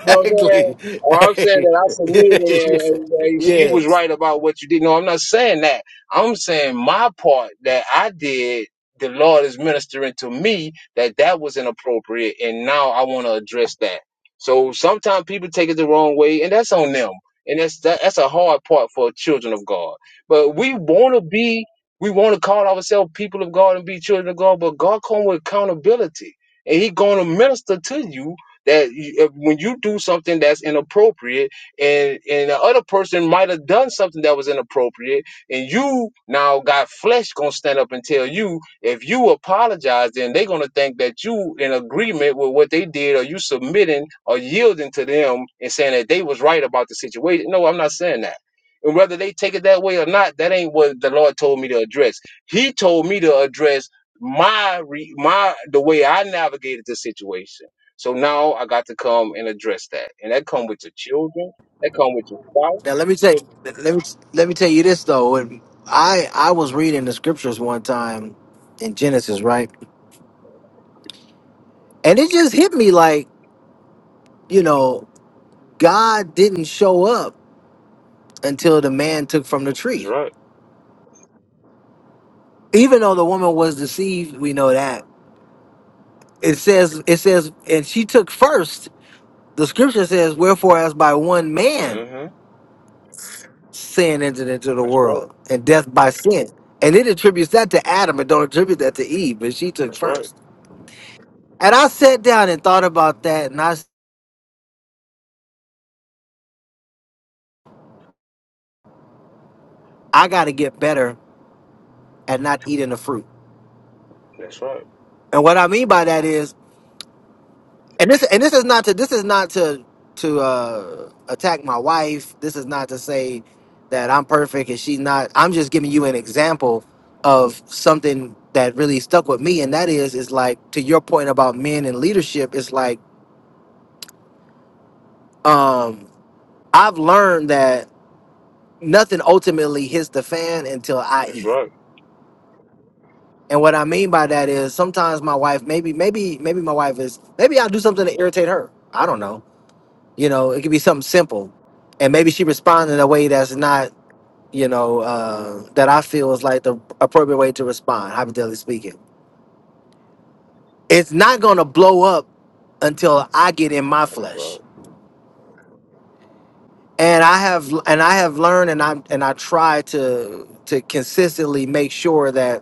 Speaker 1: You know what I'm saying? Well, I'm saying
Speaker 8: Hey.
Speaker 1: that I
Speaker 8: <laughs> yeah.
Speaker 1: submitted and, and you was
Speaker 8: Yes.
Speaker 1: right about what you did. No, I'm not saying that. I'm saying my part that I did, the Lord is ministering to me that that was inappropriate. And now I want to address that. So sometimes people take it the wrong way and that's on them. And that's, that, that's a hard part for children of God. But we want to be, we want to call ourselves people of God and be children of God, but God come with accountability and he going to minister to you that you, uh, when you do something that's inappropriate and and the other person might have done something that was inappropriate and you now got flesh gonna stand up and tell you if you apologize then they're gonna think that you in agreement with what they did or you submitting or yielding to them and saying that they was right about the situation no i'm not saying that and whether they take it that way or not that ain't what the lord told me to address he told me to address my re- my the way i navigated the situation so now I got to come and address that, and that come with your children, that come with your spouse.
Speaker 8: Now let me tell you, let me let me tell you this though. When I I was reading the scriptures one time in Genesis, right, and it just hit me like you know God didn't show up until the man took from the
Speaker 1: That's
Speaker 8: tree.
Speaker 1: right.
Speaker 8: Even though the woman was deceived, we know that it says it says, and she took first. The scripture says, "Wherefore, as by one man."
Speaker 1: hmm
Speaker 8: sin entered into the
Speaker 1: That's right.
Speaker 8: world and death by sin. And it attributes that to Adam and don't attribute that to Eve, but she took
Speaker 1: That's right.
Speaker 8: first. And I sat down and thought about that and I s- I gotta get better at not eating the fruit.
Speaker 1: That's right.
Speaker 8: And what I mean by that is and this and this is not to this is not to to uh attack my wife. This is not to say that I'm perfect and she's not. I'm just giving you an example of something that really stuck with me and that is is like to your point about men and leadership, it's like um, I've learned that nothing ultimately hits the fan until I
Speaker 1: That's
Speaker 8: eat.
Speaker 1: right.
Speaker 8: And what I mean by that is sometimes my wife, maybe, maybe, maybe my wife is, maybe I'll do something to irritate her. I don't know. You know, it could be something simple. And maybe she responds in a way that's not, you know, uh, that I feel is like the appropriate way to respond, hypothetically speaking. It's not going to blow up until I get in my
Speaker 1: That's
Speaker 8: flesh.
Speaker 1: right.
Speaker 8: And I have, and I have learned, and I and I try to to consistently make sure that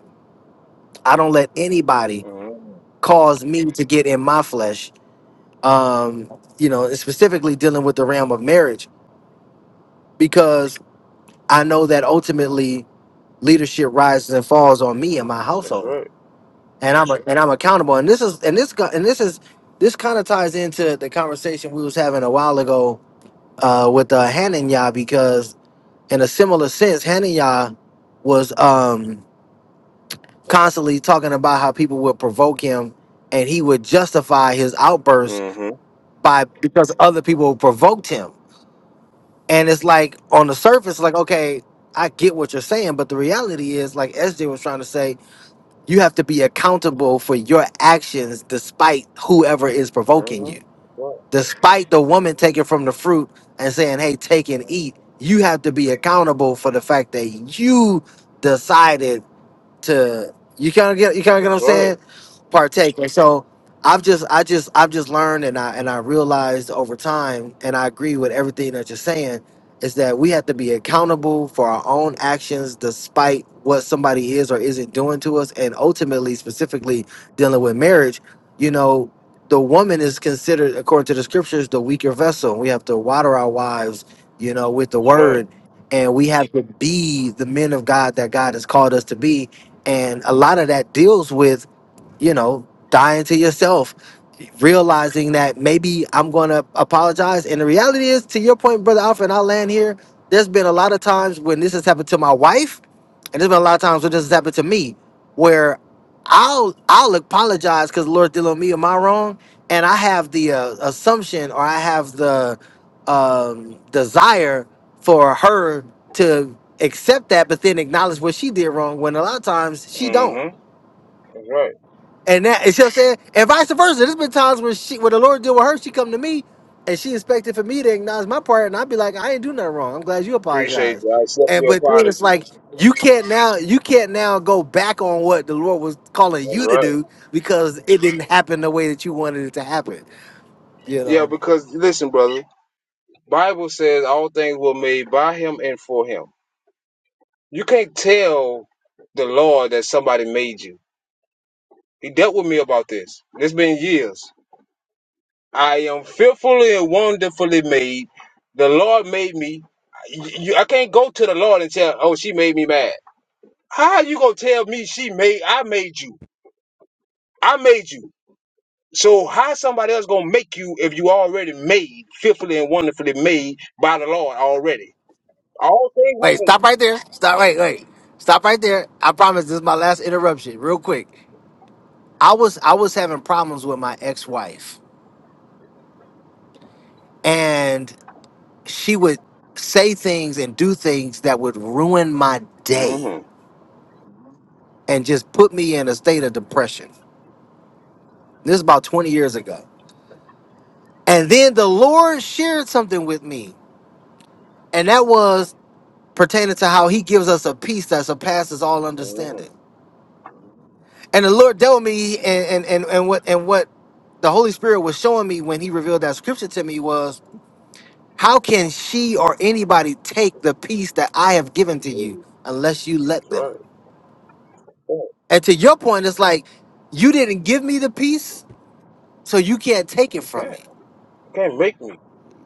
Speaker 8: I don't let anybody
Speaker 1: hmm
Speaker 8: cause me to get in my flesh. Um, you know, and specifically dealing with the realm of marriage because I know that ultimately leadership rises and falls on me and my
Speaker 1: That's
Speaker 8: household,
Speaker 1: right.
Speaker 8: and I'm a, and I'm accountable. And this is and this go- and this is this kind of ties into the conversation we was having a while ago uh, with uh, Hananya because in a similar sense, Hananya was um, constantly talking about how people would provoke him and he would justify his outbursts
Speaker 1: hmm
Speaker 8: by because other people provoked him. And it's like on the surface, like, okay, I get what you're saying, but the reality is, like SJ was trying to say, you have to be accountable for your actions despite whoever is provoking
Speaker 1: hmm
Speaker 8: you. Despite the woman taking from the fruit and saying, Hey, take and eat, you have to be accountable for the fact that you decided to you kind of get you kind of get what
Speaker 1: That's
Speaker 8: I'm
Speaker 1: right.
Speaker 8: saying, partake. And so I've just I just I've just learned and I and I realized over time, and I agree with everything that you're saying, is that we have to be accountable for our own actions, despite what somebody is or isn't doing to us, and ultimately, specifically dealing with marriage, you know. The woman is considered, according to the scriptures, the weaker vessel. We have to water our wives, you know, with the
Speaker 1: That's right.
Speaker 8: word, and we have to be the men of God that God has called us to be and a lot of that deals with, you know, dying to yourself, realizing that maybe I'm going to apologize. And the reality is, to your point, Brother Alfred, and I'll land here, there's been a lot of times when this has happened to my wife and there's been a lot of times where this has happened to me where i'll i'll apologize because lord dealing with me am i wrong and i have the uh, assumption or i have the um desire for her to accept that but then acknowledge what she did wrong when a lot of times she don't
Speaker 1: hmm That's right.
Speaker 8: and that, and she'll say, and vice versa. There's been times where she, when the Lord deal with her, she come to me, and she expected for me to acknowledge my part, and I'd be like, I ain't do nothing wrong. I'm glad you
Speaker 1: Appreciate
Speaker 8: apologize.
Speaker 1: you. I accept
Speaker 8: And
Speaker 1: your
Speaker 8: but then it's
Speaker 1: apology.
Speaker 8: like you can't now, you can't now go back on what the Lord was calling
Speaker 1: That's
Speaker 8: you to
Speaker 1: right.
Speaker 8: do because it didn't happen the way that you wanted it to happen. You
Speaker 1: Yeah,
Speaker 8: know.
Speaker 1: because listen, brother. Bible says all things were made by him and for him. You can't tell the Lord that somebody made you. He dealt with me about this. It's been years. I am fearfully and wonderfully made. The Lord made me. You, I can't go to the Lord and tell, "Oh, she made me mad." How you gonna tell me she made? I made you. I made you. So how somebody else gonna make you if you already made, fearfully and wonderfully made by the Lord already? All things were
Speaker 8: Wait, stop
Speaker 1: made.
Speaker 8: right there. Stop. Wait, wait. Stop right there. I promise this is my last interruption, real quick. I was I was having problems with my ex-wife, and. she would say things and do things that would ruin my day
Speaker 1: Mm-hmm.
Speaker 8: and just put me in a state of depression. This is about 20 years ago. And then the Lord shared something with me, and that was pertaining to how He gives us a peace that surpasses all
Speaker 1: Mm-hmm.
Speaker 8: understanding. And the Lord dealt with me, and and and, and what and what the Holy Spirit was showing me when He revealed that scripture to me was, how can she or anybody take the peace that I have given to you
Speaker 1: That's
Speaker 8: unless you let them?
Speaker 1: right. Yeah,
Speaker 8: And to your point, it's like you didn't give me the peace, so you can't take it
Speaker 1: You
Speaker 8: from
Speaker 1: can't.
Speaker 8: me.
Speaker 1: You can't make me.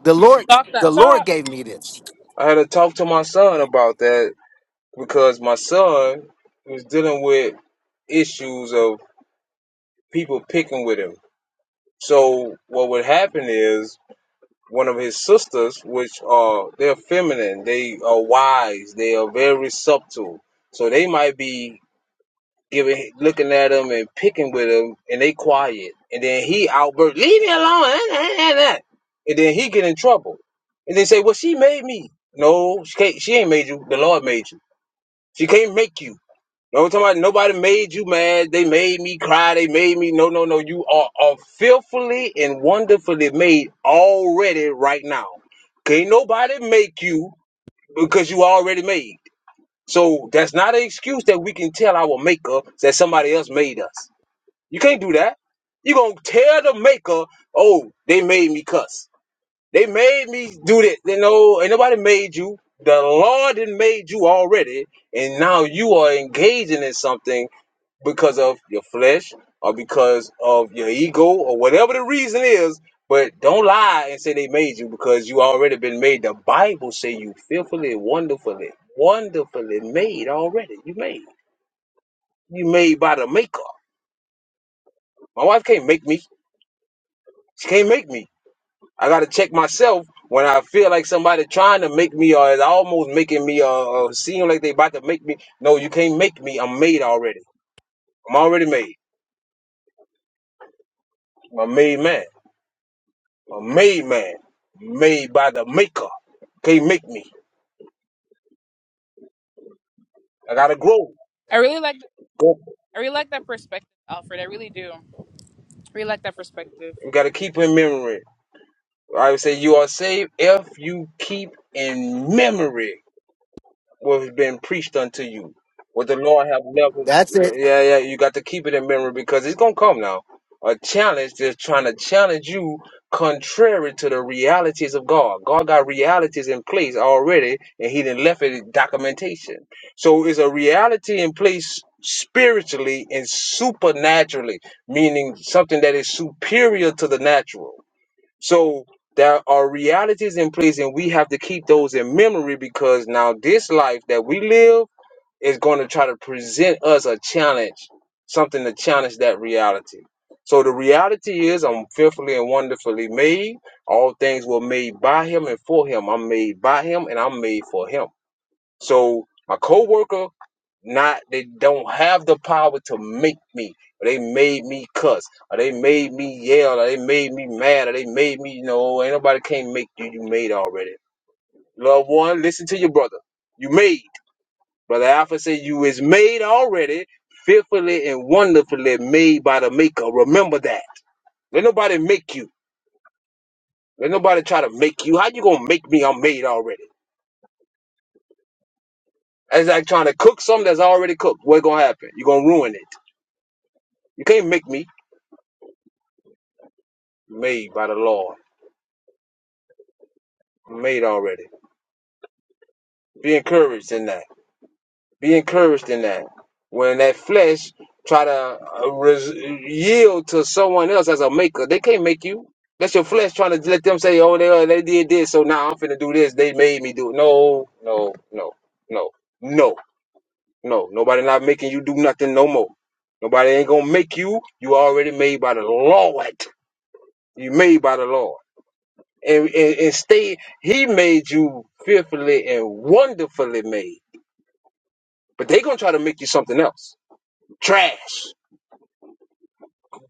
Speaker 8: The Lord,
Speaker 9: Talk that
Speaker 8: the Lord
Speaker 9: talk.
Speaker 8: gave me this.
Speaker 1: I had to talk to my son about that because my son was dealing with issues of people picking with him. So what would happen is one of his sisters, which are they're feminine, they are wise, they are very subtle. So they might be giving, looking at him and picking with him, and they quiet, and then he outburst, "Leave me alone!" <laughs> And then he get in trouble, and they say, "Well, she made me." No, she can't. She ain't made you. The Lord made you. She can't make you. No, I'm talking about nobody made you mad. They made me cry. They made me. No, no, no. You are, are fearfully and wonderfully made already right now. Can't nobody make you because you already made. So that's not an excuse that we can tell our maker that somebody else made us. You can't do that. you going to tell the maker, oh, they made me cuss. They made me do that. You know, ain't nobody made you. The Lord done made you already. And now you are engaging in something because of your flesh or because of your ego or whatever the reason is. But don't lie and say they made you because you already been made. The Bible say you fearfully, wonderfully, wonderfully made already. You made. You made by the maker. My wife can't make me. She can't make me. I gotta check myself when I feel like somebody trying to make me or is almost making me or, or seem like they about to make me. No, you can't make me. I'm made already. I'm already made. I'm a made man. a made man, made by the maker. Can't make me. I gotta grow.
Speaker 9: I really like
Speaker 1: Go.
Speaker 9: I really like that perspective, Alfred. I really do. I really like that perspective.
Speaker 1: You gotta keep in memory. I would say you are saved if you keep in memory what has been preached unto you, what the Lord have leveled.
Speaker 8: That's it.
Speaker 1: Yeah, yeah, you got to keep it in memory because it's gonna come now. A challenge that's trying to challenge you contrary to the realities of God. God got realities in place already, and He didn't left it in documentation. So it's a reality in place spiritually and supernaturally, meaning something that is superior to the natural. So there are realities in place, and we have to keep those in memory because now this life that we live is going to try to present us a challenge, something to challenge that reality. So the reality is, I'm fearfully and wonderfully made. All things were made by Him and for Him. I'm made by Him and I'm made for Him. So my coworker, not they don't have the power to make me. Or they made me cuss. Or they made me yell. Or they made me mad. Or they made me, you know, ain't nobody can't make you. You made already. Loved one, listen to your brother. You made. Brother Alpha said you is made already, fearfully and wonderfully made by the maker. Remember that. Let nobody make you. Let nobody try to make you. How you gonna make me? I'm made already. That's like trying to cook something that's already cooked. What gonna happen? you gonna ruin it. You can't make me. Made by the Lord. Made already. Be encouraged in that. Be encouraged in that. When that flesh try to uh, res- yield to someone else as a maker, they can't make you. That's your flesh trying to let them say, "Oh, they they did this, so now I'm finna do this. They made me do." It. No, no, no, no, no, no. Nobody not making you do nothing no more. Nobody ain't gonna make you. You already made by the Lord. You made by the Lord. and, and, and stay. He made you fearfully and wonderfully made. But they gonna try to make you something else. Trash.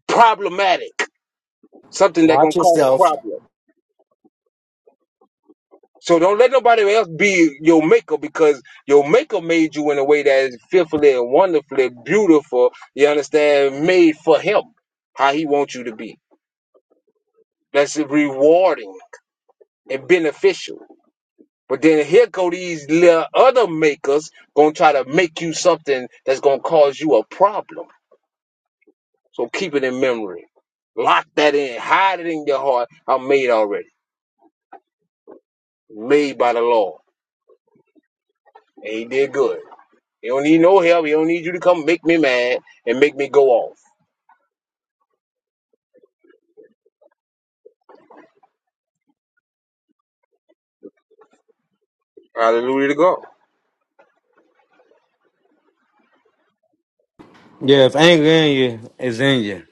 Speaker 1: Problematic. Something that gonna
Speaker 8: Watch
Speaker 1: cause a
Speaker 8: yourself.
Speaker 1: problem. So don't let nobody else be your maker because your maker made you in a way that is fearfully and wonderfully beautiful. You understand? Made for him. How he wants you to be. That's rewarding and beneficial. But then here go these little other makers gonna try to make you something that's gonna cause you a problem. So keep it in memory. Lock that in. Hide it in your heart. I'm made already. Made by the Lord. And he did good. He don't need no help. He don't need you to come make me mad and make me go off. Hallelujah to God.
Speaker 4: if anger in you, it's in you.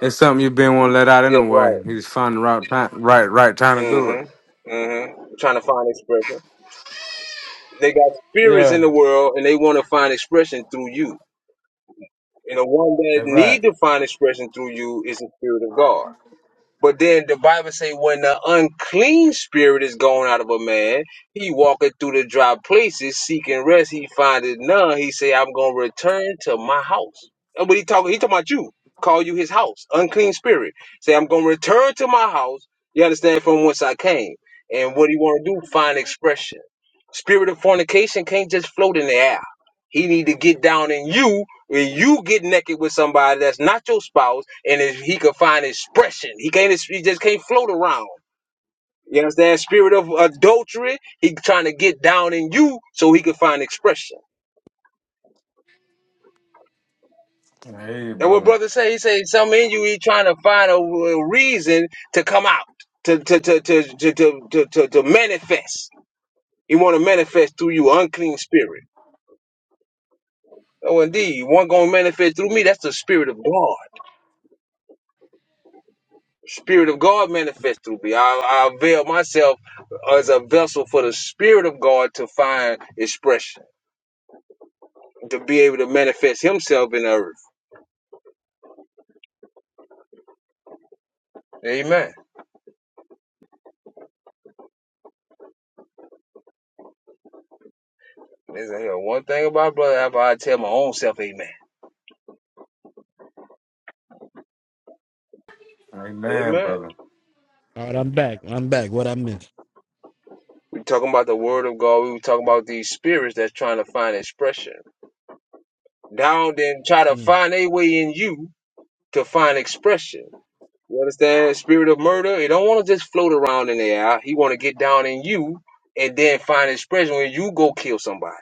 Speaker 4: It's something you been want to let out
Speaker 1: Yes, right.
Speaker 4: anyway. You just find the right time, right, right time to do it.
Speaker 1: Mm-hmm. Mm-hmm. I'm Trying to find expression. They got spirits
Speaker 4: Yeah,
Speaker 1: in the world and they want to find expression through you. And the one that
Speaker 4: that's right.
Speaker 1: need to find expression through you is the spirit of God. But then the Bible say when the unclean spirit is gone out of a man, he walketh through the dry places seeking rest. He findeth none. He say, I'm gonna return to my house. And what he talking? He talking about you. Call you his house. Unclean spirit. Say, I'm gonna return to my house. You understand from whence I came. And what he want to do? Find expression. Spirit of fornication can't just float in the air. He need to get down in you when you get naked with somebody that's not your spouse, and if he can find expression, he can't. He just can't float around. You understand? Spirit of adultery. He trying to get down in you so he can find expression.
Speaker 4: Hey,
Speaker 1: And what
Speaker 4: brother.
Speaker 1: brother say? He say something in you. He trying to find a, a reason to come out, to to to to to to to, to, to manifest. He want to manifest through you, unclean spirit. Oh, indeed, one gonna manifest through me. That's the spirit of God. Spirit of God manifest through me. I, I avail myself as a vessel for the Spirit of God to find expression, to be able to manifest Himself in the earth. Amen. Listen here, one thing about brother, after I tell my own self, Amen.
Speaker 4: Amen,
Speaker 1: Amen.
Speaker 4: brother.
Speaker 3: All right, I'm back. I'm back. What I missed?
Speaker 1: we talking about the Word of God. we were talking about these spirits that's trying to find expression. Down then try to
Speaker 3: Mm.
Speaker 1: find a way in you to find expression. You understand? Spirit of murder. He don't want to just float around in the air. He want to get down in you and then find expression when you go kill somebody.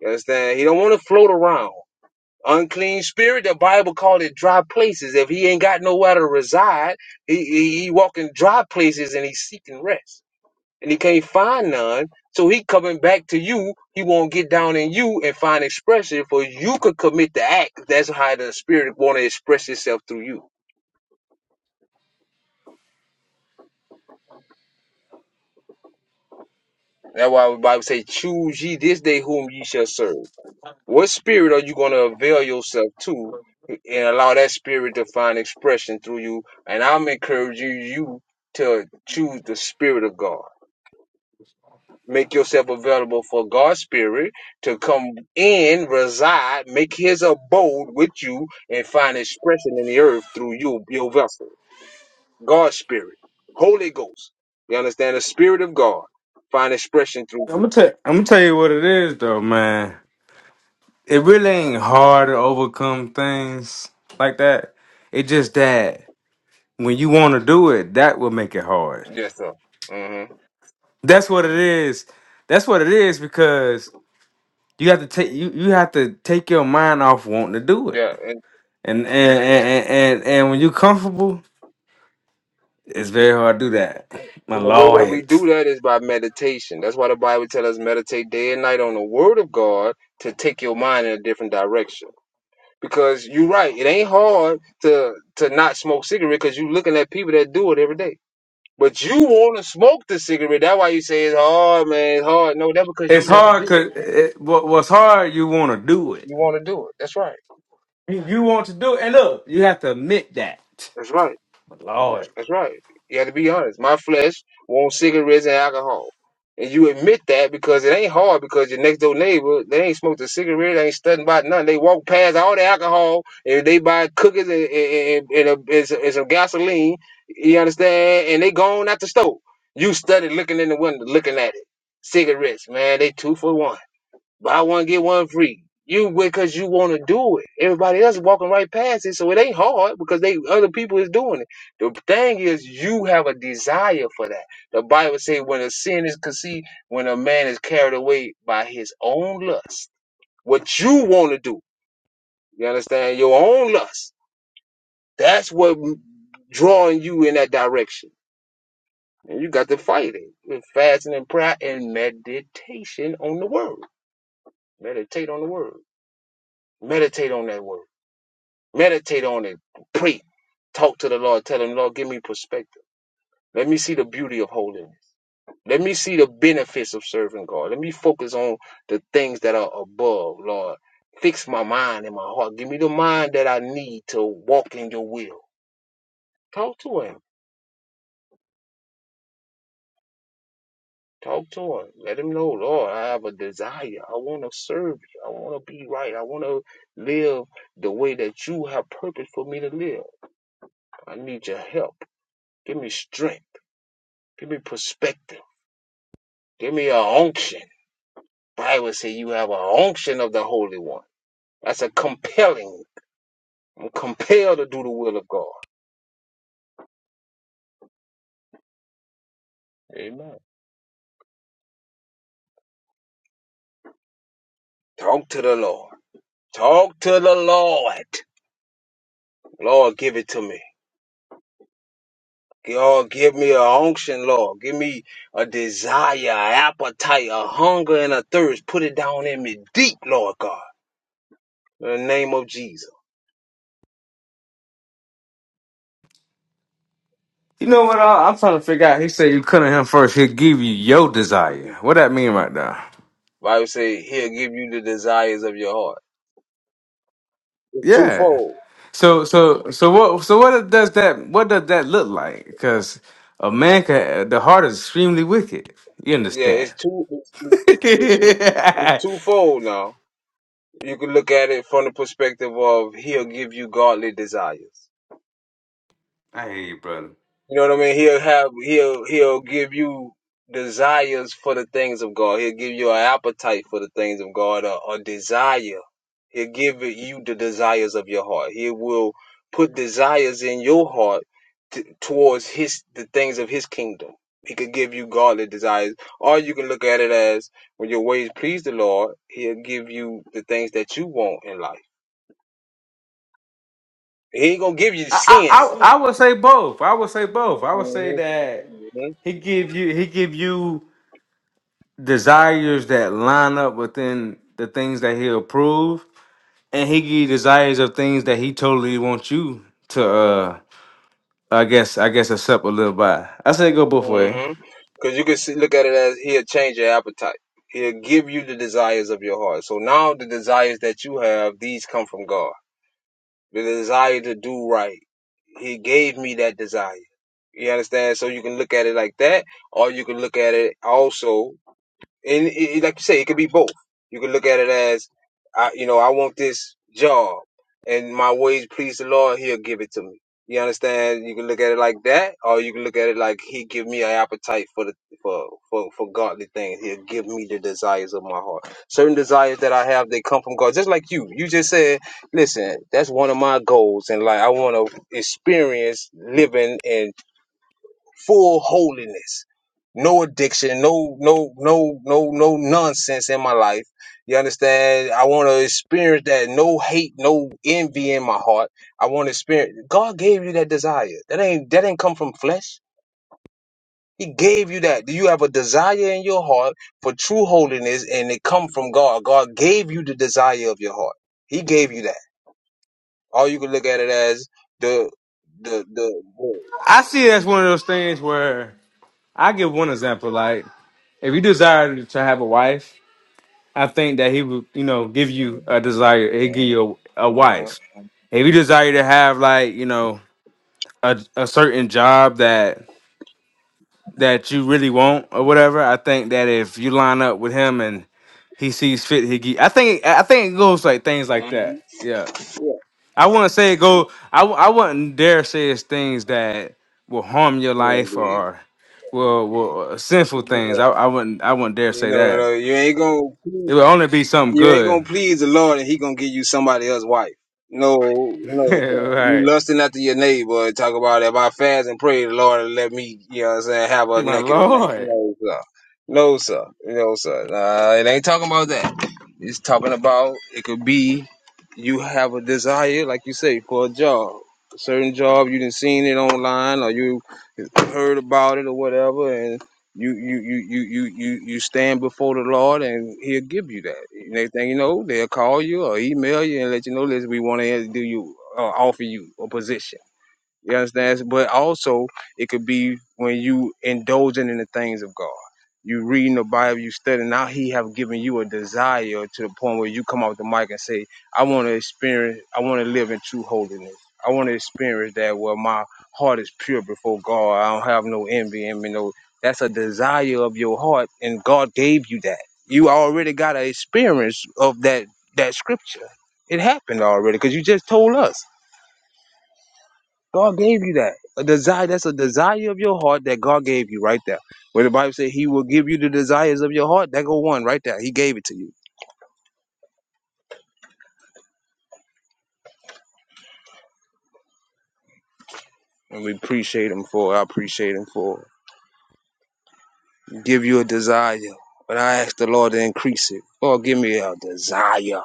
Speaker 1: You understand? He don't want to float around. Unclean spirit. The Bible called it dry places. If he ain't got nowhere to reside, he he, he walking dry places and he's seeking rest. And he can't find none. So he coming back to you. He won't get down in you and find expression for you could commit the act. That's how the spirit want to express itself through you. That's why the Bible say, choose ye this day whom ye shall serve. What spirit are you going to avail yourself to and allow that spirit to find expression through you? And I'm encouraging you to choose the spirit of God. Make yourself available for God's spirit to come in, reside, make his abode with you and find expression in the earth through you, your vessel. God's spirit, Holy Ghost. You understand? The spirit of God find expression through
Speaker 4: I'm
Speaker 1: you.
Speaker 4: gonna tell. I'm gonna tell you what it is, though, man. It really ain't hard to overcome things like that. It just that when you want to do it, that will make it hard.
Speaker 1: Yes, sir. Mm-hmm.
Speaker 4: That's what it is. That's what it is because you have to take you, you have to take your mind off wanting to do it.
Speaker 1: Yeah, and,
Speaker 4: And and and and, and and when you're comfortable It's very hard to do that. My
Speaker 1: and the way that we
Speaker 4: lord,
Speaker 1: do that is by meditation. That's why the Bible tells us meditate day and night on the Word of God to take your mind in a different direction. Because you're right, it ain't hard to to not smoke cigarette because you're looking at people that do it every day. But you want to smoke the cigarette. That's why you say it's hard, man. It's hard. No, that's because you
Speaker 4: it's
Speaker 1: want
Speaker 4: hard
Speaker 1: to do it.
Speaker 4: because it, what, what's hard, you want to do it.
Speaker 1: You want to do it. That's right.
Speaker 4: You, you want to do it, and look, you have to admit that.
Speaker 1: That's right.
Speaker 4: My lord,
Speaker 1: That's right. You got to be honest. My flesh wants cigarettes and alcohol. And you admit that because it ain't hard because your next door neighbor, they ain't smoked a cigarette, they ain't studying about nothing. They walk past all the alcohol and they buy cookies and, and, and, and, a, and some and some gasoline, you understand? And they gone out the stove. You study looking in the window, looking at it. Cigarettes, man, they two for one buy one get one free. You because you want to do it. Everybody else is walking right past it, so it ain't hard because they other people is doing it. The thing is, you have a desire for that. The Bible say when a sin is conceived, when a man is carried away by his own lust, what you want to do, you understand your own lust. That's what m- drawing you in that direction, and you got to fight it with fasting and prayer and meditation on the word. Meditate on the word. Meditate on that word Meditate on it. Pray. Talk to the Lord. Tell him, Lord, give me perspective. Let me see the beauty of holiness. Let me see the benefits of serving God. Let me focus on the things that are above, Lord. Fix my mind and my heart. Give me the mind that I need to walk in your will. Talk to him. Talk to him. Let him know, Lord, I have a desire. I want to serve you. I want to be right. I want to live the way that you have purpose for me to live. I need your help. Give me strength. Give me perspective. Give me a unction. Bible say you have a unction of the Holy One. That's a compelling. I'm compelled to do the will of God. Amen. Talk to the Lord. Talk to the Lord. Lord, give it to me. Lord, give me a unction, Lord. Give me a desire, an appetite, a hunger, and a thirst. Put it down in me deep, Lord God. In the name of Jesus.
Speaker 4: you know what? I, I'm trying to figure out. He said you come to him first. He'll give you your desire. What that mean right there?
Speaker 1: Bible say he'll give you the desires of your heart. It's
Speaker 4: Yeah.
Speaker 1: twofold.
Speaker 4: So so so what so what does that what does that look like? Because a man can the heart is extremely wicked. You
Speaker 1: Yeah,
Speaker 4: understand?
Speaker 1: it's two. It's, it's,
Speaker 4: <laughs>
Speaker 1: it's
Speaker 4: hey,
Speaker 1: twofold now. You can look at it from the perspective of He'll give you godly desires.
Speaker 4: brother.
Speaker 1: You know what I mean? He'll have he'll he'll give you desires for the things of God. He'll give you an appetite for the things of God, a, a desire. He'll give you the desires of your heart. He will put desires in your heart t- towards his the things of his kingdom. He could give you godly desires, or you can look at it as when your ways please the Lord, He'll give you the things that you want in life. He ain't gonna give you
Speaker 4: I, I
Speaker 1: sin.
Speaker 4: I I would say both. I would say both. I would say
Speaker 1: hmm
Speaker 4: that
Speaker 1: hmm
Speaker 4: he give you he give you desires that line up within the things that he approve, and he give you desires of things that he totally wants you to. uh I guess I guess accept or live by. I say go both ways.
Speaker 1: Mm-hmm. Because you can see, look at it as he'll change your appetite. He'll give you the desires of your heart. So now the desires that you have, these come from God. The desire to do right. He gave me that desire. You understand? So you can look at it like that, or you can look at it also and it, it- like you say, it could be both. You can look at it as, I, you know, I want this job, and my ways please the Lord; He'll give it to me. You understand? You can look at it like that, or you can look at it like He give me an appetite for the for for for godly things. He'll give me the desires of my heart. Certain desires that I have, they come from God. Just like you, you just said, listen, that's one of my goals, and like I want to experience living in full holiness no addiction, no, no, no, no, no nonsense in my life. You understand? I want to experience that no hate, no envy in my heart. I want to experience. God gave you that desire. That ain't that ain't come from flesh. He gave you that. Do you have a desire in your heart for true holiness, and it come from God? God gave you the desire of your heart. He gave you that. All you can look at it as the the the.
Speaker 4: I see it as one of those things where I give one example. Like if you desire to have a wife, I think that he would you know give you a desire. He give you a, a
Speaker 1: Mhm.
Speaker 4: wife if you desire to have like you know a, a certain job that that you really want or whatever, I think that if you line up with him and he sees fit, he get, I think I think it goes like things like that.
Speaker 1: Mhm.
Speaker 4: Yeah,
Speaker 1: Yeah. Yeah,
Speaker 4: I wouldn't say it go. I wou- I wouldn't dare say it's things that will harm your life
Speaker 1: indeed.
Speaker 4: or will will uh, sinful things.
Speaker 1: You
Speaker 4: I, I wouldn't I wouldn't dare say
Speaker 1: know, no,
Speaker 4: that.
Speaker 1: no, you ain't gonna
Speaker 4: It would only be something
Speaker 1: you ain't
Speaker 4: good.
Speaker 1: gonna please the Lord, and He gonna give you somebody else's wife. No,
Speaker 4: <laughs>
Speaker 1: no, no. you
Speaker 4: right,
Speaker 1: lusting after your neighbor. and Talk about if I fast and pray, the Lord and let me, you know, what I'm saying, have her
Speaker 4: my
Speaker 1: naked. And
Speaker 4: lord,
Speaker 1: not, no, sir, no, sir, no, sir. Nah, it ain't talking about that. It's talking about it could be you have a desire, like you say, for a job, a certain job. You didn't seen it online, or you heard about it, or whatever, you you you you you you you stand before the Lord and He'll give you that. Next thing you know, they'll call you or email you and let you know that we want to do you uh, offer you a position. You understand? But also, it could be when you indulging in the things of God. You reading the Bible, you studying. Now He have given you a desire to the point where you come off the mic and say, "I want to experience. I want to live in true holiness. I want to experience that where my heart is pure before God. I don't have no envy in me. No, that's a desire of your heart, and God gave you that. You already got an experience of that that scripture. It happened already because you just told us. God gave you that. A desire, that's a desire of your heart that God gave you right there. Where the Bible says he will give you the desires of your heart, that go one right there. He gave it to you. And we appreciate him for it. I appreciate him for it. Give you a desire. But I ask the Lord to increase it. Lord, give me a desire.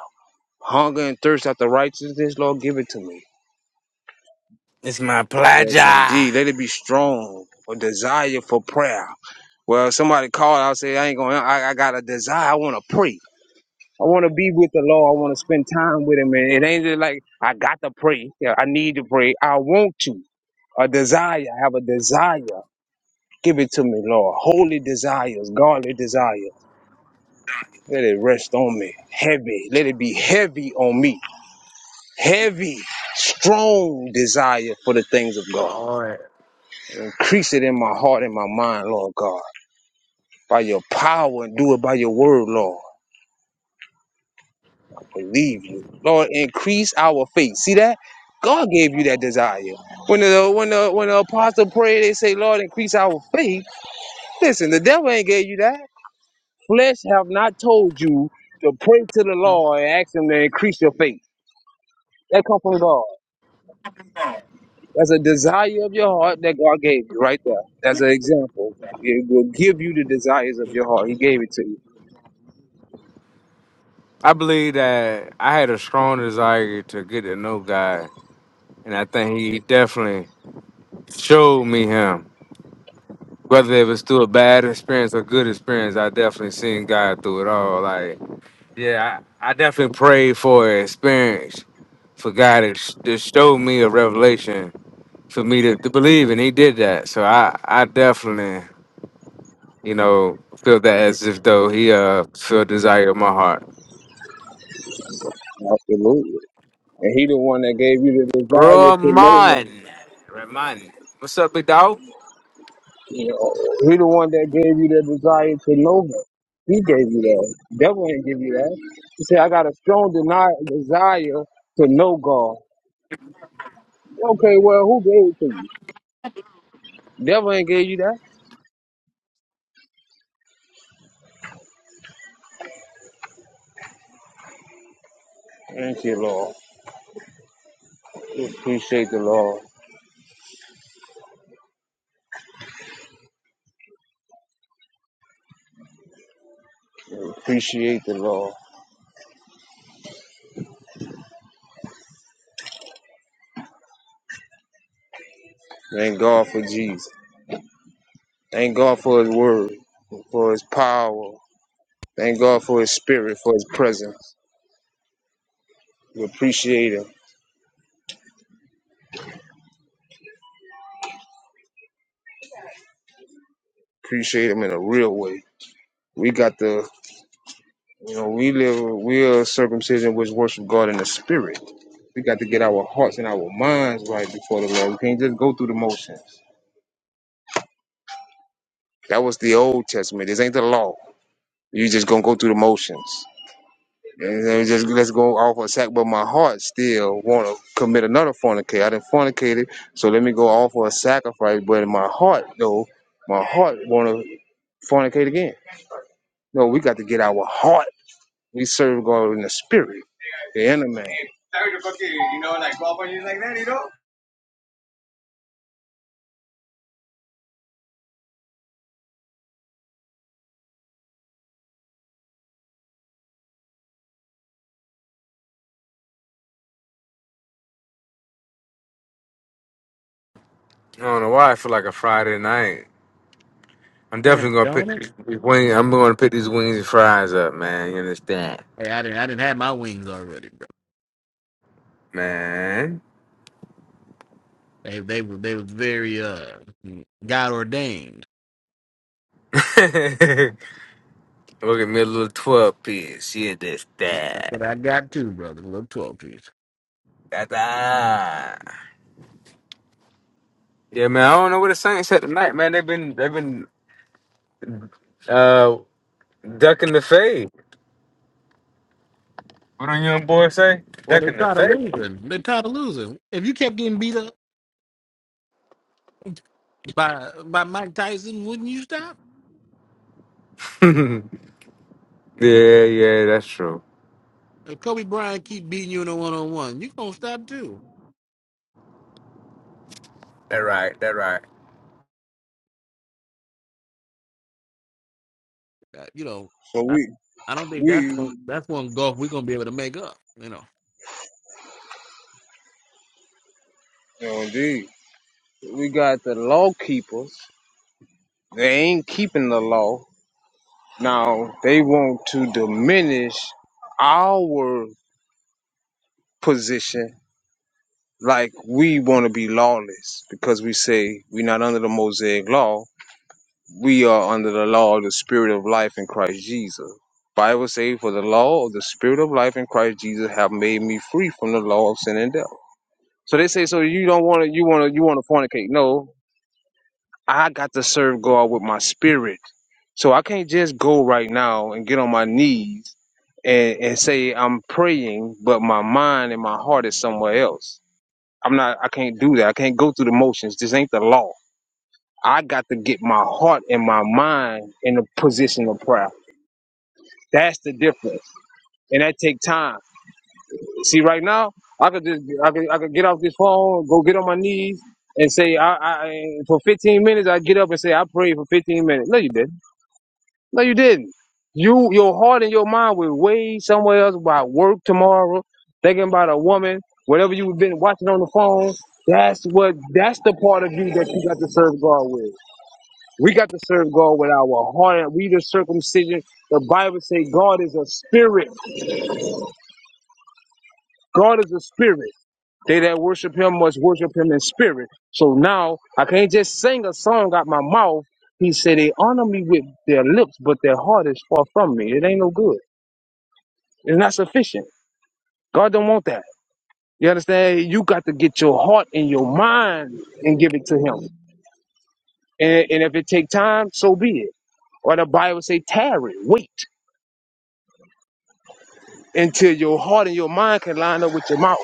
Speaker 1: Hunger and thirst after righteousness, Lord, give it to me.
Speaker 4: it's my
Speaker 1: Yes,
Speaker 4: pleasure.
Speaker 1: indeed. Let it be strong. A desire for prayer. Well, somebody called out, say, I ain't going, to I I got a desire. I want to pray. I want to be with the Lord. I want to spend time with Him. And it ain't just like I got to pray. Yeah, I need to pray. I want to. A desire. I have a desire. Give it to me, Lord. Holy desires, godly desires. Let it rest on me. Heavy. Let it be heavy on me. Heavy, strong desire for the things of God.
Speaker 4: Lord.
Speaker 1: Increase it in my heart and my mind, Lord God. By your power and do it by your word, Lord. believe you. Lord, increase our faith. See that? God gave you that desire. When the when the when the apostle prayed, they say, Lord, increase our faith. Listen, the devil ain't gave you that. Flesh have not told you to pray to the Lord and ask him to increase your faith. That comes from God. That's a desire of your heart that God gave you right there. That's an example. It will give you the desires of your heart. He gave it to you.
Speaker 4: I believe that I had a strong desire to get to know God, and I think He definitely showed me Him. Whether it was through a bad experience or good experience, I definitely seen God through it all. Like, yeah, I, I definitely prayed for an experience for God to, sh- to show me a revelation for me to, to believe, and He did that. So I, I definitely, you know, feel that as if though He uh feel desire in my heart.
Speaker 1: Absolutely. And he the one that gave you the desire to know him
Speaker 4: Roman, Roman, what's up, big dog?
Speaker 1: You know, he the one that gave you the desire to know him. He gave you that. Devil didn't give you that. He said, I got a strong deni- desire to know God. Okay, well, who gave it to you? Devil ain't gave you that. Thank you, Lord. We Appreciate the Lord. Appreciate the Lord. Thank God for Jesus. Thank God for his word, for his power. Thank God for his spirit, for his presence. We appreciate him. Appreciate him in a real way. We got to You know, we live, we are circumcision which worship God in the spirit. We got to get our hearts and our minds right before the Lord. We can't just go through the motions. That was the Old Testament. This ain't the law. You just gonna go through the motions. And then just let's go off a sack, but my heart still want to commit another fornicate. I didn't fornicated, so let me go off for a sacrifice. But in my heart, though, my heart want to fornicate again. No, we got to get our heart. We serve God in the spirit. the anime. Sorry to fucking, you know, like go up on you like that, you know?
Speaker 4: I don't know why I feel like a Friday night. I'm
Speaker 3: Man,
Speaker 4: definitely gonna
Speaker 3: don't
Speaker 4: pick
Speaker 3: it?
Speaker 4: these these wings. I'm gonna pick these wings and fries up, man. You understand,
Speaker 3: Hey, I didn't. I didn't have my wings already, bro.
Speaker 4: man?
Speaker 3: They they were they was very uh God ordained.
Speaker 4: <laughs> Look at me, a little twelve piece. You
Speaker 3: That's
Speaker 4: understand?
Speaker 3: what I got too, brother. A little twelve piece.
Speaker 4: Da-da. Yeah, man. I don't know what the Saints at tonight, man. They've been they've been uh ducking the fade. What do young boys say?
Speaker 3: Well, they
Speaker 4: Ducking the
Speaker 3: tired of
Speaker 4: fade.
Speaker 3: losing. They tired of losing. If you kept getting beat up by by Mike Tyson, wouldn't you stop?
Speaker 4: <laughs> yeah, yeah, that's true.
Speaker 3: If Kobe Bryant keep beating you in a one on one, you gonna stop too.
Speaker 4: That right. That right.
Speaker 3: Uh, You know,
Speaker 1: So
Speaker 3: I
Speaker 1: we
Speaker 3: I don't think
Speaker 1: we
Speaker 3: that's one-
Speaker 1: you
Speaker 3: that's one golf we're gonna be able to make up. You know,
Speaker 1: know indeed. We got the law keepers. They ain't keeping the law. Now they want to diminish our position like we want to be lawless because we say we're not under the Mosaic law. We are under the law of the spirit of life in Christ Jesus. Bible say for the law of the spirit of life in Christ Jesus have made me free from the law of sin and death. So they say, so you don't want to, you want to, you want to fornicate. No, I got to serve God with my spirit. So I can't just go right now and get on my knees and, and say I'm praying, but my mind and my heart is somewhere else. I'm not, I can't do that. I can't go through the motions. This ain't the law. I got to get my heart and my mind in a position of prayer. That's the difference. And that take time. See, right now, I could just I could, I could get off this phone, go get on my knees, and say I, I I- for 15 minutes I get up and say I prayed for 15 minutes. No, you didn't. No, you didn't. You your heart and your mind were way somewhere else about work tomorrow, thinking about a woman, whatever you've been watching on the phone. That's what that's the part of you that you got to serve God with. We got to serve God with our heart. We the circumcision. The Bible say God is a spirit. God is a spirit. They that worship him must worship him in spirit. So now I can't just sing a song out my mouth. He said they honor me with their lips, but their heart is far from me. It ain't no good. It's not sufficient. God don't want that. You understand? You got to get your heart and your mind and give it to him. And, and if it take time, so be it. Or the Bible say, tarry, wait until your heart and your mind can line up with your mouth.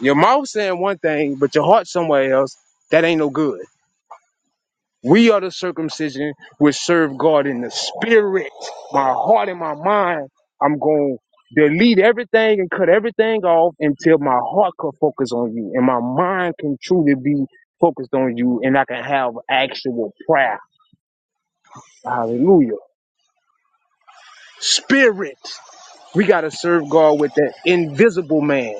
Speaker 1: Your mouth saying one thing, but your heart somewhere else. That ain't no good. We are the circumcision which serve God in the spirit. My heart and my mind, I'm going to delete everything and cut everything off until my heart can focus on you and my mind can truly be focused on you and I can have actual prayer. Hallelujah. Spirit. We got to serve God with that invisible man.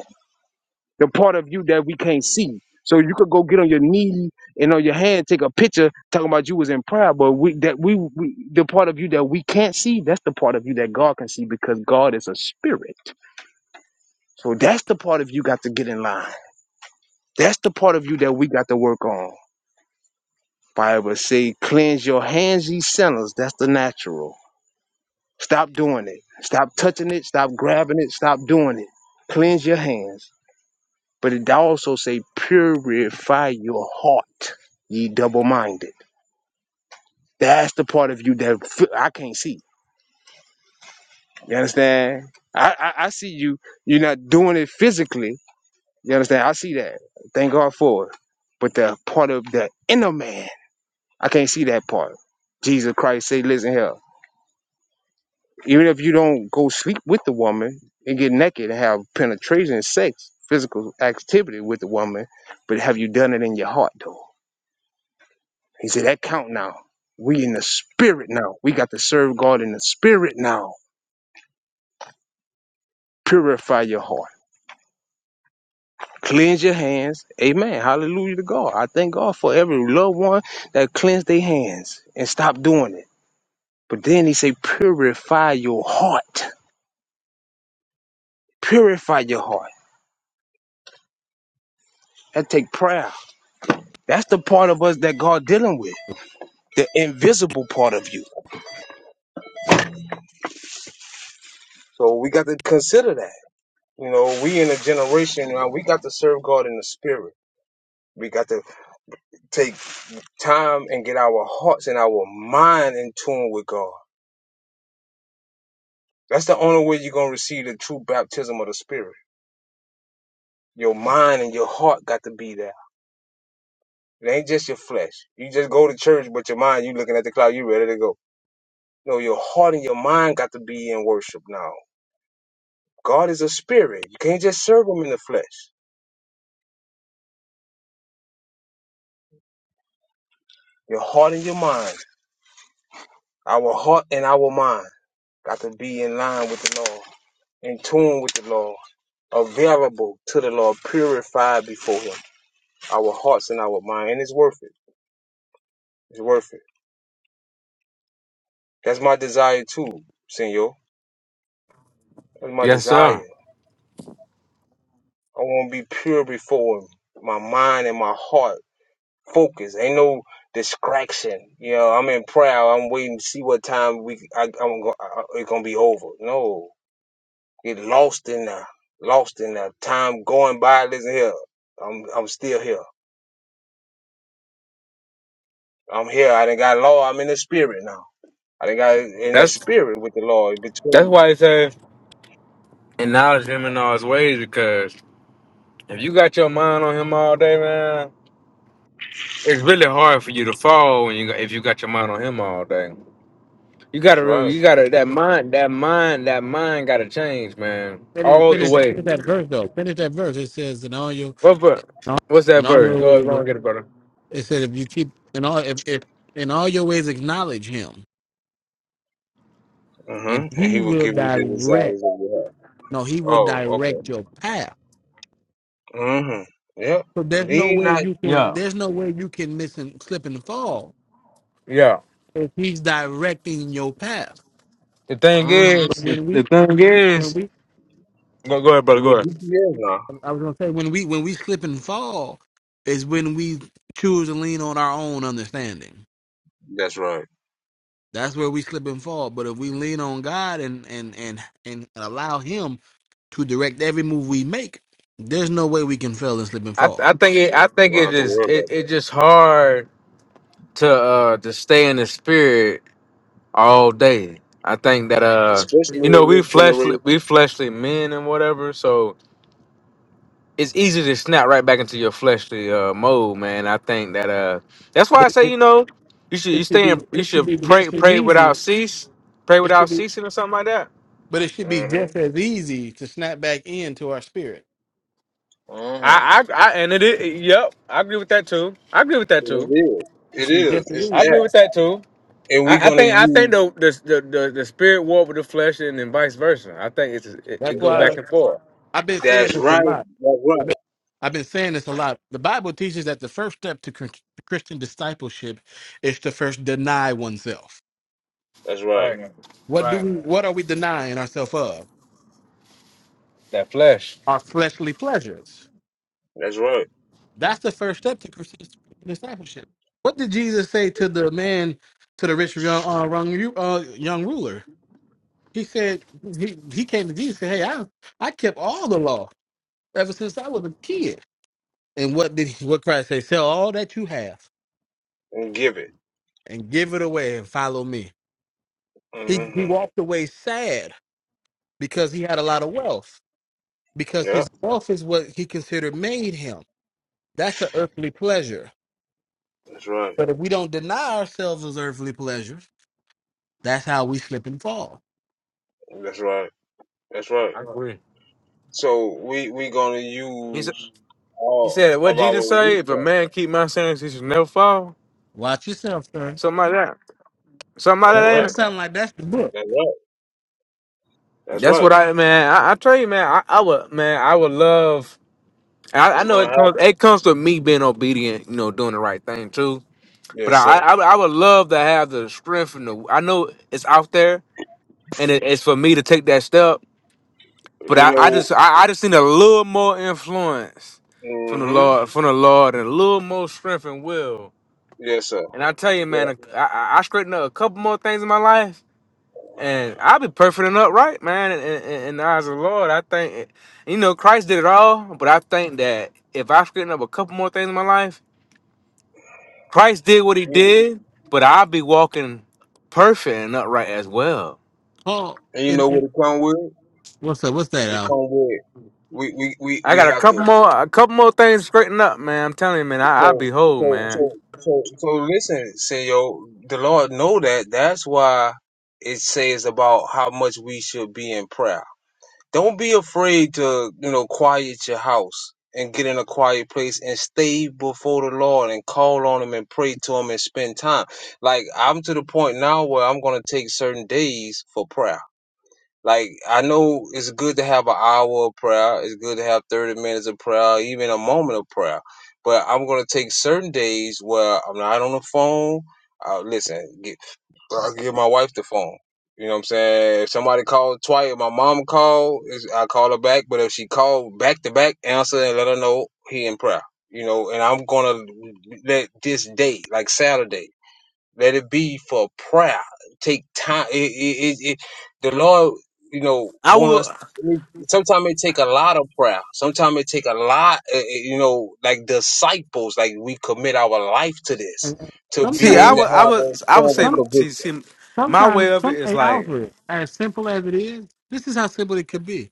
Speaker 1: the part of you that we can't see. So you could go get on your knee and on your hand, take a picture talking about you was in prayer, but we that we, we the part of you that we can't see, that's the part of you that God can see because God is a spirit. So that's the part of you got to get in line. That's the part of you that we got to work on. Bible say, cleanse your hands, ye sinners. That's the natural. Stop doing it. Stop touching it. Stop grabbing it. Stop doing it. Cleanse your hands. But it also say, purify your heart, ye double-minded. That's the part of you that I I can't see. You understand? I, I, I see you. You're not doing it physically. You understand? I see that. Thank God for it. But the part of the inner man, I can't see that part. Jesus Christ say, listen here. Even if you don't go sleep with the woman and get naked and have penetration, sex, physical activity with the woman, but have you done it in your heart though? He said, That count now. We in the spirit now. We got to serve God in the spirit now. Purify your heart. Cleanse your hands. Amen. Hallelujah to God. I thank God for every loved one that cleansed their hands and stopped doing it. But then he said, Purify your heart. Purify your heart. That take prayer. That's the part of us that God dealing with. The invisible part of you. So we got to consider that. You know, we in a generation now, we got to serve God in the spirit. We got to take time and get our hearts and our mind in tune with God. That's the only way you're gonna receive the true baptism of the Spirit. Your mind and your heart got to be there. It ain't just your flesh. You just go to church, but your mind, you looking at the cloud, you ready to go. No, your heart and your mind got to be in worship now. God is a spirit. You can't just serve him in the flesh. Your heart and your mind. Our heart and our mind got to be in line with the Lord, in tune with the Lord, available to the Lord, purified before him. our hearts and our mind, and it's worth it. It's worth it. That's my desire too, Senor. That's my
Speaker 4: Yes,
Speaker 1: desire.
Speaker 4: sir.
Speaker 1: I want to be pure before Him. My mind and my heart focus. Ain't no distraction. You know, I'm in prayer. I'm waiting to see what time we. I, I'm go, I, it's gonna be over. No, get lost in that. Lost in that time going by. Listen here, I'm I'm still here. I'm here. I didn't got law. I'm in the spirit now. I didn't got in the
Speaker 4: That's
Speaker 1: spirit with the Lord
Speaker 4: that's
Speaker 1: between.
Speaker 4: why it's. uh and knowledge him in all his ways because if you got your mind on him all day, man, it's really hard for you to fall when you got- if you got your mind on him all day. You
Speaker 1: That's
Speaker 4: gotta re-
Speaker 1: right.
Speaker 4: you gotta that mind that mind that mind gotta change, man,
Speaker 3: finish
Speaker 4: all the
Speaker 1: Yes,
Speaker 3: finish,
Speaker 4: way.
Speaker 3: finish
Speaker 1: indeed.
Speaker 3: that verse though. Finish that verse. It says in all your
Speaker 4: What
Speaker 3: in
Speaker 4: ver-
Speaker 3: all,
Speaker 4: What's
Speaker 3: in
Speaker 4: that
Speaker 3: all
Speaker 4: verse?
Speaker 3: your
Speaker 4: Go
Speaker 3: ways.
Speaker 4: go and
Speaker 3: It,
Speaker 4: get it, brother.
Speaker 3: it said if you keep in all if, if in all your ways acknowledge him,
Speaker 1: hmm
Speaker 3: and
Speaker 1: And
Speaker 3: he
Speaker 1: he will
Speaker 3: will
Speaker 1: give you the
Speaker 3: direct.
Speaker 1: desires of your
Speaker 3: No, he will
Speaker 1: heart. Oh,
Speaker 3: direct your path.
Speaker 1: okay. Mm-hmm. Yep.
Speaker 3: So there's no
Speaker 1: Lean
Speaker 3: way
Speaker 1: not.
Speaker 3: you can
Speaker 4: Yeah,
Speaker 3: there's no way you can miss and slip and fall
Speaker 4: yeah.
Speaker 3: if he's directing your path.
Speaker 4: The thing is,
Speaker 1: Mm-hmm.
Speaker 3: But
Speaker 4: the,
Speaker 3: when
Speaker 4: the
Speaker 3: we
Speaker 4: thing
Speaker 3: when
Speaker 4: is,
Speaker 3: we
Speaker 4: go go ahead,
Speaker 1: He
Speaker 4: brother. Go
Speaker 1: will get
Speaker 4: ahead.
Speaker 1: you there now.
Speaker 3: I was gonna say when we when we slip and fall is when we choose to lean on our own understanding.
Speaker 1: That's right.
Speaker 3: That's where we slip and fall. But if we lean on God and and and and allow Him to direct every move we make, there's no way we can fail and slip and
Speaker 4: I th-
Speaker 3: fall.
Speaker 4: I think it I think
Speaker 1: You don't
Speaker 4: it
Speaker 1: have to
Speaker 4: is
Speaker 1: worry
Speaker 4: it,
Speaker 1: about
Speaker 4: it
Speaker 1: that.
Speaker 4: just hard to uh to stay in the spirit all day. I think that uh,
Speaker 1: Especially
Speaker 4: you know,
Speaker 1: in
Speaker 4: we
Speaker 1: this
Speaker 4: fleshly,
Speaker 1: generation.
Speaker 4: we fleshly men and whatever, so it's easy to snap right back into your fleshly uh mode, man. I think that uh, that's why I
Speaker 3: But
Speaker 4: say
Speaker 3: it,
Speaker 4: you know, you should you
Speaker 3: it should
Speaker 4: stay
Speaker 3: be
Speaker 4: in, you
Speaker 3: it should
Speaker 4: should
Speaker 3: be
Speaker 4: pray
Speaker 3: just as
Speaker 4: pray
Speaker 3: easy.
Speaker 4: without cease, pray
Speaker 3: It should
Speaker 4: without
Speaker 3: be
Speaker 4: ceasing or something like that.
Speaker 3: But it should be
Speaker 1: Mm-hmm.
Speaker 3: just as easy to snap back into our spirit.
Speaker 1: Mm-hmm.
Speaker 4: I I, I and it, is- yep, I agree with that too. I agree with that
Speaker 1: And it
Speaker 4: too.
Speaker 1: is.
Speaker 3: It
Speaker 1: It
Speaker 3: should be
Speaker 1: is.
Speaker 3: just as
Speaker 1: It's
Speaker 4: I
Speaker 3: easy.
Speaker 4: agree
Speaker 1: that.
Speaker 4: with that too.
Speaker 1: And we're
Speaker 4: I, I
Speaker 1: gonna
Speaker 4: think I think
Speaker 1: use.
Speaker 4: the the, the the the spirit war with the flesh and then vice versa. I think it's it, it
Speaker 3: That's
Speaker 1: That's
Speaker 4: go back
Speaker 1: right.
Speaker 3: why
Speaker 4: and forth.
Speaker 3: I've been saying
Speaker 1: That's
Speaker 3: this a
Speaker 1: right.
Speaker 3: lot.
Speaker 1: That's right.
Speaker 3: I've been, I've been saying this a lot. The Bible teaches that the first step to Chris- Christian discipleship is to first deny oneself.
Speaker 1: That's right.
Speaker 4: Right,
Speaker 3: What do
Speaker 4: right.
Speaker 3: we? What are we denying ourselves of?
Speaker 4: That flesh.
Speaker 3: Our fleshly pleasures.
Speaker 1: That's right.
Speaker 3: That's the first step to Christian discipleship. What did Jesus say to the man, to the rich young, uh, wrong, uh, young ruler? He said he, he came to Jesus and said, Hey, I I kept all the law ever since I was a kid. And what did what Christ say? Sell all that you have
Speaker 1: And give it.
Speaker 3: and give it away and follow me. He he
Speaker 1: Mm-hmm.
Speaker 3: walked away sad because he had a lot of wealth. Because his
Speaker 1: Yep.
Speaker 3: wealth is what he considered made him. That's an earthly pleasure.
Speaker 1: That's right.
Speaker 3: But if we don't deny ourselves those earthly pleasures, that's how we slip and fall.
Speaker 1: That's right. That's right.
Speaker 4: I agree.
Speaker 1: So we we gonna
Speaker 4: He said,
Speaker 1: use
Speaker 4: he
Speaker 1: all
Speaker 4: said, what
Speaker 1: of our
Speaker 4: Jesus say? If a
Speaker 1: resources.
Speaker 4: man keep my sayings, he should never fall.
Speaker 3: Watch yourself, son.
Speaker 4: Something like that. Something like
Speaker 1: That's
Speaker 3: That
Speaker 4: that,
Speaker 1: right.
Speaker 3: that
Speaker 4: ain't
Speaker 3: sounds like that's the book.
Speaker 1: That's right.
Speaker 4: it?
Speaker 1: That's
Speaker 4: That's
Speaker 1: right.
Speaker 4: what I, man, I, I tell you, man, I, I would, man, I would love, I, I
Speaker 1: It's
Speaker 4: know
Speaker 1: gonna
Speaker 4: it
Speaker 1: happen.
Speaker 4: comes, it comes to me being obedient, you know, doing the right thing too. But
Speaker 1: Yes,
Speaker 4: I,
Speaker 1: sir.
Speaker 4: I, I would love to have the strength and the, I know it's out there and it, it's for me to take that step. But I,
Speaker 1: You
Speaker 4: I
Speaker 1: know.
Speaker 4: just, I, I just need a little more influence from the
Speaker 1: hmm
Speaker 4: Lord, from the Lord, and a little more strength and will.
Speaker 1: Yes, sir.
Speaker 4: And I tell you, man,
Speaker 1: Yeah.
Speaker 4: I I, I straighten up a couple more things in my life, and I'll be perfect and upright, man. In, in, in the eyes of the Lord, I think, you know, Christ did it all. But I think that if I straighten up a couple more things in my life, Christ did what He
Speaker 1: You-
Speaker 4: did, but I'll be walking perfect and upright as well.
Speaker 3: Paul
Speaker 1: And you
Speaker 3: and,
Speaker 1: know
Speaker 3: and
Speaker 1: what it come with?
Speaker 3: what's up? What's that,
Speaker 1: It
Speaker 3: Al?
Speaker 1: come with we we we
Speaker 4: I
Speaker 1: we
Speaker 4: got a
Speaker 1: have
Speaker 4: couple
Speaker 1: to.
Speaker 4: more, a couple more things to straighten up, man. I'm telling you, man, I, I'll be
Speaker 1: So
Speaker 4: whole,
Speaker 1: so
Speaker 4: man.
Speaker 1: so so so listen, Senor. The Lord know that. That's why it says about how much we should be in prayer. Don't be afraid to, you know, quiet your house and get in a quiet place and stay before the Lord and call on him and pray to him and spend time. Like I'm to the point now where I'm going to take certain days for prayer. Like I know it's good to have an hour of prayer. It's good to have 30 minutes of prayer, even a moment of prayer. But I'm going to take certain days where I'm not on the phone. Uh, listen, I give my wife the phone. You know what I'm saying? If somebody called twice, if my mom called, is- I call her back. But if she called back to back, answer and let her know he in prayer. You know, and I'm gonna let this day, like Saturday, let it be for prayer. Take time. It, it, it, it the Lord, you know,
Speaker 4: I
Speaker 1: want
Speaker 4: would
Speaker 1: us. Sometimes it take a lot of prayer. Sometimes it take a lot, eh, eh, you know, like disciples, like we commit our life to this
Speaker 3: And and
Speaker 1: to be
Speaker 4: see. I
Speaker 1: able to
Speaker 3: sometimes,
Speaker 4: would. I
Speaker 1: have a
Speaker 4: would. I would
Speaker 1: form of
Speaker 4: say.
Speaker 3: some,
Speaker 1: conviction.
Speaker 4: See. See. My way
Speaker 3: sometimes,
Speaker 4: of it
Speaker 3: some,
Speaker 4: is
Speaker 3: hey,
Speaker 4: like,
Speaker 3: Alfred, as simple as it is, this is how simple it could be.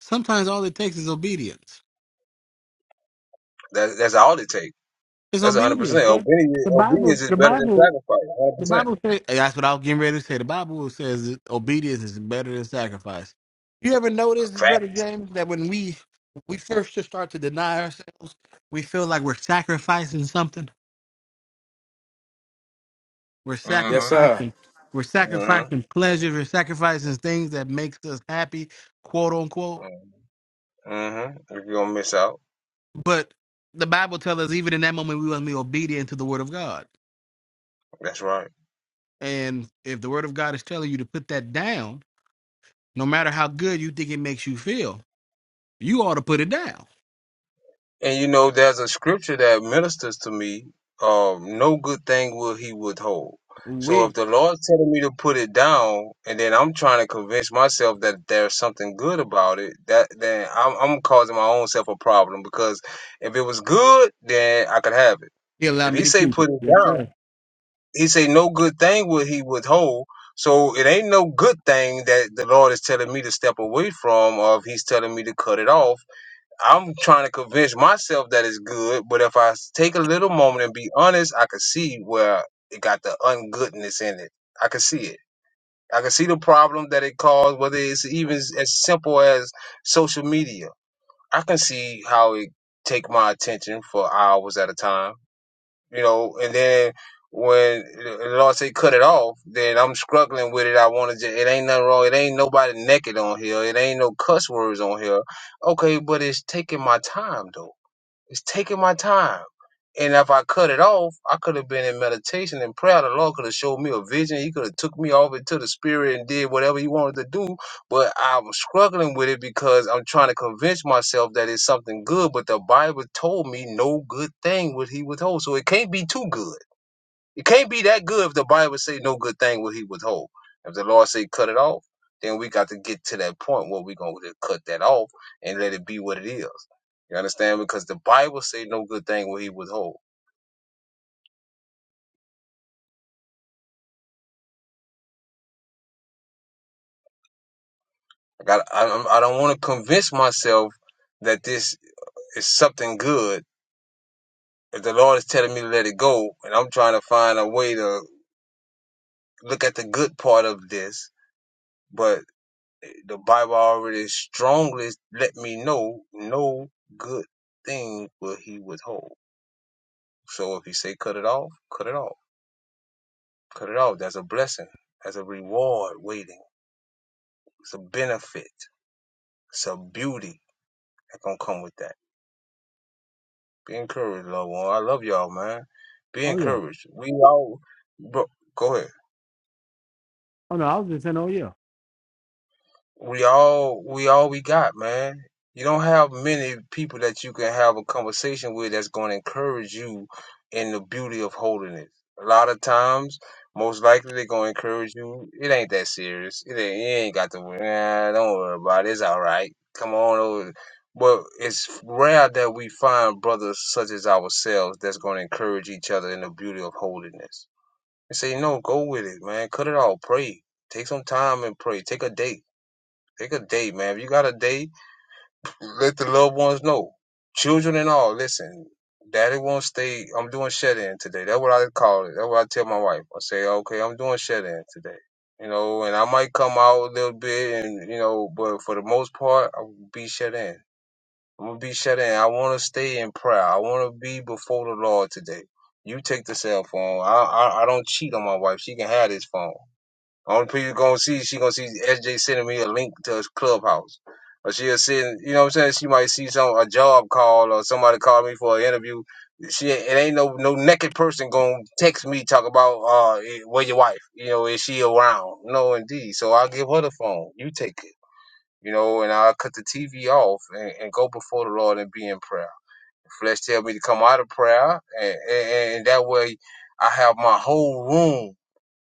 Speaker 3: Sometimes all it takes is obedience.
Speaker 1: That's that's all it takes.
Speaker 3: It's
Speaker 1: That's a hundred
Speaker 3: obedience.
Speaker 1: percent.
Speaker 3: Right?
Speaker 1: Obedience
Speaker 3: The Bible,
Speaker 1: obedience is
Speaker 3: the
Speaker 1: better than
Speaker 3: Bible,
Speaker 1: sacrifice. A hundred
Speaker 3: the Bible says, that's what I was getting ready to say. The Bible says that obedience is better than sacrifice. You ever notice,
Speaker 1: percent. Fact.
Speaker 3: Brother James, that when we we first just start to deny ourselves, we feel like we're sacrificing something? We're
Speaker 4: yes,
Speaker 1: Mm-hmm.
Speaker 4: sir.
Speaker 3: sacrificing. We're sacrificing pleasure. We're sacrificing things that makes us happy, quote unquote.
Speaker 1: Mm-hmm. Mm-hmm. If you're gonna miss out.
Speaker 3: But the Bible tells us even in that moment we must be obedient to the word of God.
Speaker 1: That's right.
Speaker 3: And if the word of God is telling you to put that down, no matter how good you think it makes you feel, you ought to put it down.
Speaker 1: And you know, there's a scripture that ministers to me, um, no good thing will he withhold. So if
Speaker 3: We
Speaker 1: the Lord's telling me to put it down and then I'm trying to convince myself that there's something good about it, that then I'm, I'm causing my own self a problem because if it was good, then I could have it.
Speaker 3: he
Speaker 1: If
Speaker 3: allowed me
Speaker 1: he
Speaker 3: to
Speaker 1: say
Speaker 3: keep
Speaker 1: put
Speaker 3: it.
Speaker 1: it
Speaker 3: Yes,
Speaker 1: down,
Speaker 3: sir.
Speaker 1: He say no good thing will he withhold. So it ain't no good thing that the Lord is telling me to step away from, or if He's telling me to cut it off. I'm trying to convince myself that it's good, but if I s- take a little moment and be honest, I can see where it got the ungoodness in it. I can see it. I can see the problem that it caused, whether it's even s- as simple as social media. I can see how it take my attention for hours at a time you know, and then when the Lord say cut it off, then I'm struggling with it. I want to. just, It ain't nothing wrong. It ain't nobody naked on here. It ain't no cuss words on here. Okay, but it's taking my time though. It's taking my time. And if I cut it off, I could have been in meditation and prayer. The Lord could have showed me a vision. He could have took me off into the spirit and did whatever he wanted to do. But I was struggling with it because I'm trying to convince myself that it's something good. But the Bible told me no good thing would he withhold. So it can't be too good. You can't be that good if the Bible say no good thing will he withhold. If the Lord say cut it off, then we got to get to that point where we gonna cut that off and let it be what it is. You understand? Because the Bible say no good thing will he withhold. I got. I, I'm- I don't want to convince myself that this is something good. If the Lord is telling me to let it go, and I'm trying to find a way to look at the good part of this, but. The Bible already strongly let me know no good thing will he withhold. So if he say cut it off, cut it off. Cut it off. That's a blessing. That's a reward waiting. It's a benefit. It's a beauty that gonna come with that. Be encouraged, loved one. I love y'all, man. Be
Speaker 3: Oh yeah.
Speaker 1: encouraged. We all bro, go ahead.
Speaker 3: Oh no, I was just saying, oh yeah.
Speaker 1: we all we all we got, man. You don't have many people that you can have a conversation with that's going to encourage you in the beauty of holiness. A lot of times, most likely they're going to encourage you. It ain't that serious. It ain't, you ain't got to worry. Nah, don't worry about it. It's all right. Come on over. But it's rare that we find brothers such as ourselves that's going to encourage each other in the beauty of holiness. And say, no, go with it, man. Cut it all. Pray. Take some time and pray. Take a day Pick a date, man. If you got a date, let the loved ones know. Children and all, listen. Daddy won't stay. I'm doing shed in today. That's what I call it. That's what I tell my wife. I say, okay, I'm doing shed in today. You know, and I might come out a little bit and, you know, but for the most part, I'll be shut in. I'm going to be shut in. I want to stay in prayer. I want to be before the Lord today. You take the cell phone. I, I, I don't cheat on my wife. She can have this phone. Only people you gonna see, she gonna see SJ sending me a link to his clubhouse. Or she'll send, you know what I'm saying? She might see some a job call or somebody call me for an interview. She it ain't no no naked person gonna text me talk about uh eh, where your wife, you know, is she around? No indeed. So i give her the phone. You take it. You know, and i cut the TV off and, and go before the Lord and be in prayer. The flesh tell me to come out of prayer and, and, and that way I have my whole room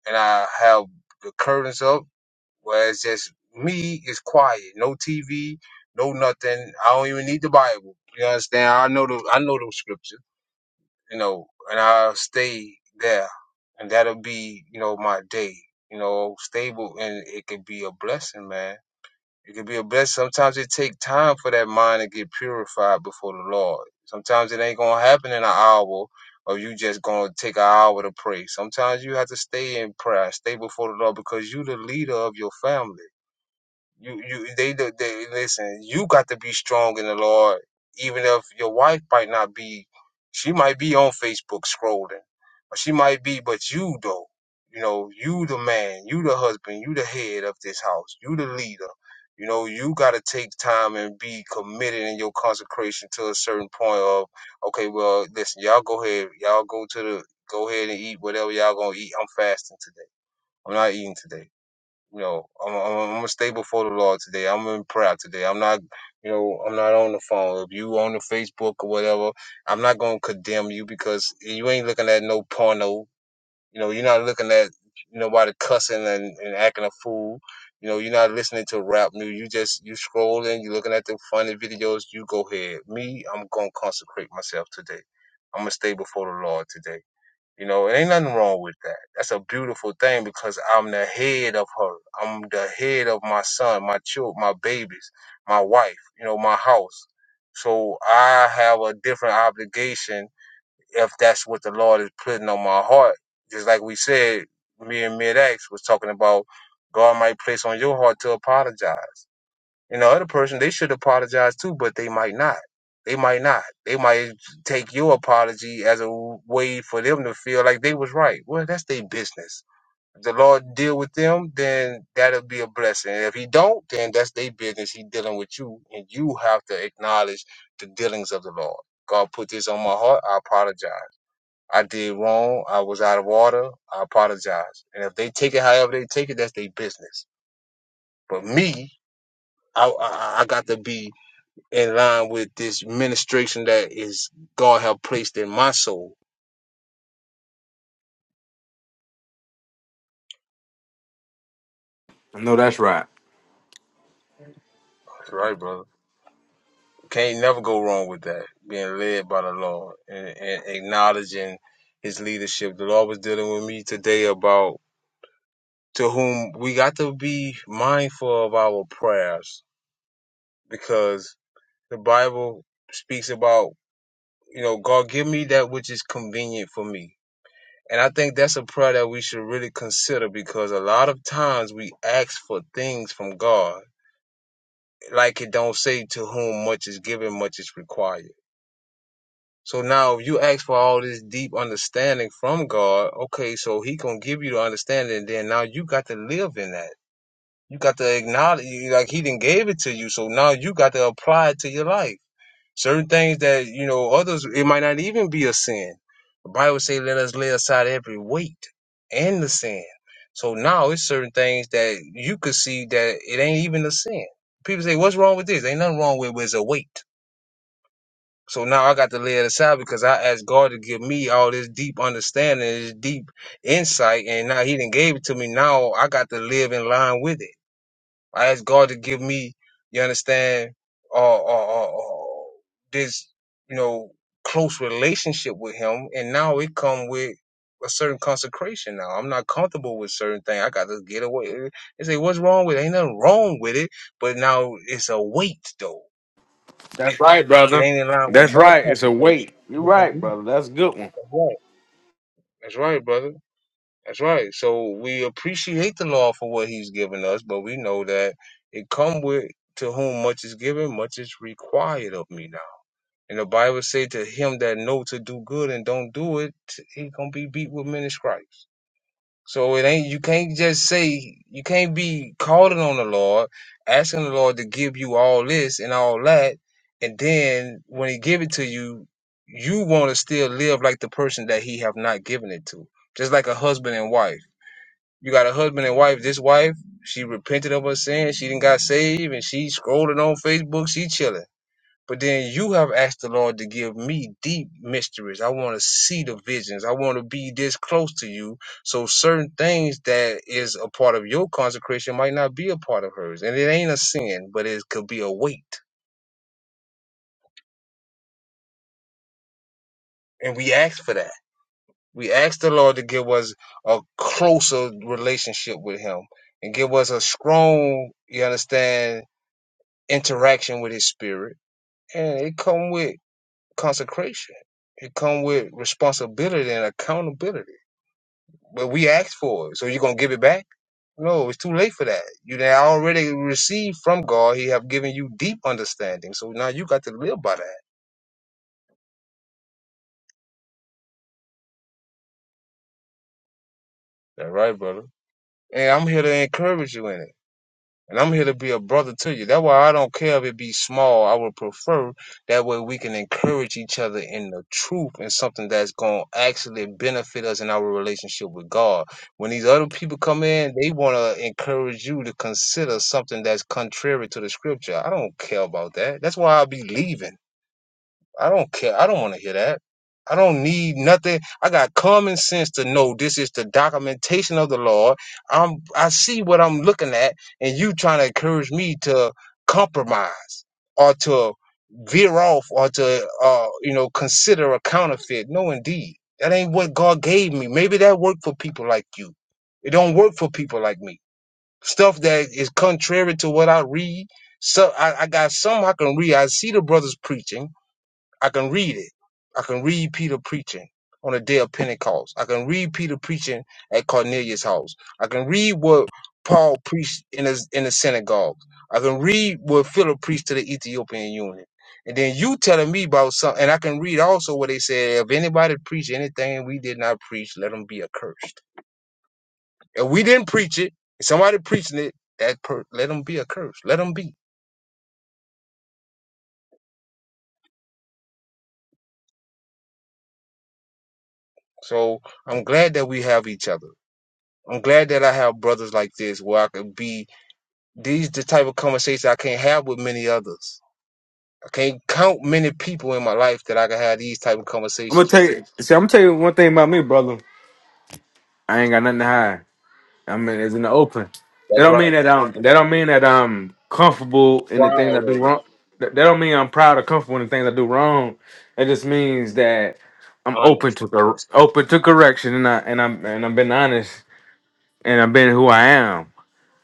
Speaker 1: and I have the curtains up where it's just me it's quiet, no TV, no nothing. I don't even need the Bible. You understand? I know the I know the scriptures, you know, and I'll stay there, and that'll be you know my day, you know, stable, and it could be a blessing, man. It could be a blessing. Sometimes it take time for that mind to get purified before the Lord. Sometimes it ain't gonna happen in an hour. Or you just gonna take an hour to pray. Sometimes you have to stay in prayer, stay before the Lord because you the leader of your family you you they they, they listen. You got to be strong in the Lord, even if your wife might not be. She might be on Facebook scrolling, or she might be, but you though. You know, you the man, you the husband, you the head of this house, you the leader. You know, you got to take time and be committed in your consecration to a certain point of, okay, well, listen, y'all go ahead, y'all go to the, go ahead and eat whatever y'all gonna eat. I'm fasting today. I'm not eating today you know, I'm, I'm, I'm gonna stay before the Lord today. I'm in prayer today. I'm not, you know, I'm not on the phone. If you on the Facebook or whatever, I'm not gonna condemn you because you ain't looking at no porno. You know, you're not looking at nobody cussing and, and acting a fool. You know, you're not listening to rap music. You just you scrolling. You looking at the funny videos. You go ahead. Me, I'm gonna consecrate myself today. I'm gonna stay before the Lord today. You know, it ain't nothing wrong with that. That's a beautiful thing because I'm the head of her. I'm the head of my son, my children, my babies, my wife, you know, my house. So I have a different obligation if that's what the Lord is putting on my heart. Just like we said, me and Mid X was talking about God might place on your heart to apologize. And the other person, they should apologize too, but they might not. They might not. They might take your apology as a way for them to feel like they was right. Well, that's their business. If the Lord deal with them, then that'll be a blessing. And if He don't, then that's their business. He dealing with you, and you have to acknowledge the dealings of the Lord. God put this on my heart. I apologize. I did wrong. I was out of order. I apologize. And if they take it however they take it, that's their business. But me, I, I, I got to be in line with this ministration that is God have placed in my soul.
Speaker 4: I know that's right.
Speaker 1: That's right, brother. Can't never go wrong with that. Being led by the Lord and, and acknowledging His leadership. The Lord was dealing with me today about to whom we got to be mindful of our prayers because the Bible speaks about you know God give me that which is convenient for me. And I think that's a prayer that we should really consider because a lot of times we ask for things from God like it don't say to whom much is given, much is required. So now if you ask for all this deep understanding from God, okay, so he gonna give you the understanding, and then now you got to live in that. You got to acknowledge, like he didn't gave it to you, so now you got to apply it to your life. Certain things that, you know, others, it might not even be a sin. The Bible say, let us lay aside every weight and the sin. So now it's certain things that you could see that it ain't even a sin. People say, what's wrong with this? Ain't nothing wrong with it, but it's a weight. So now I got to lay it aside because I asked God to give me all this deep understanding, this deep insight, and now He didn't gave it to me. Now I got to live in line with it. I ask God to give me, you understand, uh, uh, uh, uh, this, you know, close relationship with Him, and now it come with a certain consecration. Now I'm not comfortable with certain things. I got to get away. They say, "What's wrong with it?" Ain't nothing wrong with it, but now it's a weight though.
Speaker 4: That's right,
Speaker 1: It
Speaker 4: brother.
Speaker 1: ain't in line with
Speaker 4: That's
Speaker 1: my
Speaker 4: right. It's a
Speaker 1: consecration.
Speaker 4: weight. You're
Speaker 1: That's
Speaker 4: right, brother. That's a good one.
Speaker 1: right. That's right, brother. That's right. So we appreciate the law for what he's given us, but we know that it come with to whom much is given, much is required of me now. And the Bible say to him that know to do good and don't do it, he gonna be beat with many stripes. So it ain't you can't just say you can't be calling on the Lord, asking the Lord to give you all this and all that, and then when he give it to you, you wanna still live like the person that he have not given it to. Just like a husband and wife you got a husband and wife. This wife, she repented of her sin. She didn't got saved, and she scrolling on Facebook. She chilling. But then you have asked the Lord to give me deep mysteries. I want to see the visions. I want to be this close to you. So certain things that is a part of your consecration might not be a part of hers. And it ain't a sin, but it could be a weight. And we ask for that. We ask the Lord to give us a closer relationship with him and give us a strong, you understand, interaction with his spirit and it come with consecration it come with responsibility and accountability but we asked for it so you gonna give it back no it's too late for that you done already received from god he have given you deep understanding so now you got to live by that that right brother and i'm here to encourage you in it And I'm here to be a brother to you. That's why I don't care if it be small. I would prefer that way we can encourage each other in the truth and something that's going to actually benefit us in our relationship with God. When these other people come in, they want to encourage you to consider something that's contrary to the scripture. I don't care about that. That's why I'll be leaving. I don't care. I don't want to hear that. I don't need nothing. I got common sense to know this is the documentation of the Lord. I'm I see what I'm looking at, and you trying to encourage me to compromise or to veer off or to uh you know consider a counterfeit. No, indeed, that ain't what God gave me. Maybe that worked for people like you. It don't work for people like me. Stuff that is contrary to what I read. So I, I got some I can read. I see the brothers preaching. I can read it. I can read Peter preaching on the day of Pentecost. I can read Peter preaching at Cornelius' house. I can read what Paul preached in the, in the synagogue. I can read what Philip preached to the Ethiopian eunuch. And then you telling me about something, and I can read also what they said. If anybody preach anything we did not preach, let them be accursed. If we didn't preach it, if somebody preaching it, that per, let them be accursed. Let them be. So I'm glad that we have each other. I'm glad that I have brothers like this where I can be these the type of conversations I can't have with many others. I can't count many people in my life that I can have these type of
Speaker 4: I'm gonna
Speaker 1: conversations
Speaker 4: tell
Speaker 1: with.
Speaker 4: you. See, I'm gonna tell you one thing about me, brother. I ain't got nothing to hide. I mean, it's in the open. That
Speaker 1: That's
Speaker 4: don't mean
Speaker 1: right.
Speaker 4: that I'm. That don't mean that I'm comfortable in the things
Speaker 1: Proud
Speaker 4: I do
Speaker 1: of it.
Speaker 4: wrong. That that don't mean I'm proud or comfortable in the things I do wrong. It just means that I'm open
Speaker 1: Honest.
Speaker 4: to cor- open to correction, and I and I'm and I'm being honest, and I'm being who I am.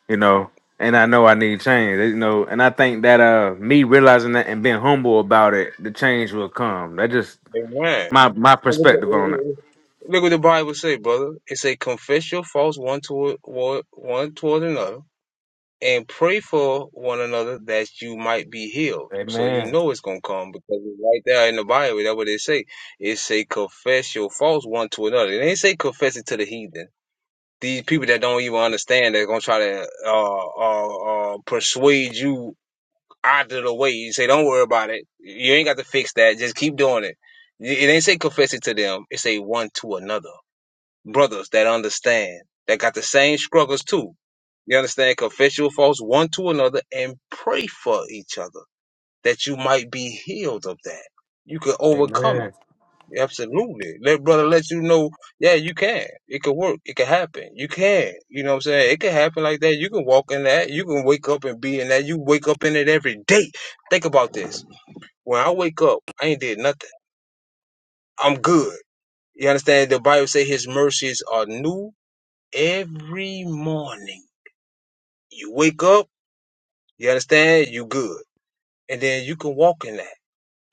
Speaker 4: you know. And I know I need change, you know. And I think that uh, me realizing that and being humble about it, the change will come. That just
Speaker 1: Amen.
Speaker 4: my my
Speaker 1: Look at the
Speaker 4: perspective on it.
Speaker 1: eh, eh, eh, look what the Bible say, brother. It say confess your faults one toward one toward another and pray for one another that you might be healed. So you
Speaker 4: Amen.
Speaker 1: know it's gonna come because it's right there in the Bible. That's what they say. It say confess your faults one to another. It ain't say confess it to the heathen. These people that don't even understand, they're gonna try to uh, uh, uh, persuade you out of the way. You say, don't worry about it. You ain't got to fix that. Just keep doing it. It it ain't say confess it to them. It say one to another brothers that understand, that got the same struggles too. You understand? Confess your faults one to another and pray for each other that you might be healed of that. You can overcome
Speaker 4: Amen.
Speaker 1: it. Absolutely. Let brother let you know, yeah, you can. It could work. It could happen. You can. You know what I'm saying? It could happen like that. You can walk in that. You can wake up and be in that. You wake up in it every day. Think about this. When I wake up, I ain't did nothing. I'm good. You understand? The Bible say his mercies are new every morning. You wake up, you understand, you good. And then you can walk in that.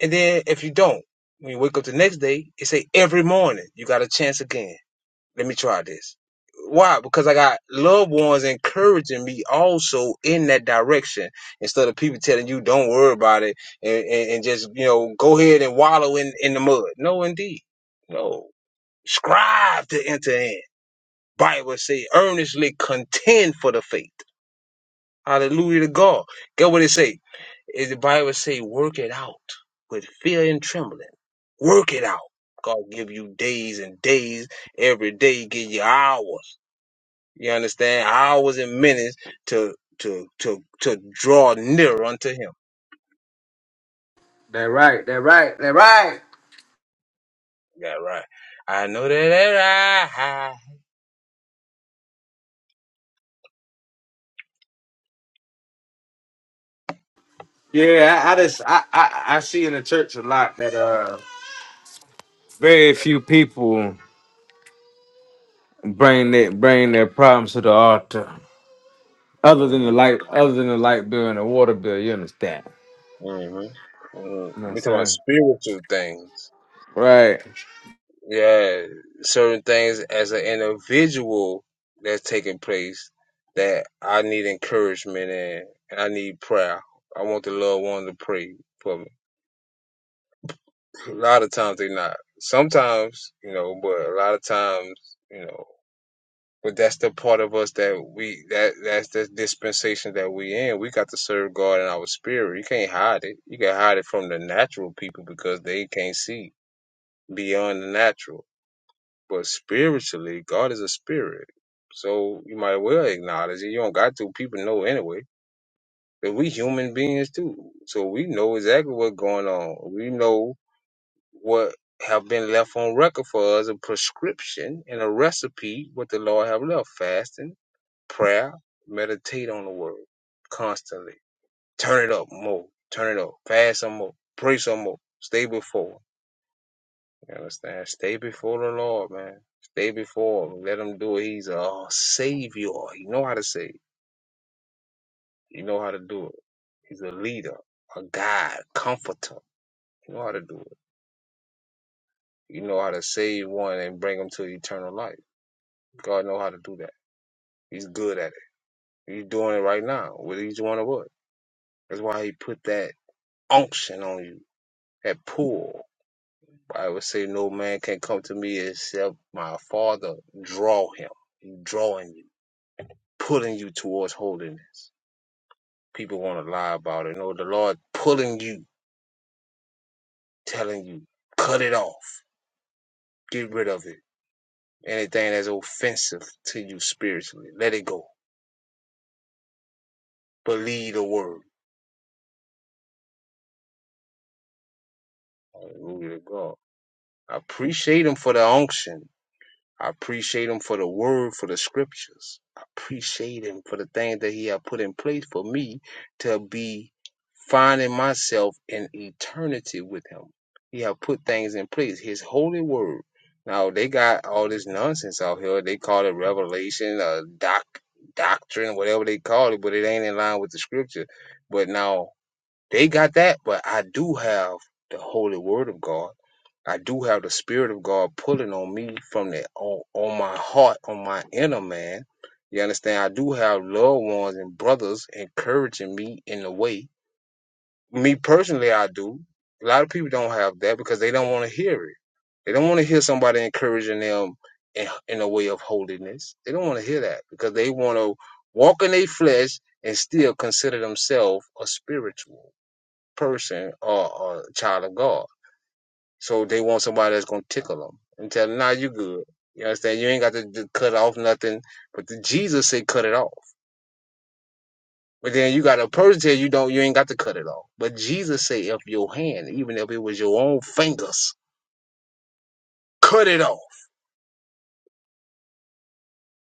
Speaker 1: And then if you don't, when you wake up the next day, it say every morning, you got a chance again. Let me try this. Why? Because I got loved ones encouraging me also in that direction instead of people telling you don't worry about it and, and, and just, you know, go ahead and wallow in, in the mud. No, indeed. No. Strive to enter in. Bible say earnestly contend for the faith. Hallelujah to God. Get what it say. Is the Bible say, work it out with fear and trembling. Work it out. God give you days and days every day, give you hours. You understand? Hours and minutes to to to to draw near unto him.
Speaker 4: That right. That right. That right.
Speaker 1: Yeah, right. I know that that I
Speaker 4: Yeah, I, I just I, I I see in the church a lot that uh Very few people bring that bring their problems to the altar, other than
Speaker 1: Mm-hmm.
Speaker 4: the light, other than the light bill and the water bill. You understand?
Speaker 1: Mm-hmm.
Speaker 4: You know what I'm
Speaker 1: We talking about
Speaker 4: saying?
Speaker 1: spiritual things.
Speaker 4: Right.
Speaker 1: yeah, certain things as an individual that's taking place that I need encouragement in, and I need prayer. I want the loved one to pray for me. A lot of times they not. Sometimes, you know, but a lot of times, you know, but that's the part of us that we that that's the dispensation that we in. We got to serve God in our spirit. You can't hide it. You can hide it from the natural people because they can't see beyond the natural But spiritually, God is a spirit. So you might well acknowledge it. You don't got to. People know anyway. But we human beings too. So we know exactly what's going on. We know what have been left on record for us, a prescription and a recipe, what the Lord have left. Fasting, prayer, meditate on the word constantly. Turn it up more. Turn it up. Fast some more. Pray some more. Stay before. You understand? Stay before the Lord, man. Stay before him. Let him do it. He's a savior. He know how to save. He know how to do it. He's a leader, a guide, comforter. He know how to do it. He know how to save one and bring them to eternal life. God know how to do that. He's good at it. He's doing it right now with each one of us. That's why he put that unction on you, that pull. I would say no man can come to me except my father draw him, drawing you, pulling you towards holiness People want to lie about it. No, the Lord pulling you, telling you, cut it off, get rid of it. Anything that's offensive to you spiritually, let it go. Believe the word. Hallelujah to God. I appreciate him for the unction. I appreciate him for the word, for the scriptures. I appreciate him for the things that he had put in place for me to be finding myself in eternity with him. He had put things in place, his holy word. Now they got all this nonsense out here. They call it revelation, uh, doc, doctrine, whatever they call it, but it ain't in line with the scripture. But now they got that, but I do have the holy word of God. I do have the spirit of God pulling on me from the on, on my heart, on my inner man. You understand? I do have loved ones and brothers encouraging me in the way. Me personally, I do. A lot of people don't have that because they don't want to hear it. They don't want to hear somebody encouraging them in, in the way of holiness. They don't want to hear that because they want to walk in their flesh and still consider themselves a spiritual person or, or a child of God. So they want somebody that's going to tickle them and tell them, nah, you good. You understand? You ain't got to d- cut off nothing. But the Jesus say cut it off. But then you got a person tell you don't, you ain't got to cut it off. But Jesus say if your hand, even if it was your own fingers, cut it off.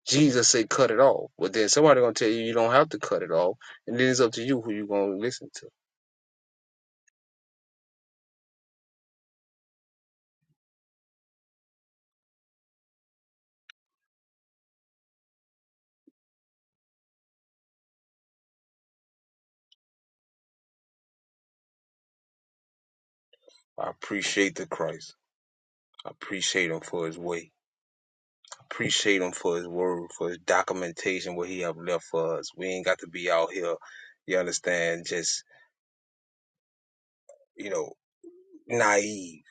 Speaker 1: Jesus say cut it off. But then somebody going to tell you you don't have to cut it off. And then it's up to you who you going to listen to. I appreciate the Christ. I appreciate him for his way. Appreciate him for his word, for his documentation, what he have left for us. We ain't got to be out here, you understand, just, you know, naive.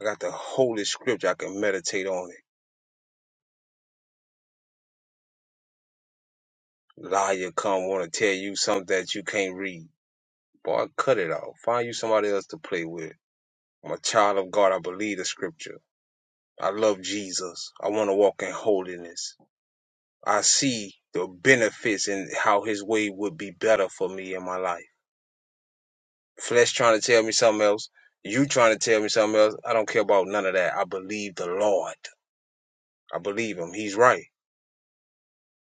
Speaker 1: I got the holy scripture. I can meditate on it. Liar come want to tell you something that you can't read. Boy, cut it off. Find you somebody else to play with. I'm a child of God. I believe the scripture. I love Jesus. I want to walk in holiness. I see the benefits and how his way would be better for me in my life. Flesh trying to tell me something else. You trying to tell me something else. I don't care about none of that. I believe the Lord. I believe him. He's right.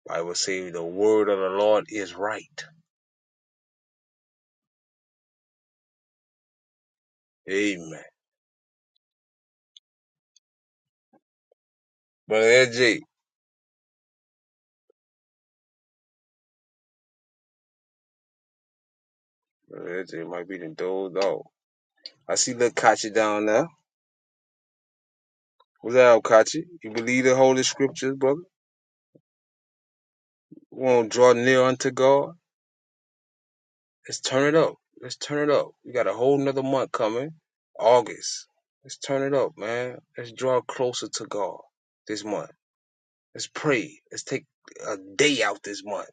Speaker 1: I will say the word of the Lord is right. Amen. Brother LJ. Brother LJ might be the dole dog. I see little Kachi down there. What's up, Kachi? You believe the holy scriptures, brother? We won't draw near unto God. Let's turn it up. Let's turn it up. We got a whole nother month coming. August. Let's turn it up, man. Let's draw closer to God this month. Let's pray. Let's take a day out this month.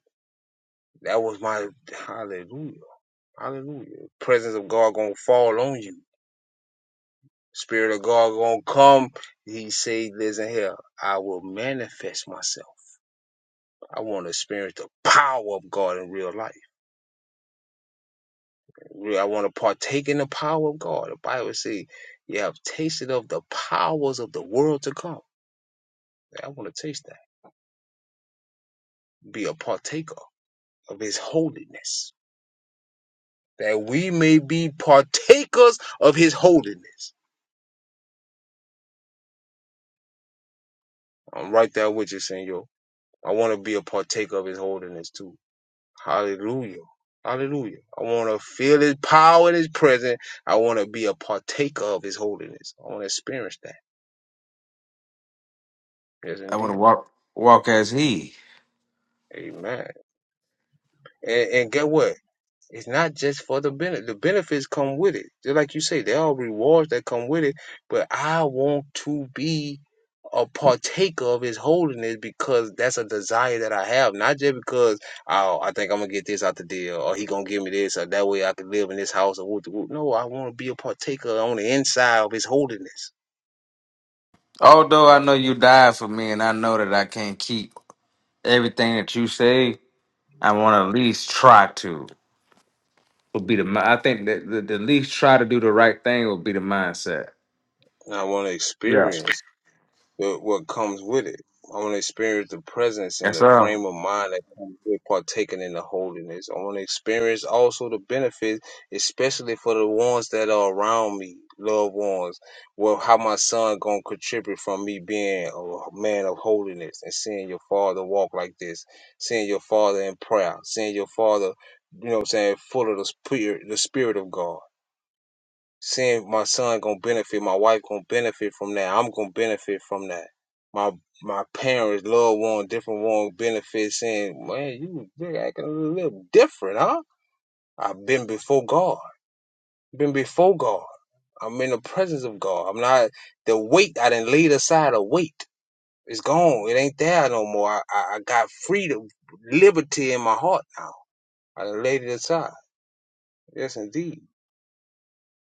Speaker 1: That was my hallelujah. Hallelujah. The Presence of God gonna fall on you. Spirit of God gonna come. He said, listen here, I will manifest myself. I want to experience the power of God in real life. I want to partake in the power of God. The Bible say, you have tasted of the powers of the world to come. I want to taste that. Be a partaker of his holiness. that we may be partakers of his holiness. I'm right there with you, Senor. I want to be a partaker of his holiness too. Hallelujah. Hallelujah. I want to feel his power and his presence. I want to be a partaker of his holiness. I want to experience that. Yes,
Speaker 4: I want to
Speaker 1: indeed.
Speaker 4: walk walk as he.
Speaker 1: Amen. And, and get what? It's not just for the benefit. The benefits come with it. Just like you say, there are rewards that come with it. But I want to be a partaker of his holiness because that's a desire that I have. Not just because oh, I think I'm gonna get this out the deal, or he gonna give me this, or that way I can live in this house or whoop whoop. No, I want to be a partaker on the inside of his holiness.
Speaker 4: Although I know you died for me and I know that I can't keep everything that you say, I want to at least try to. Would be the mi- I think that the, the least try to do the right thing would be the mindset.
Speaker 1: I want to
Speaker 4: Yeah.
Speaker 1: experience. what, what comes with it. I want to experience the presence and
Speaker 4: That's
Speaker 1: the
Speaker 4: all.
Speaker 1: frame of mind that comes with partaking in the holiness. I want to experience also the benefits, especially for the ones that are around me, loved ones. Well, how my son gonna contribute from me being a man of holiness and seeing your father walk like this, seeing your father in prayer, seeing your father, you know, what I'm saying, full of the spirit, the spirit of God seeing my son gonna benefit, my wife gonna benefit from that. I'm gonna benefit from that. My my parents, loved one, different one benefit saying, Man, you you acting a little different, huh? I've been before God. Been before God. I'm in the presence of God. I'm not the weight I didn't laid aside a weight. It's gone. It ain't there no more. I, I, I got freedom, liberty in my heart now. I laid it aside. Yes indeed.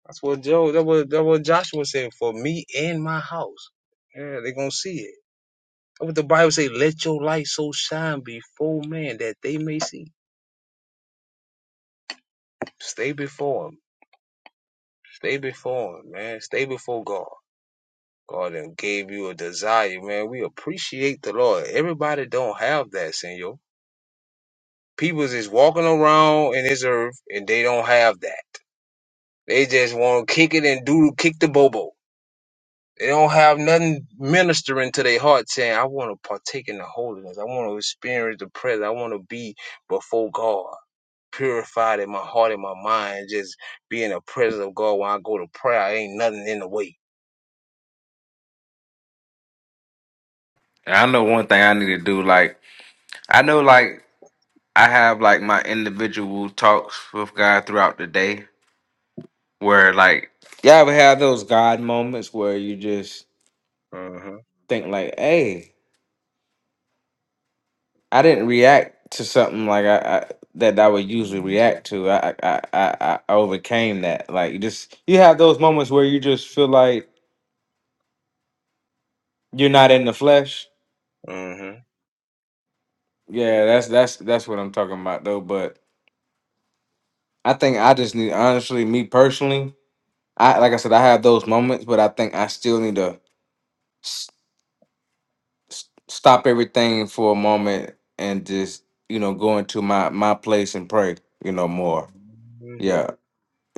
Speaker 1: That's what Joe. That what that what Joshua said. For me and my house, yeah, they gonna see it. That's What the Bible say, let your light so shine before man that they may see. Stay before him. Stay before him, man. Stay before God. God then gave you a desire, man. We appreciate the Lord. Everybody don't have that, Senor. People is walking around in this earth and they don't have that. They just want to kick it and do kick the bobo. They don't have nothing ministering to their heart saying, I want to partake in the holiness. I want to experience the presence. I want to be before God, purified in my heart and my mind, just be in the presence of God when I go to prayer. Ain't nothing in the way.
Speaker 4: And I know one thing I need to do. Like I know, like I have like my individual talks with God throughout the day, where like y'all ever have those God moments where you just
Speaker 1: Mm-hmm.
Speaker 4: think like, "Hey." I didn't react to something like I, I that I would usually react to. I, I I I I overcame that. Like you just you have those moments where you just feel like you're not in the flesh.
Speaker 1: Mm-hmm.
Speaker 4: Yeah, that's that's that's what I'm talking about though. But I think I just need honestly, me personally, I like I said, I have those moments, but I think I still need to s- s- stop everything for a moment and just you know go into my my place and pray. You know more. Yeah.
Speaker 1: Mm-hmm.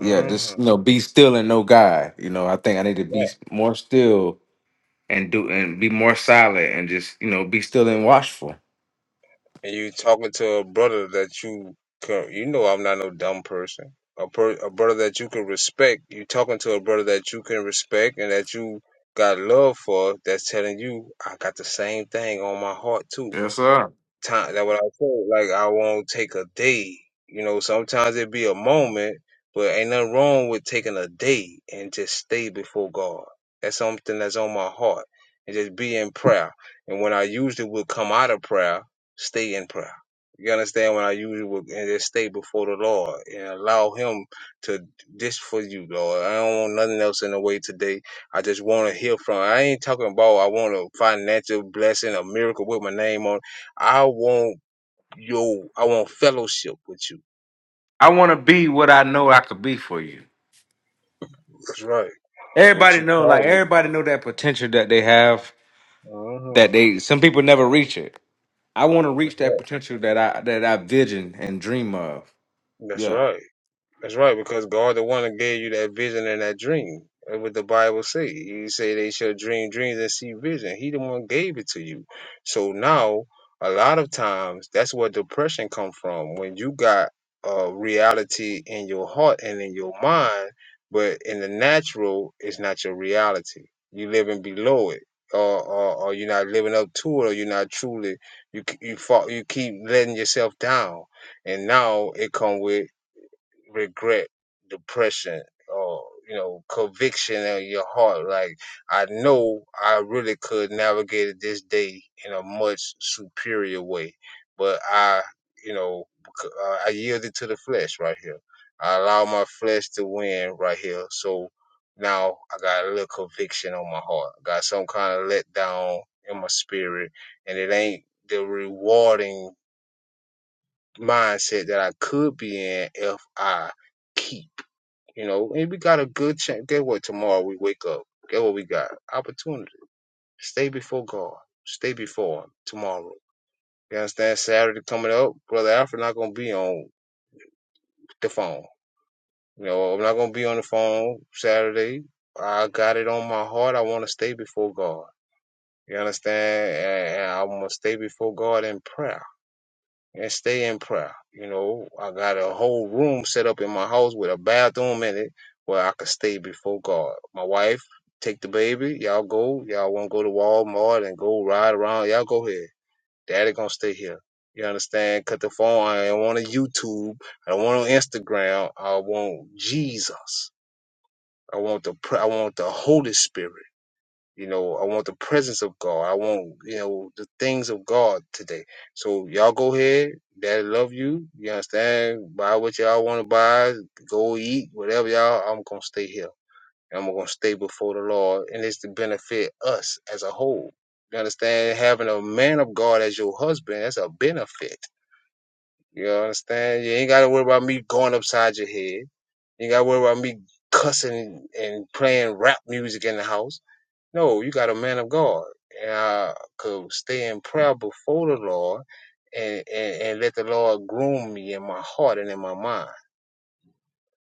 Speaker 4: yeah,
Speaker 1: Mm-hmm.
Speaker 4: just you know, be still and no God. You know, I think I need to be s- more still and do and be more silent and just you know be still and watchful.
Speaker 1: and you talking to a brother that you can, you know I'm not no dumb person. A, per, a brother that you can respect. You talking to a brother that you can respect and that you got love for. That's telling you I got the same thing on my heart too
Speaker 4: Yes, sir.
Speaker 1: time that what I say, like I won't take a day. You know, sometimes it be a moment, but ain't nothing wrong with taking a day and just stay before God. That's something that's on my heart. And just be in prayer. And when I usually would come out of prayer, stay in prayer. You understand when I usually would and just stay before the Lord and allow him to this for you, Lord. I don't want nothing else in the way today. I just want to hear from. I ain't talking about I want a financial blessing, a miracle with my name on it. I want your I want fellowship with you.
Speaker 4: I want to be what I know I could be for you.
Speaker 1: That's right. What
Speaker 4: Everybody
Speaker 1: you
Speaker 4: know, like
Speaker 1: call me.
Speaker 4: everybody know that potential that they have.
Speaker 1: Uh huh.
Speaker 4: That they some people never reach it. I want to
Speaker 1: That's
Speaker 4: reach that
Speaker 1: right.
Speaker 4: potential that I that I vision and dream of.
Speaker 1: That's
Speaker 4: Yeah.
Speaker 1: right. That's right, because God the one that gave you that vision and that dream. That's what the Bible say. You say they shall dream dreams and see vision. He the one gave it to you. So now, a lot of times, that's where depression come from. When you got uh, reality in your heart and in your mind, but in the natural, it's not your reality. You living below it, or, or, or you're not living up to it, or you're not truly. You you fall, you keep letting yourself down, and now it come with regret, depression, or you know, conviction in your heart. Like I know I really could navigate this day in a much superior way, but I, you know, c- uh, I yielded to the flesh right here. I allow my flesh to win right here. So now I got a little conviction on my heart. I got some kind of letdown in my spirit, and it ain't the rewarding mindset that I could be in if I keep. You know, and we got a good chance. Get what tomorrow we wake up. Get what we got. Opportunity. Stay before God. Stay before Him tomorrow. You understand? Saturday coming up, brother Alfred not gonna be on the phone. You know, I'm not gonna be on the phone Saturday. I got it on my heart. I want to stay before God. You understand? And I'm going to stay before God in prayer. and stay in prayer. You know, I got a whole room set up in my house with a bathroom in it where I could stay before God. My wife, take the baby, y'all go. Y'all wanna go to Walmart and go ride around, y'all go ahead. Daddy gonna stay here. You understand? Cut the phone. I don't want a YouTube. I don't want no Instagram. I want Jesus. I want the pr- I want the Holy Spirit. You know, I want the presence of God. I want, you know, the things of God today. So y'all go ahead. Daddy love you. You understand? Buy what y'all want to buy. Go eat, whatever y'all. I'm going to stay here. I'm going to stay before the Lord. And it's to benefit us as a whole. You understand? Having a man of God as your husband, that's a benefit. You understand? You ain't got to worry about me going upside your head. You ain't got to worry about me cussing and playing rap music in the house. No, you got a man of God. And I could stay in prayer before the Lord and, and, and let the Lord groom me in my heart and in my mind.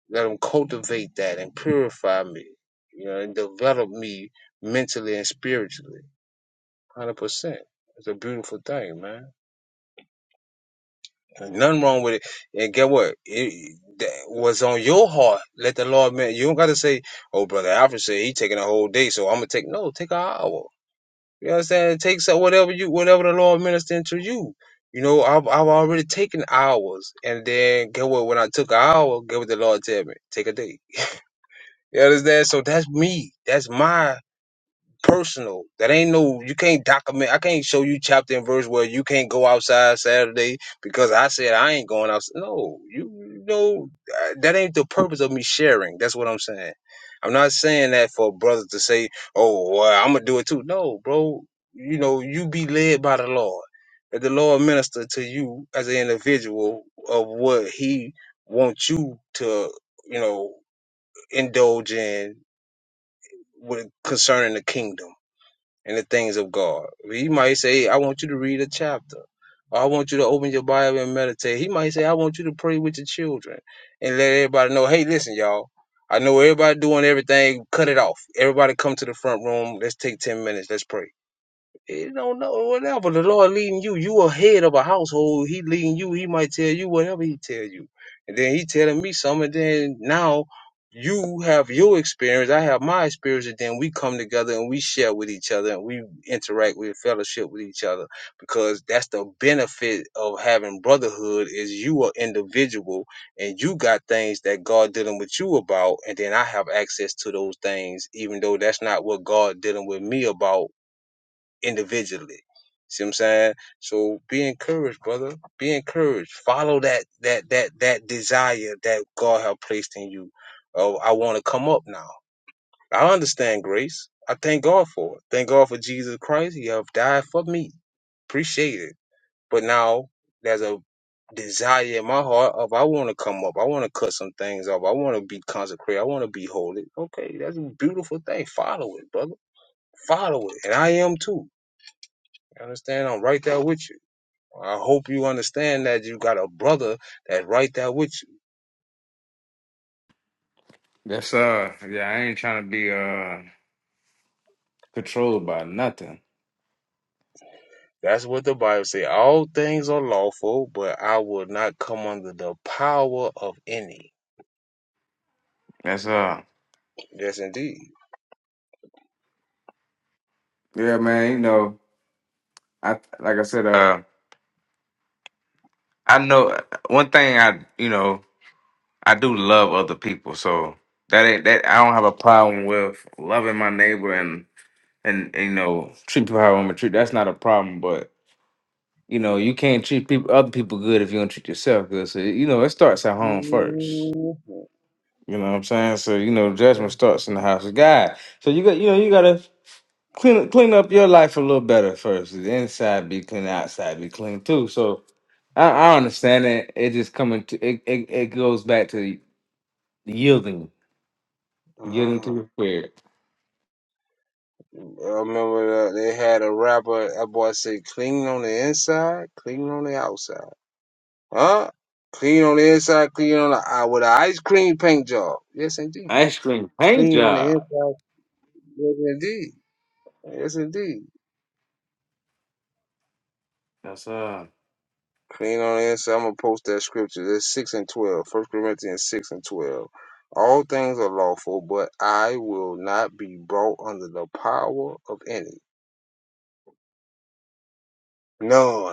Speaker 1: Let him cultivate that and purify me, you know, and develop me mentally and spiritually. 100%. It's a beautiful thing, man. There's nothing wrong with it. And get what? It, that was on your heart. Let the Lord, man. You don't got to say, oh, Brother Alfred said he taking a whole day, so I'm going to take. No, take an hour. You know what I'm saying? Take some whatever you whatever the Lord ministered to you. You know, I've I've already taken hours and then get what when I took an hour, get what the Lord tell me. Take a day. You understand? So that's me. That's my personal. That ain't no you can't document. I can't show you chapter and verse where you can't go outside Saturday because I said I ain't going outside. No, you, you know uh, that ain't the purpose of me sharing. That's what I'm saying. I'm not saying that for a brother to say, "Oh, well, I'm gonna do it too." No, bro. You know you be led by the Lord. Let the Lord minister to you as an individual of what He wants you to, you know, indulge in with concerning the kingdom in the things of God. He might say, "Hey, I want you to read a chapter. Or I want you to open your Bible and meditate. He might say, I want you to pray with your children and let everybody know, hey, listen, y'all. I know everybody doing everything. Cut it off. Everybody come to the front room. Let's take 10 minutes. Let's pray. He don't know whatever the Lord leading you. You a head of a household. He leading you. He might tell you whatever he tell you, and then he telling me something. And then now you have your experience. I have my experience, and then we come together and we share with each other and we interact with fellowship with each other because that's the benefit of having brotherhood is you are individual and you got things that God dealing with you about, and then I have access to those things, even though that's not what God dealing with me about individually. See what I'm saying? So be encouraged, brother. Be encouraged. Follow that that that that desire that God have placed in you. Oh, I want to come up now. I understand grace. I thank God for it. Thank God for Jesus Christ. He have died for me. Appreciate it. But now there's a desire in my heart of I want to come up. I want to cut some things off. I want to be consecrated. I want to be holy. Okay, that's a beautiful thing. Follow it, brother. Follow it. And I am too. You understand? I'm right there with you. I hope you understand that you got a brother that's right there with you.
Speaker 4: Yes, sir. Yeah, I ain't trying to be uh controlled by nothing.
Speaker 1: That's what the Bible say. All things are lawful, but I will not come under the power of any.
Speaker 4: That's uh.
Speaker 1: Yes, indeed.
Speaker 4: Yeah, man. You know, I like I said. Uh, I know one thing I you know, I do love other people, so that ain't that I don't have a problem with loving my neighbor and and, and you know, treat people how I want to treat. That's not a problem, but you know, you can't treat people other people good if you don't treat yourself good. So you know, it starts at home first. You know what I'm saying? So you know, judgment starts in the house of God. So you got you know, you gotta clean clean up your life a little better first. The inside be clean, the outside be clean too. So I, I understand that. It just coming to it, it. It goes back to yielding,
Speaker 1: Uh
Speaker 4: yielding to
Speaker 1: huh.
Speaker 4: the spirit.
Speaker 1: I remember that they had a rapper. That boy said, "Clean on the inside, clean on the outside." Huh? Clean on the inside, clean on the out with an ice cream paint job. Yes, indeed.
Speaker 4: Ice cream paint
Speaker 1: Clean on the
Speaker 4: job.
Speaker 1: inside. Yes, indeed. Yes, indeed.
Speaker 4: That's uh.
Speaker 1: Clean on the inside. I'm going to post that scripture. It's 6 and 12. First Corinthians 6 and 12. All things are lawful, but I will not be brought under the power of any. None.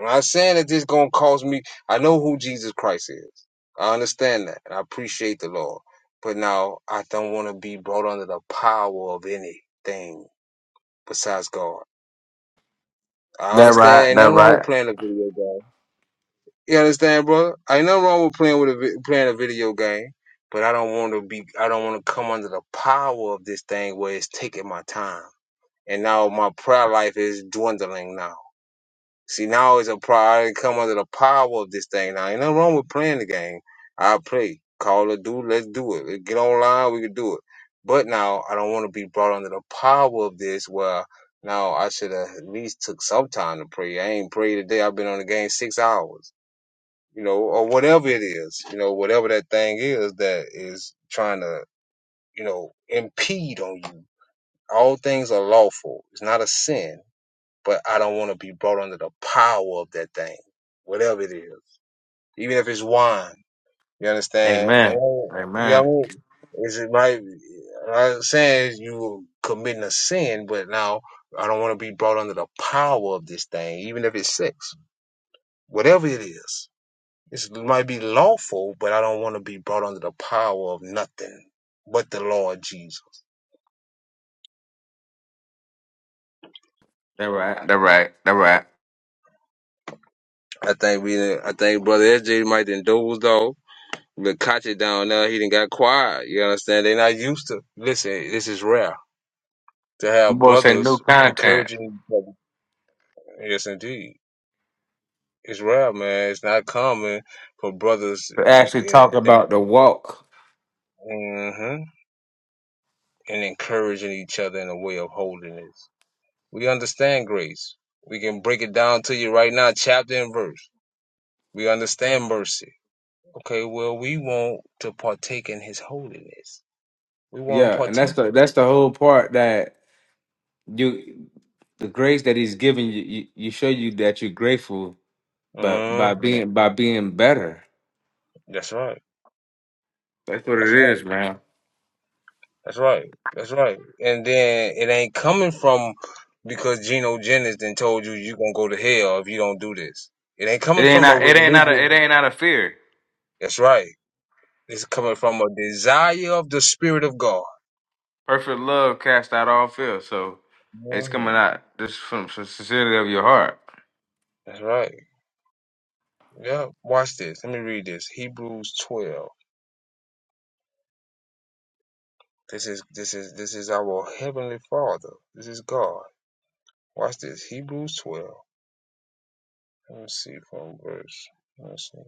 Speaker 1: I'm not saying that this gonna cause me. I know who Jesus Christ is. I understand that, and I appreciate the Lord. But now I don't want to be brought under the power of anything besides God. I
Speaker 4: That
Speaker 1: understand.
Speaker 4: right.
Speaker 1: Ain't
Speaker 4: That
Speaker 1: nothing wrong with
Speaker 4: right.
Speaker 1: playing a video game. You understand, brother? Ain't nothing wrong with playing with a vi- playing a video game. But I don't want to be. I don't want to come under the power of this thing where it's taking my time. And now my prayer life is dwindling now. See, now it's a priority come under the power of this thing. Now, ain't nothing wrong with playing the game. I play. Call a dude, let's do it. Let's get online, we can do it. But now I don't want to be brought under the power of this where now I should have at least took some time to pray. I ain't prayed today. I've been on the game six hours, you know, or whatever it is, you know, whatever that thing is that is trying to, you know, impede on you. All things are lawful. It's not a sin but I don't want to be brought under the power of that thing, whatever it is, even if it's wine. You understand? And,
Speaker 4: Amen.
Speaker 1: you know, what I
Speaker 4: Amen.
Speaker 1: mean? it's it might. I'm saying you were committing a sin, but now I don't want to be brought under the power of this thing, even if it's sex, whatever it is. It's, it might be lawful, but I don't want to be brought under the power of nothing but the Lord Jesus.
Speaker 4: That right. That right. That right.
Speaker 1: I think we, I think Brother SJ might indulge though. But Kachi down there, he didn't got quiet. You understand? they not used to. Listen, this is rare to
Speaker 4: I'm
Speaker 1: have
Speaker 4: both saying new
Speaker 1: brothers
Speaker 4: content
Speaker 1: encouraging each other. Yes, indeed. It's rare, man. It's not common for brothers
Speaker 4: to actually
Speaker 1: eh,
Speaker 4: talk
Speaker 1: that
Speaker 4: about the walk.
Speaker 1: hmm and encouraging each other in a way of holiness. We understand grace. We can break it down to you right now, chapter and verse. We understand mercy. Okay, well, we want to partake in His holiness. We want to
Speaker 4: Yeah, and that's
Speaker 1: partake.
Speaker 4: the that's the whole part that you the grace that he's giving you, you, you show you that you're grateful, but by
Speaker 1: hmm
Speaker 4: being by being better.
Speaker 1: That's right.
Speaker 4: That's what it
Speaker 1: That's right.
Speaker 4: is, man.
Speaker 1: That's right. That's right. And then it ain't coming from because Geno Jennings then told you you gonna go to hell if you don't do this. It ain't
Speaker 4: It
Speaker 1: coming
Speaker 4: ain't
Speaker 1: from a
Speaker 4: out. It ain't out of.
Speaker 1: religious.
Speaker 4: It ain't out of fear.
Speaker 1: That's right. It's coming from a desire of the Spirit of God.
Speaker 4: Perfect love cast out all fear. So it's
Speaker 1: hmm
Speaker 4: coming out just from the sincerity of your heart.
Speaker 1: That's right. Yeah. Watch this. Let me read this. Hebrews twelve. This is this is this is our heavenly Father. This is God. Watch this. Hebrews twelve. Let me see from verse. Let's see.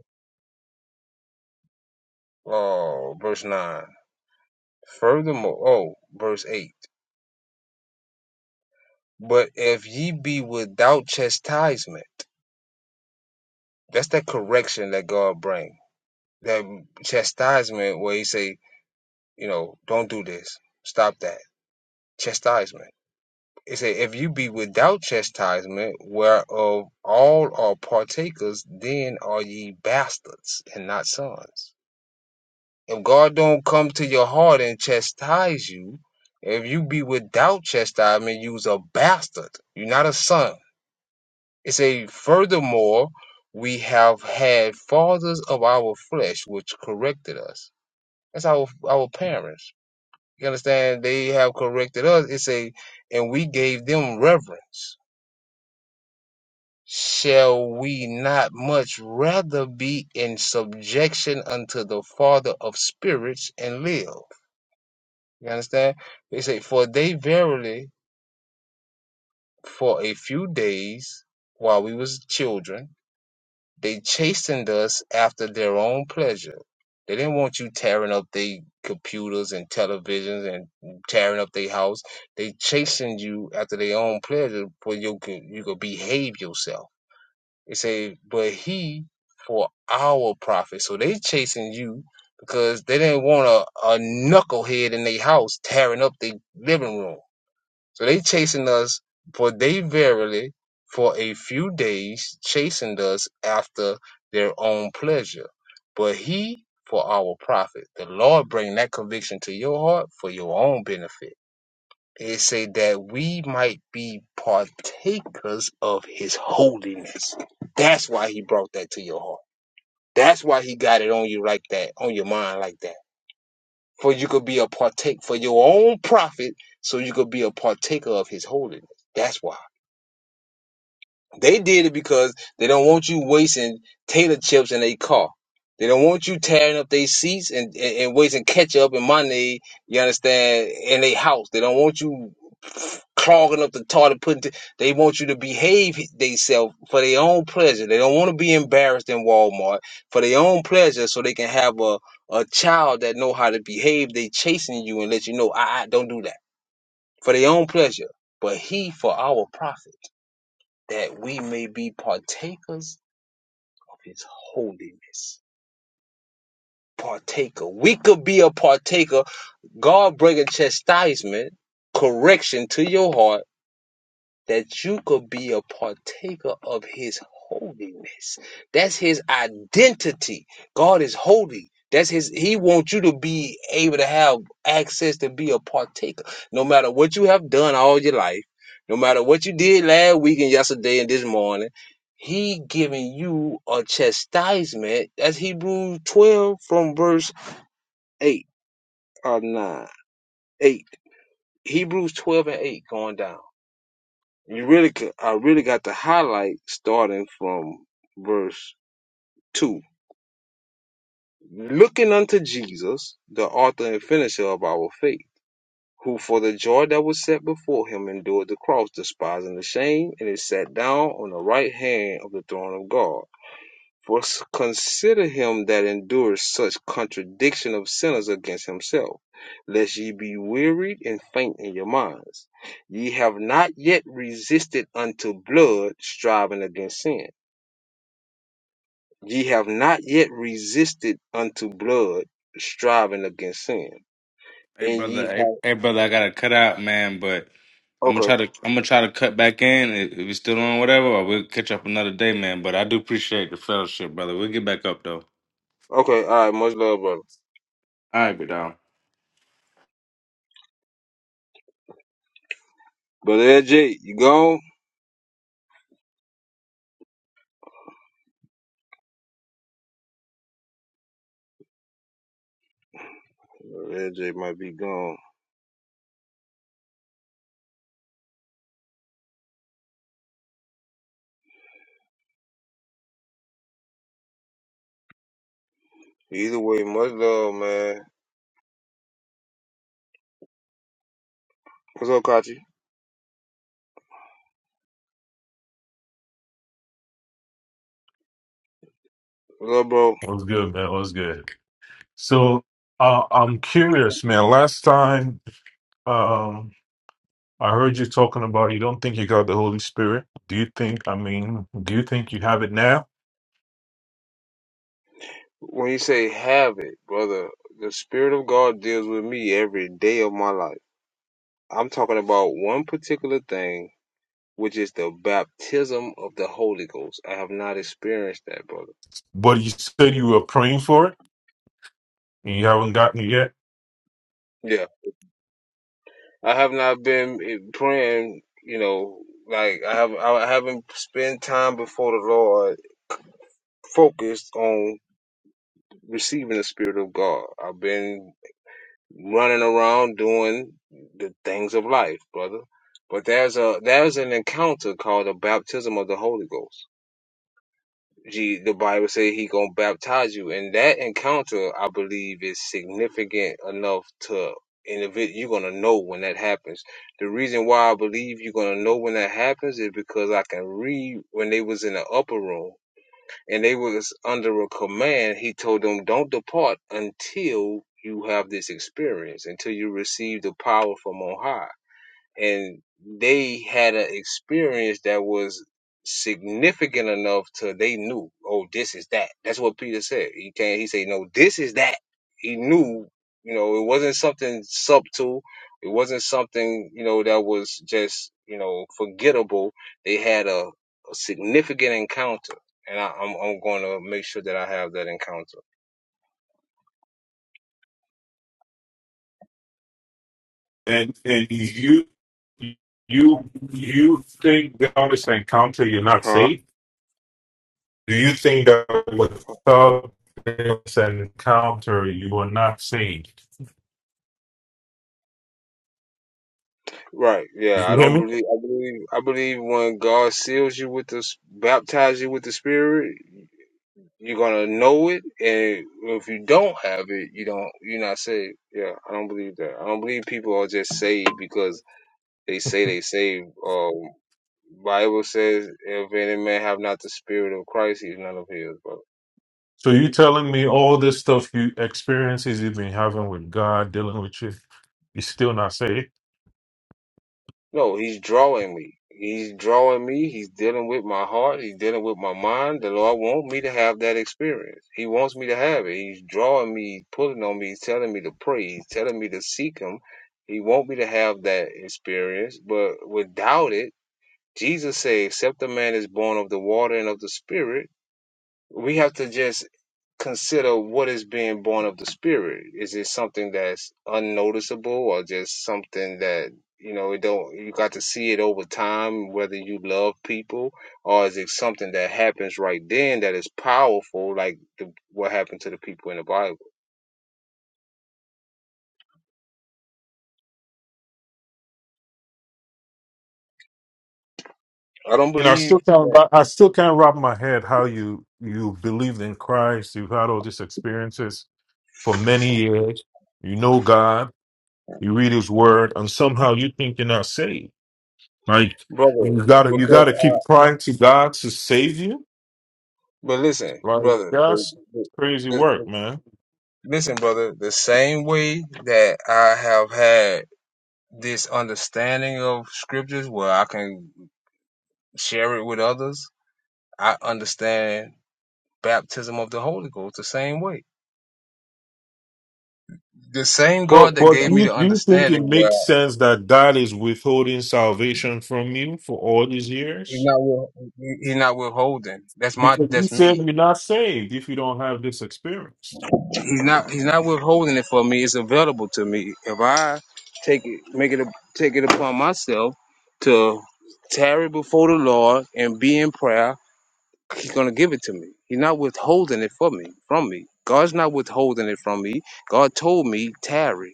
Speaker 1: Oh, verse nine. Furthermore, oh, verse 8. But if ye be without chastisement, that's that correction that God bring. That chastisement where he say, you know, don't do this. Stop that. Chastisement. It say, if you be without chastisement, whereof all are partakers, then are ye bastards and not sons. If God don't come to your heart and chastise you, if you be without chastisement, you's a bastard. You're not a son. It say, furthermore, we have had fathers of our flesh which corrected us. That's our our parents. You understand? They have corrected us. It say, and we gave them reverence. Shall we not much rather be in subjection unto the Father of spirits and live? You understand? They say, for they verily for a few days while we was children They chastened us after their own pleasure. They didn't want you tearing up their computers and televisions and tearing up their house. They chastened you after their own pleasure for you could you could behave yourself. They say, but he for our profit. So they chasing you because they didn't want a, a knucklehead in their house tearing up their living room. So they chasing us, for they verily for a few days chastened us after their own pleasure. But he for our profit. The Lord bring that conviction to your heart for your own benefit. It say that we might be partakers of his holiness. That's why he brought that to your heart. That's why he got it on you like that, on your mind like that. For you could be a partake for your own profit, so you could be a partaker of his holiness. That's why. They did it because they don't want you wasting tater chips in a car. They don't want you tearing up their seats and, and, and wasting ketchup and money, you understand, in their house. They don't want you clogging up the toilet, putting, t- they want you to behave themselves for their own pleasure. They don't want to be embarrassed in Walmart for their own pleasure so they can have a, a child that know how to behave. They chasing you and let you know, I, I don't do that for their own pleasure, but he for our profit that we may be partakers of his holiness. Partaker. We could be a partaker. God bring a chastisement, correction to your heart that you could be a partaker of his holiness. That's his identity. God is holy. That's his he wants you to be able to have access to be a partaker. No matter what you have done all your life, no matter what you did last week and yesterday and this morning, he giving you a chastisement. That's Hebrews 12 from verse 8 or 9. 8. Hebrews 12 and 8 going down. You really could, I really got to highlight starting from verse 2. Looking unto Jesus, the author and finisher of our faith, who for the joy that was set before him endured the cross, despising the shame, and is sat down on the right hand of the throne of God. For consider him that endures such contradiction of sinners against himself, lest ye be wearied and faint in your minds. Ye have not yet resisted unto blood, striving against sin. Ye have not yet resisted unto blood, striving against sin.
Speaker 4: Hey
Speaker 1: And
Speaker 4: brother.
Speaker 1: ye
Speaker 4: Hey,
Speaker 1: have.
Speaker 4: hey brother. I gotta cut out, man. But I'm gonna
Speaker 1: Okay,
Speaker 4: try to. I'm gonna try to cut back in. If if you still on whatever, or we'll catch up another day, man. But I do appreciate the fellowship, brother. We'll get back up though.
Speaker 1: okay, all right, much love, brother.
Speaker 4: All right, good dog.
Speaker 1: Brother Ed J, you gone? Brother LJ might be gone. Either way, much love, man. What's up, Kachi? What's up, bro?
Speaker 10: What's good, man? What's good? So uh, I'm curious, man. Last time um, I heard you talking about you don't think you got the Holy Spirit. Do you think? I mean, do you think you have it now?
Speaker 1: When you say have it, brother, the Spirit of God deals with me every day of my life. I'm talking about one particular thing, which is the baptism of the Holy Ghost. I have not experienced that, brother.
Speaker 10: But you said you were praying for it and you haven't gotten it yet.
Speaker 1: Yeah. I have not been eh, praying, you know, like I have I haven't spent time before the Lord focused on receiving the Spirit of God. I've been running around doing the things of life, brother. But there's a there's an encounter called a baptism of the Holy Ghost. Gee, the Bible say he gonna baptize you, and that encounter I believe is significant enough to individ you're gonna know when that happens. The reason why I believe you're gonna know when that happens is because I can read when they was in the upper room and they was under a command. He told them, "Don't depart until you have this experience, until you receive the power from on high." and they had an experience that was significant enough to they knew oh this is that that's what peter said he can't he said no this is that he knew you know it wasn't something subtle it wasn't something you know that was just you know forgettable they had a, a significant encounter and I, I'm, I'm going to make sure that i have that encounter
Speaker 10: And and you you you think without this encounter you're not saved? Do you think that without this encounter you are not saved?
Speaker 1: Right. Yeah.
Speaker 10: Did
Speaker 1: I
Speaker 10: you hear
Speaker 1: don't
Speaker 10: me?
Speaker 1: believe. I believe. I believe when God seals you with this, baptize you with the Spirit, you're gonna know it, and if you don't have it, you don't. You're not saved. Yeah. I don't believe that. I don't believe people are just saved because they say they saved. Um, Bible says, "If any man have not the Spirit of Christ, he's none of His." Brother.
Speaker 10: So you telling me all this stuff you experiences you've been having with God dealing with you, you still not saved?
Speaker 1: No, he's drawing me. He's drawing me. He's dealing with my heart. He's dealing with my mind. The Lord wants me to have that experience. He wants me to have it. He's drawing me, He's pulling on me. He's telling me to pray. He's telling me to seek Him. He wants me to have that experience. But without it, Jesus said, except a man is born of the water and of the Spirit, we have to just consider what is being born of the spirit. Is it something that's unnoticeable or just something that you know it don't you got to see it over time whether you love people or is it something that happens right then that is powerful like the, what happened to the people in the Bible? I don't
Speaker 10: And I still
Speaker 1: believe
Speaker 10: can't wrap- I still can't wrap my head how you you believed in Christ, you've had all these experiences for many years, you know God, you read his word, and somehow you think you're not saved. Like
Speaker 1: brother
Speaker 10: you gotta you
Speaker 1: because
Speaker 10: gotta
Speaker 1: I
Speaker 10: keep crying to God to save you.
Speaker 1: but listen
Speaker 10: Like
Speaker 1: brother the,
Speaker 10: that's
Speaker 1: the,
Speaker 10: crazy
Speaker 1: the,
Speaker 10: work,
Speaker 1: the-
Speaker 10: man.
Speaker 1: listen brother the same way that I have had this understanding of scriptures where I can share it with others. I understand baptism of the Holy Ghost the same way. The same God
Speaker 10: But
Speaker 1: that
Speaker 10: but do
Speaker 1: gave me
Speaker 10: you,
Speaker 1: the
Speaker 10: do you think it
Speaker 1: understanding where
Speaker 10: makes sense that God is withholding salvation from you for all these
Speaker 1: he's
Speaker 10: years?
Speaker 1: not he's not withholding. That's my
Speaker 10: Because you
Speaker 1: that's
Speaker 10: said
Speaker 1: me.
Speaker 10: you're not saved if you don't have this experience.
Speaker 1: He's not he's not withholding it for me. It's available to me if I take it make it a, take it upon myself to tarry before the Lord and be in prayer. He's gonna give it to me. He's not withholding it for me. From me, God's not withholding it from me. God told me tarry.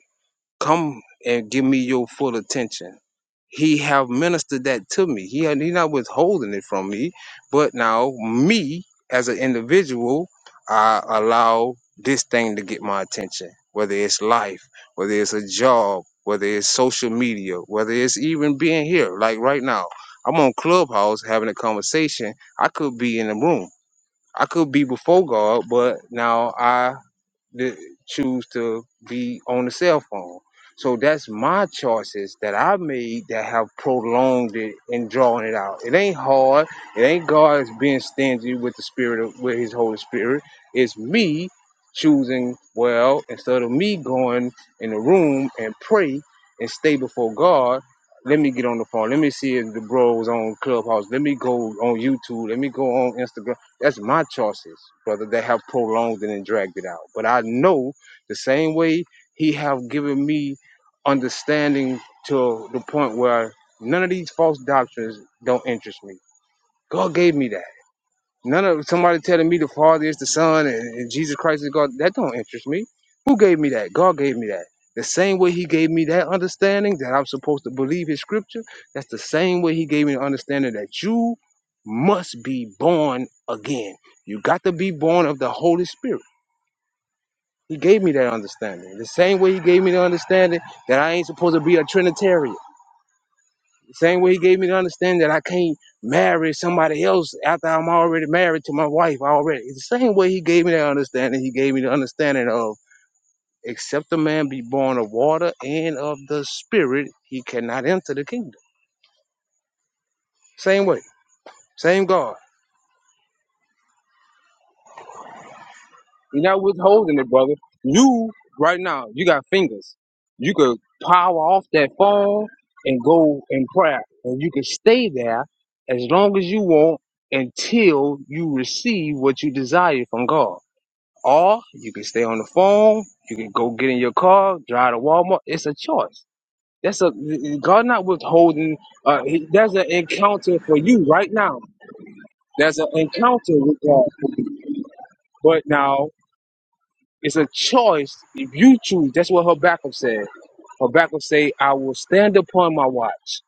Speaker 1: Come and give me your full attention. He have ministered that to me. He he not withholding it from me, but now me as an individual, I allow this thing to get my attention. Whether it's life, whether it's a job, whether it's social media, whether it's even being here, like right now, I'm on Clubhouse having a conversation. I could be in the room. I could be before God, but now I to choose to be on the cell phone. So that's my choices that I made that have prolonged it and drawn it out. It ain't hard. It ain't God being stingy with the spirit of with his Holy Spirit. It's me choosing well instead of me going in the room and pray and stay before God. Let me get on the phone. Let me see if the bros on Clubhouse. Let me go on YouTube. Let me go on Instagram that's my choices, brother, that have prolonged it and dragged it out. But I know the same way he have given me understanding to the point where none of these false doctrines don't interest me. God gave me that. None of somebody telling me the Father is the Son and, and Jesus Christ is God. That don't interest me. Who gave me that? God gave me that. The same way He gave me that understanding that I'm supposed to believe His Scripture. That's the same way He gave me the understanding that you must be born again. You got to be born of the Holy Spirit. He gave me that understanding. The same way He gave me the understanding that I ain't supposed to be a Trinitarian. The Same way he gave me to understand that I can't marry somebody else after I'm already married to my wife already. It's the same way he gave me that understanding. He gave me the understanding of except a man be born of water and of the spirit, he cannot enter the kingdom. Same way. Same God. You're not withholding it, brother. You right now, you got fingers. You could power off that phone and go in prayer, and you can stay there as long as you want until you receive what you desire from God. Or you can stay on the phone. You can go get in your car, drive to Walmart. It's a choice. That's a God not withholding. Uh, he, that's an encounter for you right now. That's an encounter with God. But now It's a choice. If you choose, that's what Habakkuk said. Habakkuk said, I will stand upon my watch.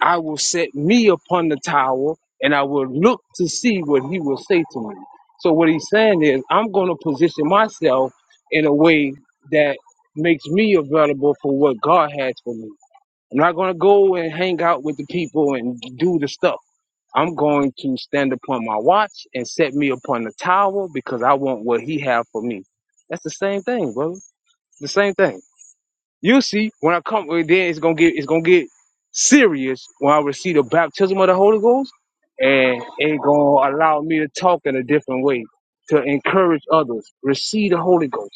Speaker 1: I will set me upon the tower and I will look to see what he will say to me. So what he's saying is I'm going to position myself in a way that makes me available for what God has for me. I'm not going to go and hang out with the people and do the stuff. I'm going to stand upon my watch and set me upon the tower because I want what he have for me. That's the same thing, brother. The same thing. You see, when I come, well, then it's gonna get it's gonna get serious when I receive the baptism of the Holy Ghost, and it's gonna allow me to talk in a different way to encourage others. Receive the Holy Ghost.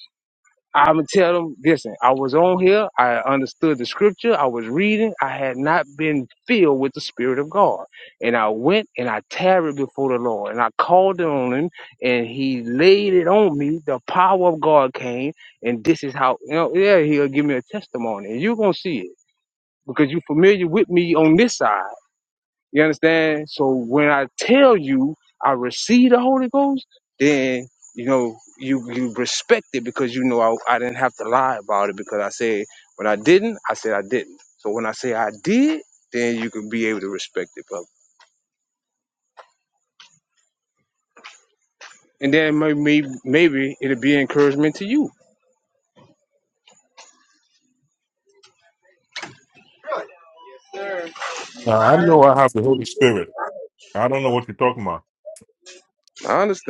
Speaker 1: I'm gonna tell them, listen, I was on here, I understood the scripture, I was reading, I had not been filled with the Spirit of God. And I went and I tarried before the Lord and I called on him and he laid it on me. The power of God came, and this is how you know, yeah, he'll give me a testimony. And you're gonna see it because you're familiar with me on this side. You understand? So when I tell you I receive the Holy Ghost, then you know you you respect it because you know I, I didn't have to lie about it because I said when I didn't, I said I didn't. So when I say I did, then you can be able to respect it, brother. And then maybe maybe it'll be encouragement to you. I
Speaker 10: Now I know I have the Holy Spirit. I don't know what you're talking about.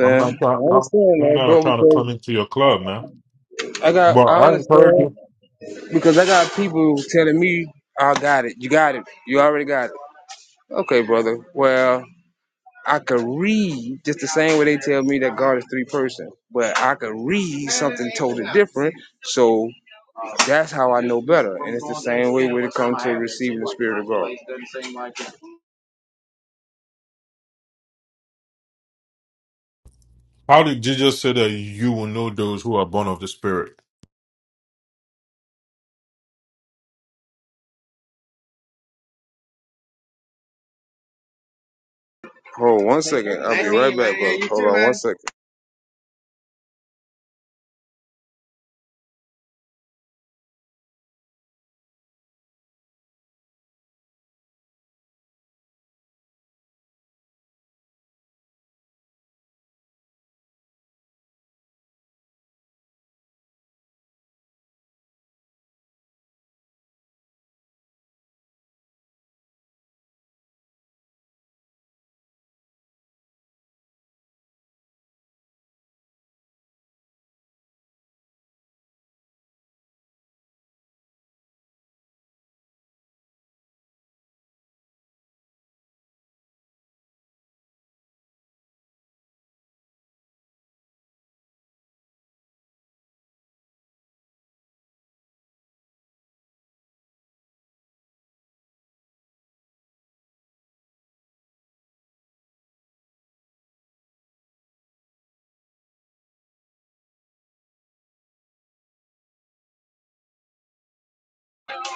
Speaker 10: I'm
Speaker 1: I
Speaker 10: not. I'm,
Speaker 1: understand
Speaker 10: I'm
Speaker 1: that,
Speaker 10: not
Speaker 1: bro,
Speaker 10: trying to
Speaker 1: because
Speaker 10: come into your club, man.
Speaker 1: I got
Speaker 10: But
Speaker 1: I
Speaker 10: I encourage
Speaker 1: understand
Speaker 10: you.
Speaker 1: because I got people telling me I got it. You got it. You already got it. Okay, brother. Well, I could read just the same way they tell me that God is three person, but I could read something totally different. So that's how I know better. And it's the same way when it comes to receiving the Spirit of God.
Speaker 10: How did Jesus say that you will know those who are born of the Spirit?
Speaker 1: Hold on one second. I'll be right back, bro. Hold on one second.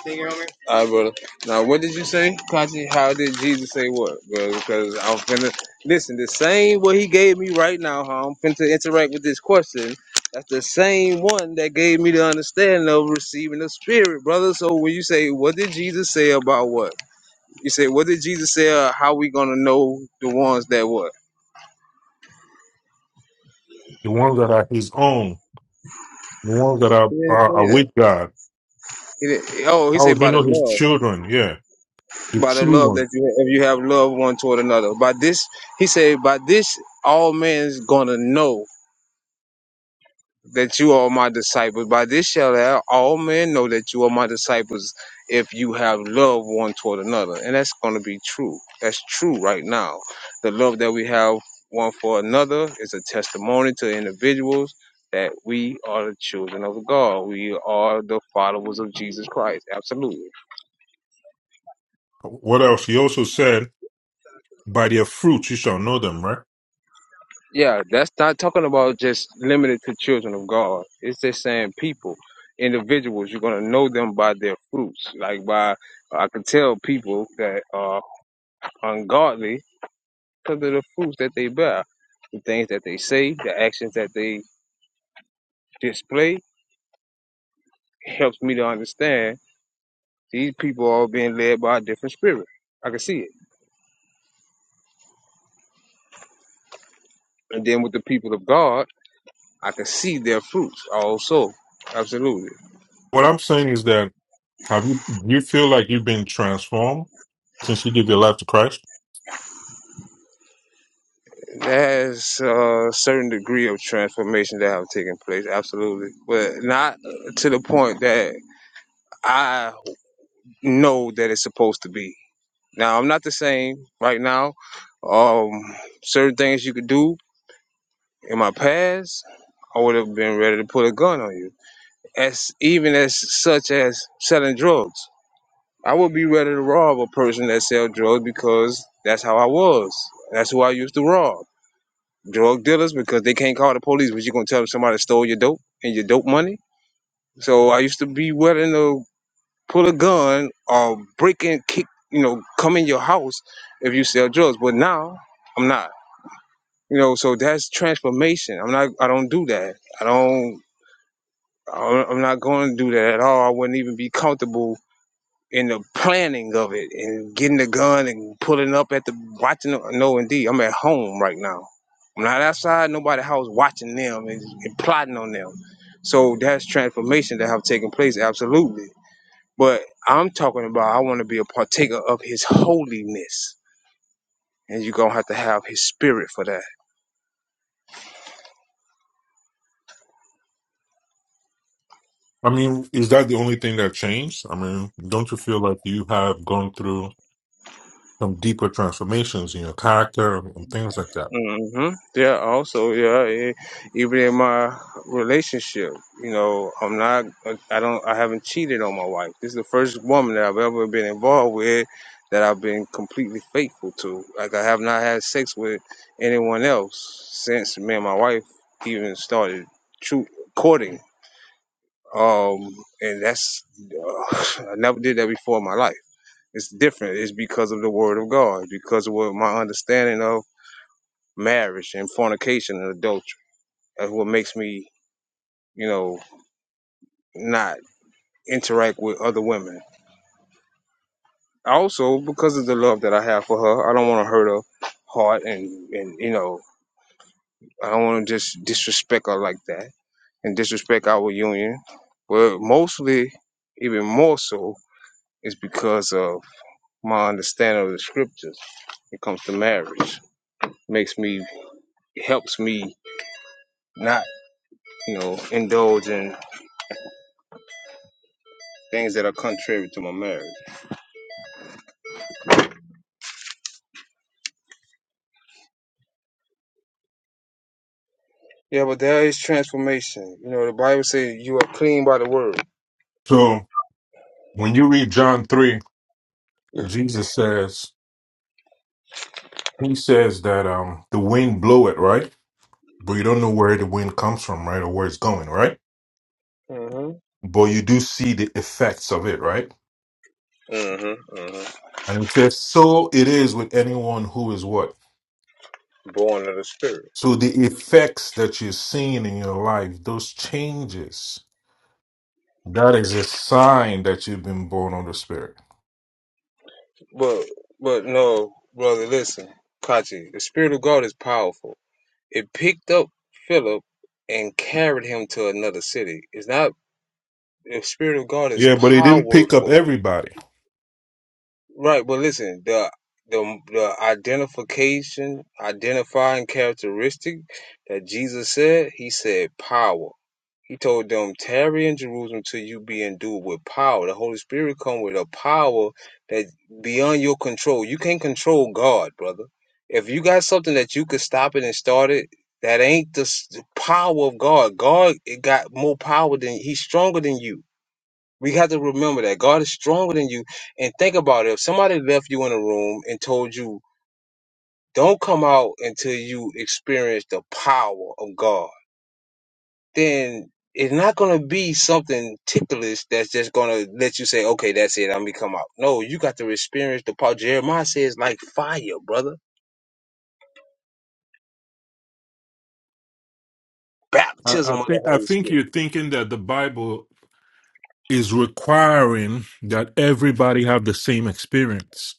Speaker 1: Take it, Homer. All right, brother. Now, what did you say, Kachi? How did Jesus say what, bro? Because I'm finna listen. The same what he gave me right now, how I'm finna interact with this question. That's the same one that gave me the understanding of receiving the Spirit, brother. So when you say, what did Jesus say about what? You say, what did Jesus say? Uh, how we gonna know the ones that what?
Speaker 10: The ones that are His own, the ones that are
Speaker 1: He didn't
Speaker 10: are, are
Speaker 1: say that.
Speaker 10: with God.
Speaker 1: He didn't, oh, he
Speaker 10: How
Speaker 1: said
Speaker 10: would you
Speaker 1: by the
Speaker 10: know His
Speaker 1: love.
Speaker 10: children? Yeah, the
Speaker 1: by the
Speaker 10: true
Speaker 1: love
Speaker 10: ones.
Speaker 1: that you if you have love one toward another. By this, he said, by this all men is gonna know that you are my disciples. By this shall all men know that you are my disciples if you have love one toward another. And that's gonna be true. That's true right now. The love that we have one for another is a testimony to individuals that we are the children of God. We are the followers of Jesus Christ. Absolutely.
Speaker 10: What else? He also said, "By their fruits you shall know them." Right.
Speaker 1: Yeah, that's not talking about just limited to children of God. It's just saying people, individuals. You're gonna know them by their fruits. Like by, I can tell people that are ungodly because of the fruits that they bear, the things that they say, the actions that they display. It helps me to understand these people are being led by a different spirit. I can see it. And then with the people of God, I can see their fruits also. Absolutely.
Speaker 10: What I'm saying is that have you do you feel like you've been transformed since you gave your life to Christ?
Speaker 1: There's a certain degree of transformation that have taken place, absolutely, but not to the point that I know that it's supposed to be. Now I'm not the same right now. Um, certain things you could do in my past, I would have been ready to put a gun on you. As even as such as selling drugs, I would be ready to rob a person that sell drugs because that's how I was. That's who I used to rob. drug dealers because they can't call the police. But you gonna tell them somebody stole your dope and your dope money? So I used to be willing to pull a gun or break and kick, you know, come in your house if you sell drugs. But now I'm not. You know, so that's transformation. I'm not. I don't do that. I don't. I don't- I'm not going to do that at all. I wouldn't even be comfortable in the planning of it and getting the gun and pulling up at the watching. the- No, indeed, I'm at home right now. I'm not outside nobody house watching them and, and plotting on them. So that's transformation that have taken place, absolutely. But I'm talking about I want to be a partaker of His holiness, and you're gonna have to have His spirit for that.
Speaker 10: I mean, is that the only thing that changed? I mean, don't you feel like you have gone through some deeper transformations in your character and things like that?
Speaker 1: hmm Yeah, also, yeah, e- even in my relationship, you know, I'm not, I don't, I haven't cheated on my wife. This is the first woman that I've ever been involved with that I've been completely faithful to. Like, I have not had sex with anyone else since me and my wife even started true courting. Um, and that's, uh, <sighs> I never did that before in my life. It's different. It's because of the word of God, because of what my understanding of marriage and fornication and adultery. That's what makes me, you know, not interact with other women. Also, because of the love that I have for her, I don't want to hurt her heart and, and you know, I don't want to just disrespect her like that and disrespect our union. But mostly, even more so, is because of my understanding of the scriptures when it comes to marriage. Makes me, helps me not, you know, indulge in things that are contrary to my marriage. Yeah, but there is transformation. You know, the Bible says you are clean by the word.
Speaker 10: So when you read John three, Jesus says he says that um the wind blow it right, but you don't know where the wind comes from, right, or where it's going, right?
Speaker 1: hmm
Speaker 10: But you do see the effects of it, right?
Speaker 1: Mm-hmm. Mm-hmm.
Speaker 10: And it says, so it is with anyone who is what?
Speaker 1: Born of the Spirit.
Speaker 10: So the effects that you're seeing in your life, those changes, that is a sign that you've been born of the Spirit.
Speaker 1: But but no, brother, listen, Kachi, the Spirit of God is powerful. It picked up Philip and carried him to another city. It's not the Spirit of God is
Speaker 10: Yeah, but it didn't pick up
Speaker 1: powerful,
Speaker 10: everybody.
Speaker 1: right? But listen, the the the identification, identifying characteristic that Jesus said, he said power. He told them, tarry in Jerusalem till you be endued with power. The Holy Spirit come with a power that beyond your control. You can't control God, brother. If you got something that you could stop it and start it, that ain't the s- the power of God. God it got more power than he's stronger than you. We have to remember that God is stronger than you. And think about it. If somebody left you in a room and told you, don't come out until you experience the power of God then it's not going to be something ticklish that's just going to let you say, okay, that's it. I'm going to come out. No, you got to experience the power. Jeremiah says like fire, brother.
Speaker 10: I, I
Speaker 1: Baptism of the
Speaker 10: think I
Speaker 1: Holy
Speaker 10: think
Speaker 1: Spirit.
Speaker 10: you're thinking that the Bible is requiring that everybody have the same experience.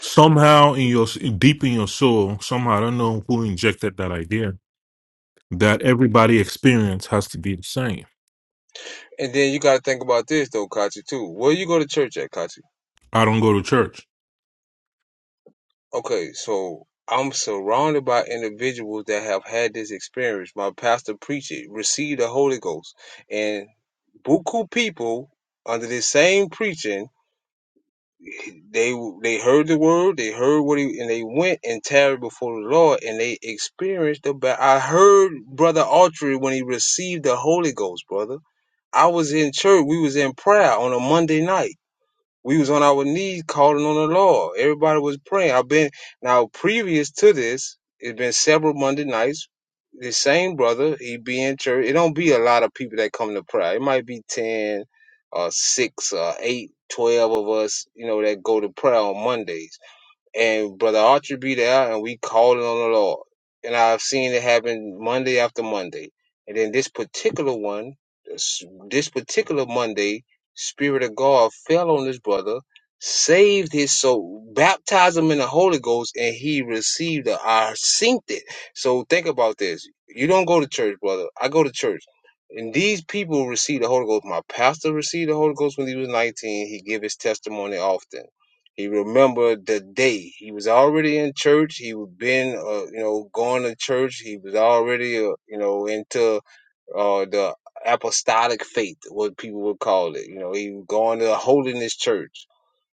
Speaker 10: Somehow in your deep in your soul, somehow I don't know who injected that idea that everybody experience has to be the same.
Speaker 1: And then you got to think about this though, Kachi, too. Where you go to church at, Kachi?
Speaker 10: I don't go to church.
Speaker 1: Okay, so I'm surrounded by individuals that have had this experience. My pastor preached it, received the Holy Ghost. And buku people under this same preaching They they heard the word, they heard what he, and they went and tarried before the Lord, and they experienced the. Ba- I heard Brother Autry when he received the Holy Ghost, brother. I was in church. We was in prayer on a Monday night we was on our knees calling on the Lord. Everybody was praying. I've been now previous to this, it's been several Monday nights. The same brother, he be in church. It don't be a lot of people that come to prayer. It might be ten or six or eight, twelve of us, you know, that go to prayer on Mondays and Brother Archer be there, and we called on the Lord. And I've seen it happen Monday after Monday. And then this particular one, this, this particular Monday, Spirit of God fell on this brother, saved his soul, baptized him in the Holy Ghost, and he received the I synced it. So think about this. You don't go to church, brother. I go to church. And these people receive the Holy Ghost. My pastor received the Holy Ghost when he was 19. He gave his testimony often he remembered the day he was already in church. He was been, uh, you know, going to church. He was already, uh, you know, into uh, the apostolic faith, what people would call it. You know, he was going to a holiness church.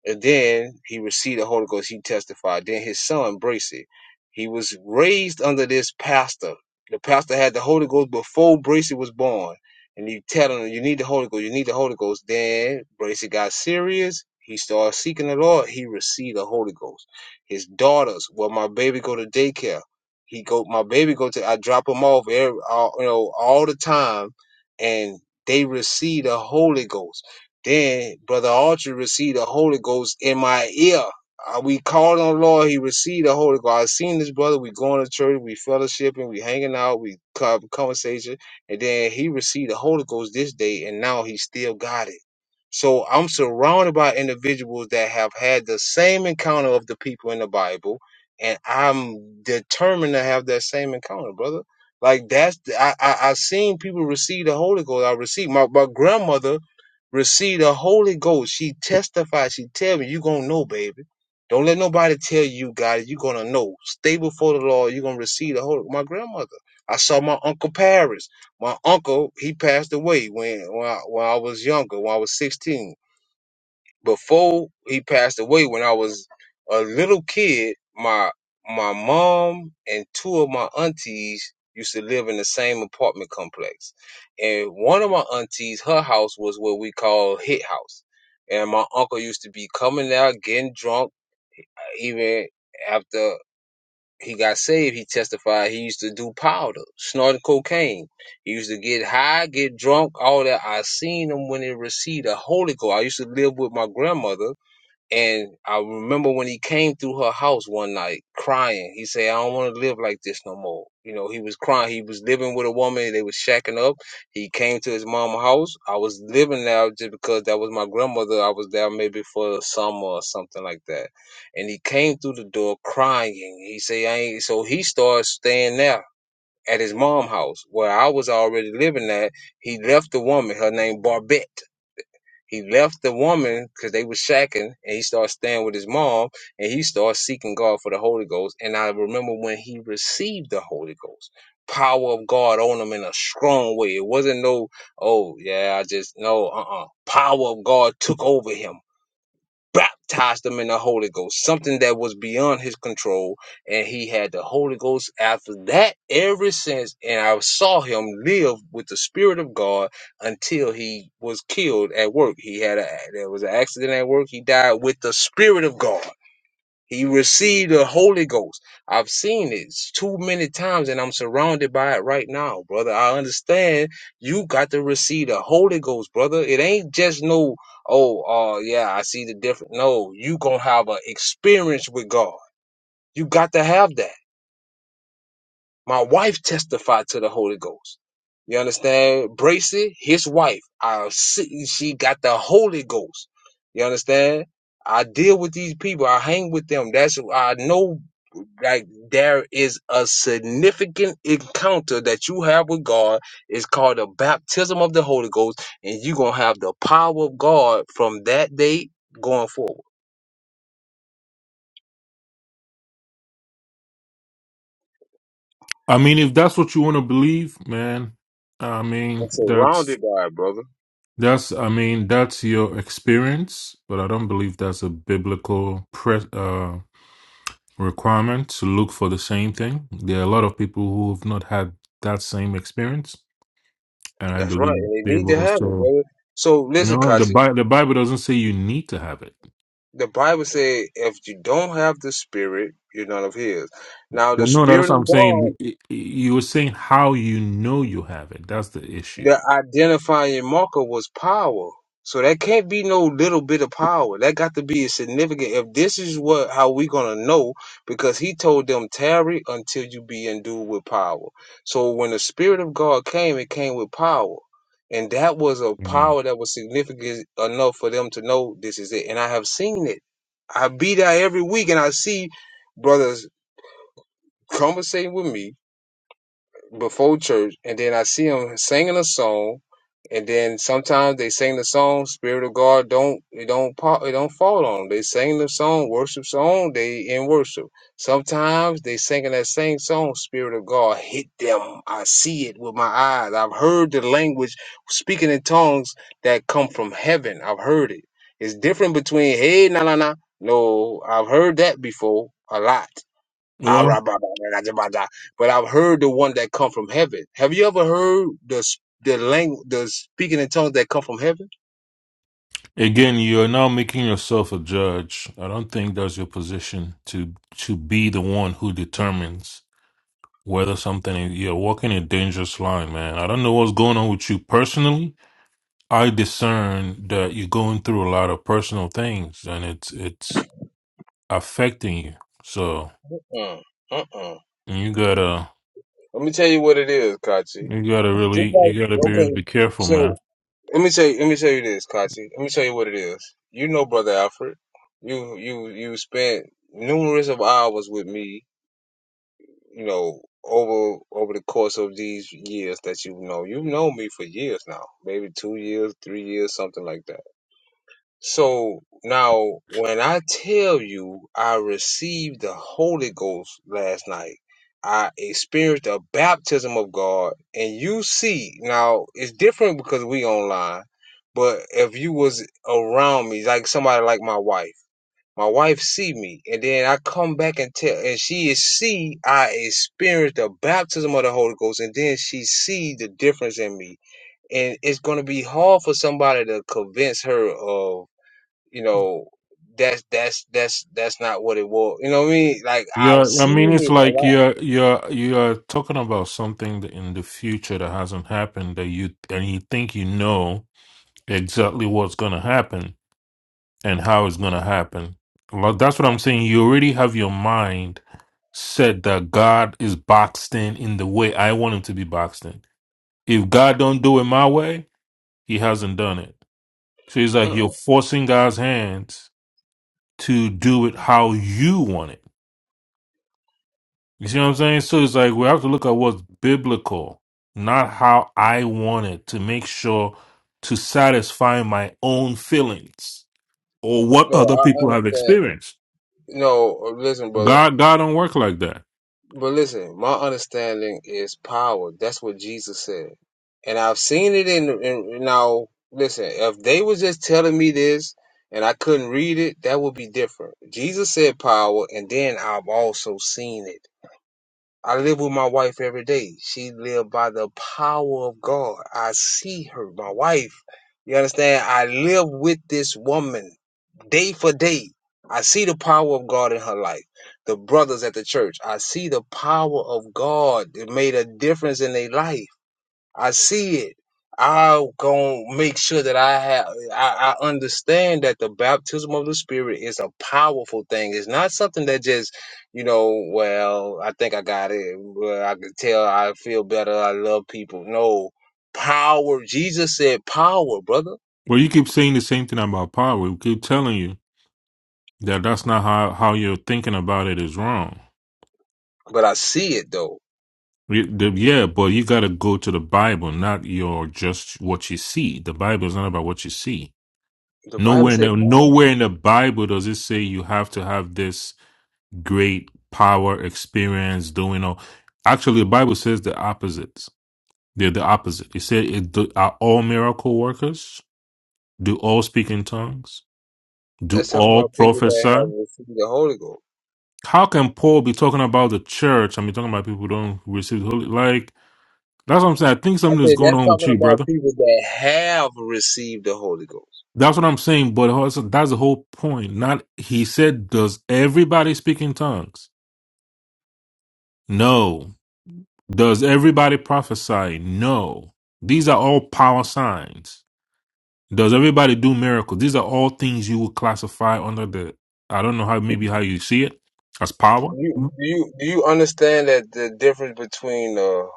Speaker 1: And then he received the Holy Ghost. He testified. Then his son Bracy, he was raised under this pastor. The pastor had the Holy Ghost before Bracy was born. And you telling him, you need the Holy Ghost, you need the Holy Ghost. Then Bracy got serious. He started seeking the Lord. He received the Holy Ghost. His daughters, well, my baby go to daycare. He go, my baby go to, I drop him off every, all, you know, all the time. And they receive the Holy Ghost then Brother Archer received the Holy Ghost in my ear. Uh, We called on the Lord. He received the Holy Ghost. I seen this brother. We going to church. We fellowshipping. We hanging out. We have conversation. And then he received the Holy Ghost this day, and now he still got it. So I'm surrounded by individuals that have had the same encounter of the people in the Bible, and I'm determined to have that same encounter, brother. Like that's I I, I seen people receive the Holy Ghost. I received my my grandmother receive the Holy Ghost. She testified. She tell me, you gonna know, baby. Don't let nobody tell you, God, you gonna know. Stay before the Lord. You're gonna receive the Holy. My grandmother. I saw my uncle Paris. My uncle, he passed away when when I, when I was younger, when I was 16 before he passed away when I was a little kid, my my mom and two of my aunties used to live in the same apartment complex. And one of my aunties, her house was what we call hit house. And my uncle used to be coming out, getting drunk, even after he got saved, he testified he used to do powder, snort cocaine. He used to get high, get drunk, all that. I seen him when he received the Holy Ghost. I used to live with my grandmother and I remember when he came through her house one night crying. He said, I don't want to live like this no more. You know, he was crying. He was living with a woman. They was shacking up. He came to his mama's house. I was living there just because that was my grandmother. I was there maybe for the summer or something like that. And he came through the door crying. He said, I ain't. So he started staying there at his mom's house where I was already living at. He left the woman. Her name Barbette. He left the woman because they were shacking, and he started staying with his mom, and he started seeking God for the Holy Ghost. And I remember when he received the Holy Ghost, power of God on him in a strong way. It wasn't no, oh yeah, I just no, uh, uh power of God took over him baptized him in the Holy Ghost, something that was beyond his control. And he had the Holy Ghost after that ever since. And I saw him live with the Spirit of God until he was killed at work. He had a, there was an accident at work. He died with the Spirit of God. He received the Holy Ghost. I've seen it too many times and I'm surrounded by it right now, brother. I understand you got to receive the Holy Ghost, brother. It ain't just no, oh, uh, yeah, I see the difference. No, you gonna have an experience with God. You got to have that. My wife testified to the Holy Ghost. You understand? Bracy, his wife, I see she got the Holy Ghost. You understand? I deal with these people. I hang with them. That's I know like there is a significant encounter that you have with God. It's called the baptism of the Holy Ghost, and you're gonna have the power of God from that day going forward.
Speaker 10: I mean, if that's what you want to believe, man, I mean,
Speaker 1: And
Speaker 10: that's
Speaker 1: surrounded by it, brother.
Speaker 10: that's I mean, that's your experience, but I don't believe that's a biblical pre- uh, requirement to look for the same thing. There are a lot of people who have not had that same experience, and I
Speaker 1: That's right.
Speaker 10: believe
Speaker 1: And they
Speaker 10: they've
Speaker 1: need to have it,
Speaker 10: also
Speaker 1: brother. So listen,
Speaker 10: no, the
Speaker 1: Kachi.
Speaker 10: Bible the Bible doesn't say you need to have it.
Speaker 1: The Bible said if you don't have the spirit, you're none of his. Now the
Speaker 10: No, no, that's
Speaker 1: spirit
Speaker 10: what
Speaker 1: of
Speaker 10: I'm
Speaker 1: God
Speaker 10: saying. You were saying how you know you have it. That's the issue.
Speaker 1: The identifying marker was power. So that can't be no little bit of power. That got to be significant. If this is what how we gonna know, because he told them tarry until you be endued with power. So when the spirit of God came, it came with power. And that was a power that was significant enough for them to know this is it. And I have seen it. I be there every week and I see brothers conversating with me before church, and then I see them singing a song, and then sometimes they sing the song. Spirit of God don't it don't pop it don't fall on them. They sing the song, worship song. They in worship. Sometimes they singing that same song. Spirit of God hit them. I see it with my eyes. I've heard the language speaking in tongues that come from heaven. I've heard it. It's different between hey na na na. No, I've heard that before a lot Ah,
Speaker 10: Mhm.
Speaker 1: But I've heard the one that come from heaven. Have you ever heard the the language, the speaking in tongues that come from heaven?
Speaker 10: Again, you are now making yourself a judge. I don't think that's your position to to be the one who determines whether something is, you're walking a dangerous line, man. I don't know what's going on with you personally. I discern that you're going through a lot of personal things and it's it's affecting you. So
Speaker 1: Mm, mm-mm.
Speaker 10: you gotta
Speaker 1: Let me tell you what it is, Kachi.
Speaker 10: you gotta
Speaker 1: Just
Speaker 10: really you gotta
Speaker 1: like-
Speaker 10: be really be
Speaker 1: Okay,
Speaker 10: careful, man.
Speaker 1: so let me tell you, let me tell you this, Kachi. Let me tell you what it is. You know, brother Alfred, you you you spent numerous of hours with me. You know, over over the course of these years that you know, you've known me for years now, maybe two years, three years, something like that So now, when I tell you I received the Holy Ghost last night, I experienced a baptism of God, and you see now it's different because we online. But if you was around me, like somebody like my wife, my wife see me, and then I come back and tell, and she is see I experienced the baptism of the Holy Ghost, and then she see the difference in me, and it's gonna be hard for somebody to convince her of you know, that's that's that's that's not what it was. You know what I mean? Like
Speaker 10: Yeah,
Speaker 1: I've
Speaker 10: I mean,
Speaker 1: seen
Speaker 10: it's
Speaker 1: it a
Speaker 10: like
Speaker 1: lot.
Speaker 10: you're you're you're talking about something that in the future that hasn't happened that you and you think you know exactly what's gonna happen and how it's gonna happen. Like that's what I'm saying. You already have your mind said that God is boxed in in the way I want him to be boxed in. If God don't do it my way, he hasn't done it. So it's like you're
Speaker 1: Mm-mm.
Speaker 10: forcing God's hands to do it how you want it. You see what I'm saying? So it's like we have to look at what's biblical, not how I want it to make sure to satisfy my own feelings or what
Speaker 1: Man,
Speaker 10: other
Speaker 1: I
Speaker 10: people have
Speaker 1: understand.
Speaker 10: experienced.
Speaker 1: No, listen, brother.
Speaker 10: God, God don't work like that.
Speaker 1: But listen, my understanding is power. That's what Jesus said, and I've seen it in. in now, listen, if they was just telling me this and I couldn't read it, that would be different. Jesus said power, and then I've also seen it. I live with my wife every day. She live by the power of God. I see her, my wife. You understand? I live with this woman day for day. I see the power of God in her life. The brothers at the church, I see the power of God. It made a difference in their life. I see it. I'll go make sure that I have I, I understand that the baptism of the spirit is a powerful thing. It's not something that just, you know, well, I think I got it. Well, I can tell I feel better. I love people. No. Power. Jesus said power, brother.
Speaker 10: Well, you keep saying the same thing about power. We keep telling you that that's not how, how you're thinking about it is wrong.
Speaker 1: But I see it though.
Speaker 10: We- the- Yeah, but you got to go to the Bible, not your just what you see. The Bible is not about what you see.
Speaker 1: The Bible
Speaker 10: Nowhere in
Speaker 1: say
Speaker 10: the
Speaker 1: power.
Speaker 10: nowhere in the Bible does it say you have to have this great power, experience, doing all. Actually, the Bible says the opposites. They're the opposite. It said, it, do, "Are all miracle workers? Do all speak in tongues? Do
Speaker 1: That's talking
Speaker 10: all
Speaker 1: about people that
Speaker 10: prophesy?"
Speaker 1: have received the Holy Ghost.
Speaker 10: How can Paul be talking about the church and be talking about people who don't receive the holy? Like that's what I'm saying. I think
Speaker 1: I
Speaker 10: something is
Speaker 1: say
Speaker 10: going
Speaker 1: that's
Speaker 10: on with
Speaker 1: talking
Speaker 10: you,
Speaker 1: about
Speaker 10: brother.
Speaker 1: people that have received the Holy Ghost.
Speaker 10: That's what I'm saying. But also, that's the whole point. Not he said, "Does everybody speak in tongues?" No. Does everybody prophesy? No. These are all power signs. Does everybody do miracles? These are all things you would classify under the I don't know how maybe how you see it as power.
Speaker 1: You do you do you understand that the difference between the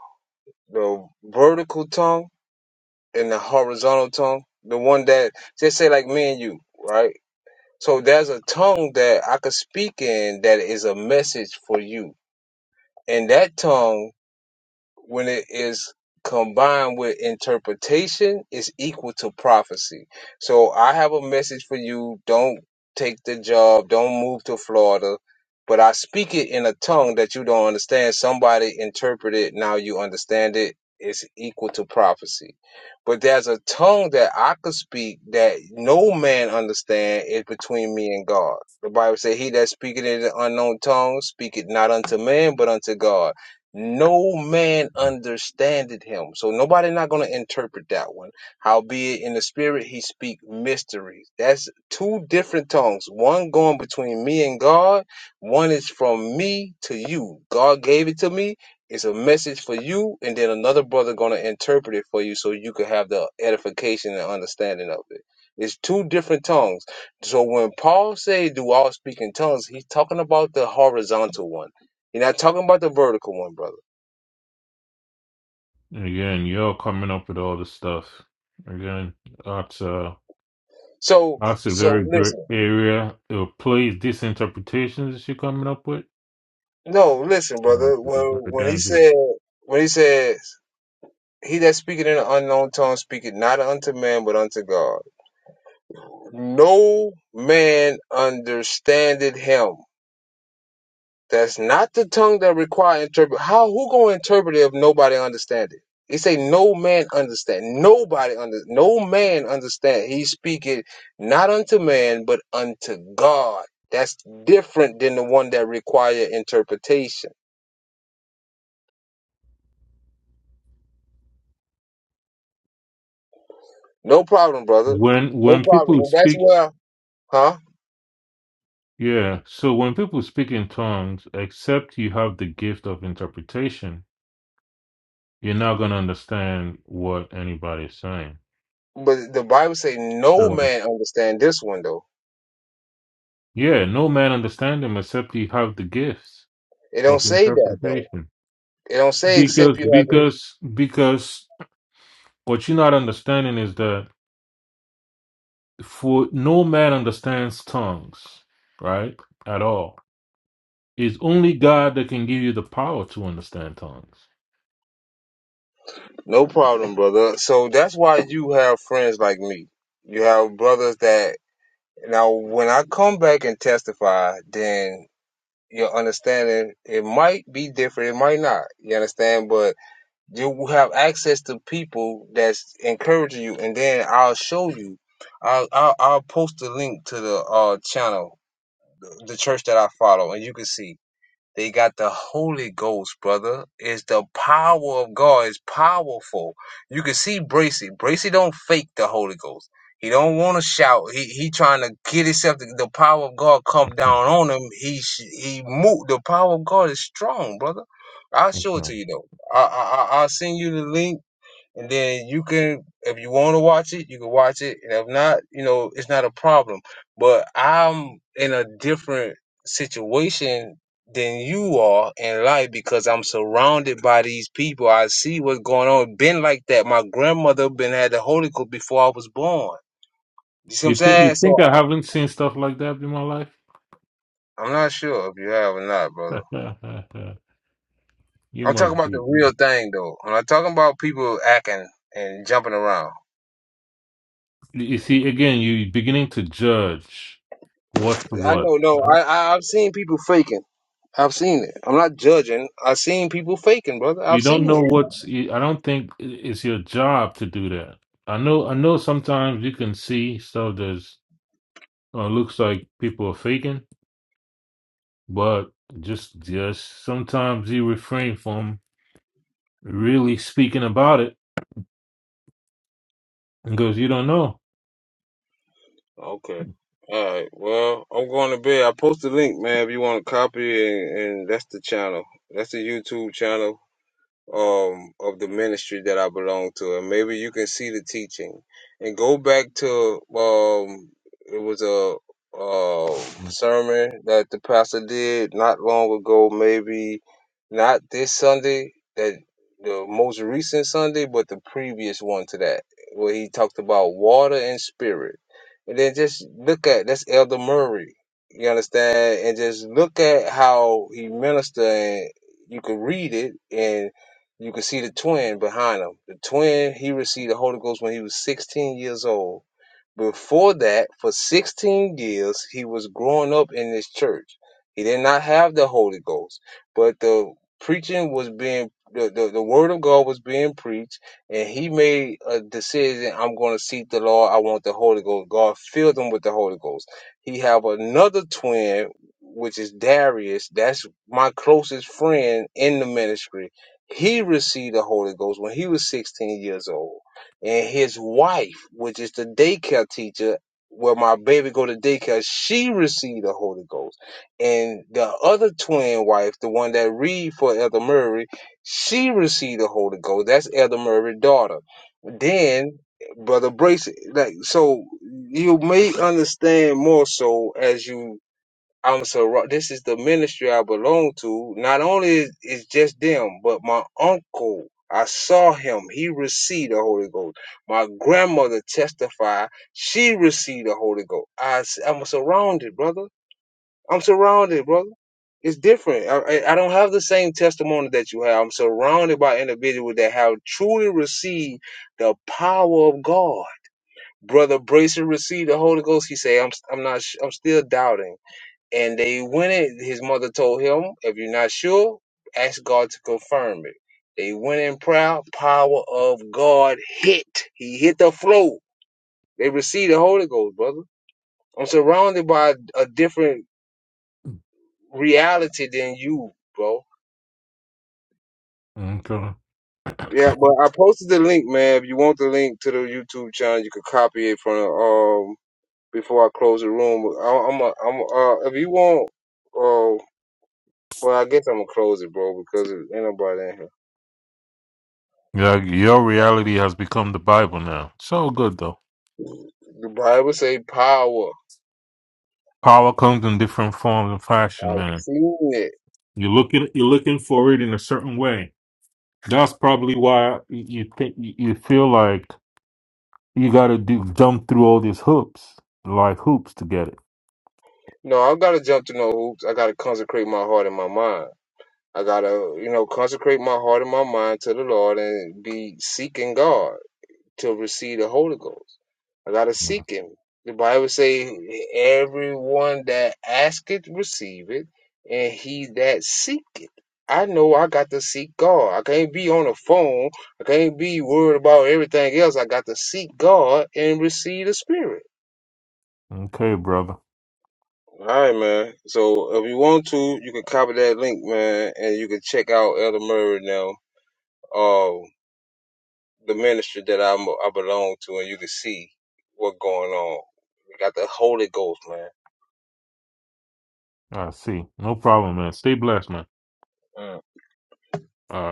Speaker 1: the vertical tongue and the horizontal tongue? The one that just say like me and you, right? So there's a tongue that I could speak in that is a message for you. And that tongue when it is combined with interpretation is equal to prophecy. So I have a message for you. Don't take the job. Don't move to Florida. But I speak it in a tongue that you don't understand. Somebody interpret it. Now you understand it. It's equal to prophecy. But there's a tongue that I could speak that no man understand is between me and God. The Bible says, He that speaketh in the unknown tongue speaketh not unto man, but unto God no man understandeth him. So nobody not going to interpret that one. Howbeit in the spirit he speak mysteries. That's two different tongues. One going between me and God. One is from me to you. God gave it to me. It's a message for you, and then another brother going to interpret it for you, so you can have the edification and understanding of it. It's two different tongues. So when Paul say, "Do all speak in tongues," he's talking about the horizontal one. You're not talking about the vertical one, brother.
Speaker 10: Again, you're coming up with all this stuff. Again, that's a
Speaker 1: So
Speaker 10: that's a
Speaker 1: so
Speaker 10: very great
Speaker 1: listen.
Speaker 10: area to place these interpretations that you're coming up with.
Speaker 1: No, listen,
Speaker 10: Uh,
Speaker 1: brother. When
Speaker 10: it's very
Speaker 1: when he
Speaker 10: dangerous.
Speaker 1: said when he said he that speaketh in an unknown tongue speaketh not unto man but unto God. No man understandeth him. That's not the tongue that require interpret. How who gonna interpret it if nobody understand it? He say no man understand. Nobody under no man understand. He speaketh not unto man but unto God. That's different than the one that require interpretation. No problem, brother.
Speaker 10: When
Speaker 1: No
Speaker 10: when
Speaker 1: problem.
Speaker 10: people
Speaker 1: And that's
Speaker 10: speak,
Speaker 1: where, huh?
Speaker 10: yeah. So when people speak in tongues, except you have the gift of interpretation, you're not going to understand what anybody's saying.
Speaker 1: But the Bible say no
Speaker 10: So,
Speaker 1: man understand this one though.
Speaker 10: yeah, no man understand him except he have the gifts
Speaker 1: It
Speaker 10: of
Speaker 1: don't say that though.
Speaker 10: interpretation.
Speaker 1: It don't say except
Speaker 10: Because
Speaker 1: you have it.
Speaker 10: because because what you're not understanding is that for no man understands tongues, right? At all. It's only God that can give you the power to understand tongues. <laughs>
Speaker 1: No problem, brother. So that's why you have friends like me. You have brothers that now when I come back and testify, then your understanding it might be different, it might not. You understand? But you will have access to people that's encouraging you, and then I'll show you. I'll I'll, I'll post a link to the uh channel, the church that I follow, and you can see. They got the Holy Ghost, brother. It's the power of God. It's powerful. You can see Bracy. Bracy don't fake the Holy Ghost. He don't want to shout. He he trying to get himself to, the power of God come down on him. He sh- he move. The power of God is strong, brother. I'll
Speaker 10: Mhm,
Speaker 1: show it to
Speaker 10: mhm.
Speaker 1: you though. I I I- I'll send you the link and then you can if you want to watch it you can watch it and if not you know it's not a problem but i'm in a different situation than you are in life because i'm surrounded by these people i see what's going on been like that my grandmother been had the holy ghost before i was born you see what i'm
Speaker 10: You think
Speaker 1: saying
Speaker 10: you
Speaker 1: so
Speaker 10: think I haven't seen stuff like that in my life?
Speaker 1: I, i'm not sure if you have or not brother
Speaker 10: <laughs> you
Speaker 1: i'm talking
Speaker 10: must
Speaker 1: about the
Speaker 10: be.
Speaker 1: real thing though i'm not talking about people acting and jumping around
Speaker 10: You you see, again, you're beginning to judge what's
Speaker 1: i
Speaker 10: what.
Speaker 1: know
Speaker 10: I
Speaker 1: no i,
Speaker 10: don't-
Speaker 1: I i've seen people faking I've seen it. I'm not judging. I've seen people faking, brother.
Speaker 10: You
Speaker 1: I've
Speaker 10: don't
Speaker 1: seen
Speaker 10: know
Speaker 1: it.
Speaker 10: what's. you- I don't think i- it's your job to do that. I know. I know. Sometimes you can see stuff that's uh, looks like people are faking, but just just sometimes you refrain from really speaking about it because you don't know.
Speaker 1: Okay. All right. Well, I'm going to bed. I post the link, man, if you want to copy it, and, and that's the channel. That's the YouTube channel. um of the ministry that I belong to, and maybe you can see the teaching and go back to um it was a um sermon that the pastor did not long ago, maybe not this Sunday that the most recent Sunday, but the previous one to that, where he talked about water and spirit, and then just look at that's Elder Murray. You understand, and just look at how he ministered. And you could read it, and you can see the twin behind him. The twin, he received the Holy Ghost when he was 16 years old. Before that, for 16 years, he was growing up in this church. He did not have the Holy Ghost, but the preaching was being, the, the, the word of God was being preached, and he made a decision, I'm going to seek the Lord. I want the Holy Ghost. God filled him with the Holy Ghost. He have another twin, which is Darius. That's my closest friend in the ministry. He received the Holy Ghost when he was 16 years old and his wife, which is the daycare teacher, where my baby go to daycare, she received the Holy Ghost. And the other twin wife, the one that read for Elder Murray, she received the Holy Ghost. That's Elder Murray's daughter. Then Brother Brace, like so, you may understand more so as you I'm so wrong. this is the ministry I belong to. Not only is is just them, but my uncle. I saw him. He received the Holy Ghost. My grandmother testified. She received the Holy Ghost. I, am surrounded, brother. I'm surrounded, brother. It's different. I, I I don't have the same testimony that you have. I'm surrounded by individuals that have truly received the power of God. Brother Bracer received the Holy Ghost. He said, "I'm I'm not. sh- I'm still doubting." And they went in. His mother told him, if you're not sure, ask God to confirm it. They went in proud. Power of God hit. He hit the floor. They received the Holy Ghost, brother. I'm surrounded by a different reality than you, bro.
Speaker 10: Okay.
Speaker 1: Yeah, but I posted the link, man. If you want the link to the YouTube channel, you could copy it from the, um before I close the room. I, I'm a, I'm a, uh if you want, uh well I guess I'm gonna close it, bro, because ain't nobody in here.
Speaker 10: Yeah, your reality has become the Bible now. So good though.
Speaker 1: The Bible say power.
Speaker 10: Power comes in different forms and fashion,
Speaker 1: I've
Speaker 10: man.
Speaker 1: seen it.
Speaker 10: You're looking you're looking for it in a certain way. That's probably why you think you you feel like you got to do jump through all these hoops, like hoops, to get it.
Speaker 1: No, i got to jump to no hoops. I got to consecrate my heart and my mind. I got to, you know, consecrate my heart and my mind to the Lord and be seeking God to receive the Holy Ghost. I got to
Speaker 10: Mm,
Speaker 1: seek Him. The Bible say, everyone that asketh, receive it, and he that seeketh. I know I got to seek God. I can't be on the phone. I can't be worried about everything else. I got to seek God and receive the Spirit.
Speaker 10: Okay, brother.
Speaker 1: All right, man. So if you want to, you can copy that link, man, and you can check out Elder Murray now, uh, the ministry that I'm, I belong to, and you can see what's going on. We got the Holy Ghost, man.
Speaker 10: I see. No problem, man. Stay blessed, man.
Speaker 1: Mm.
Speaker 10: All right.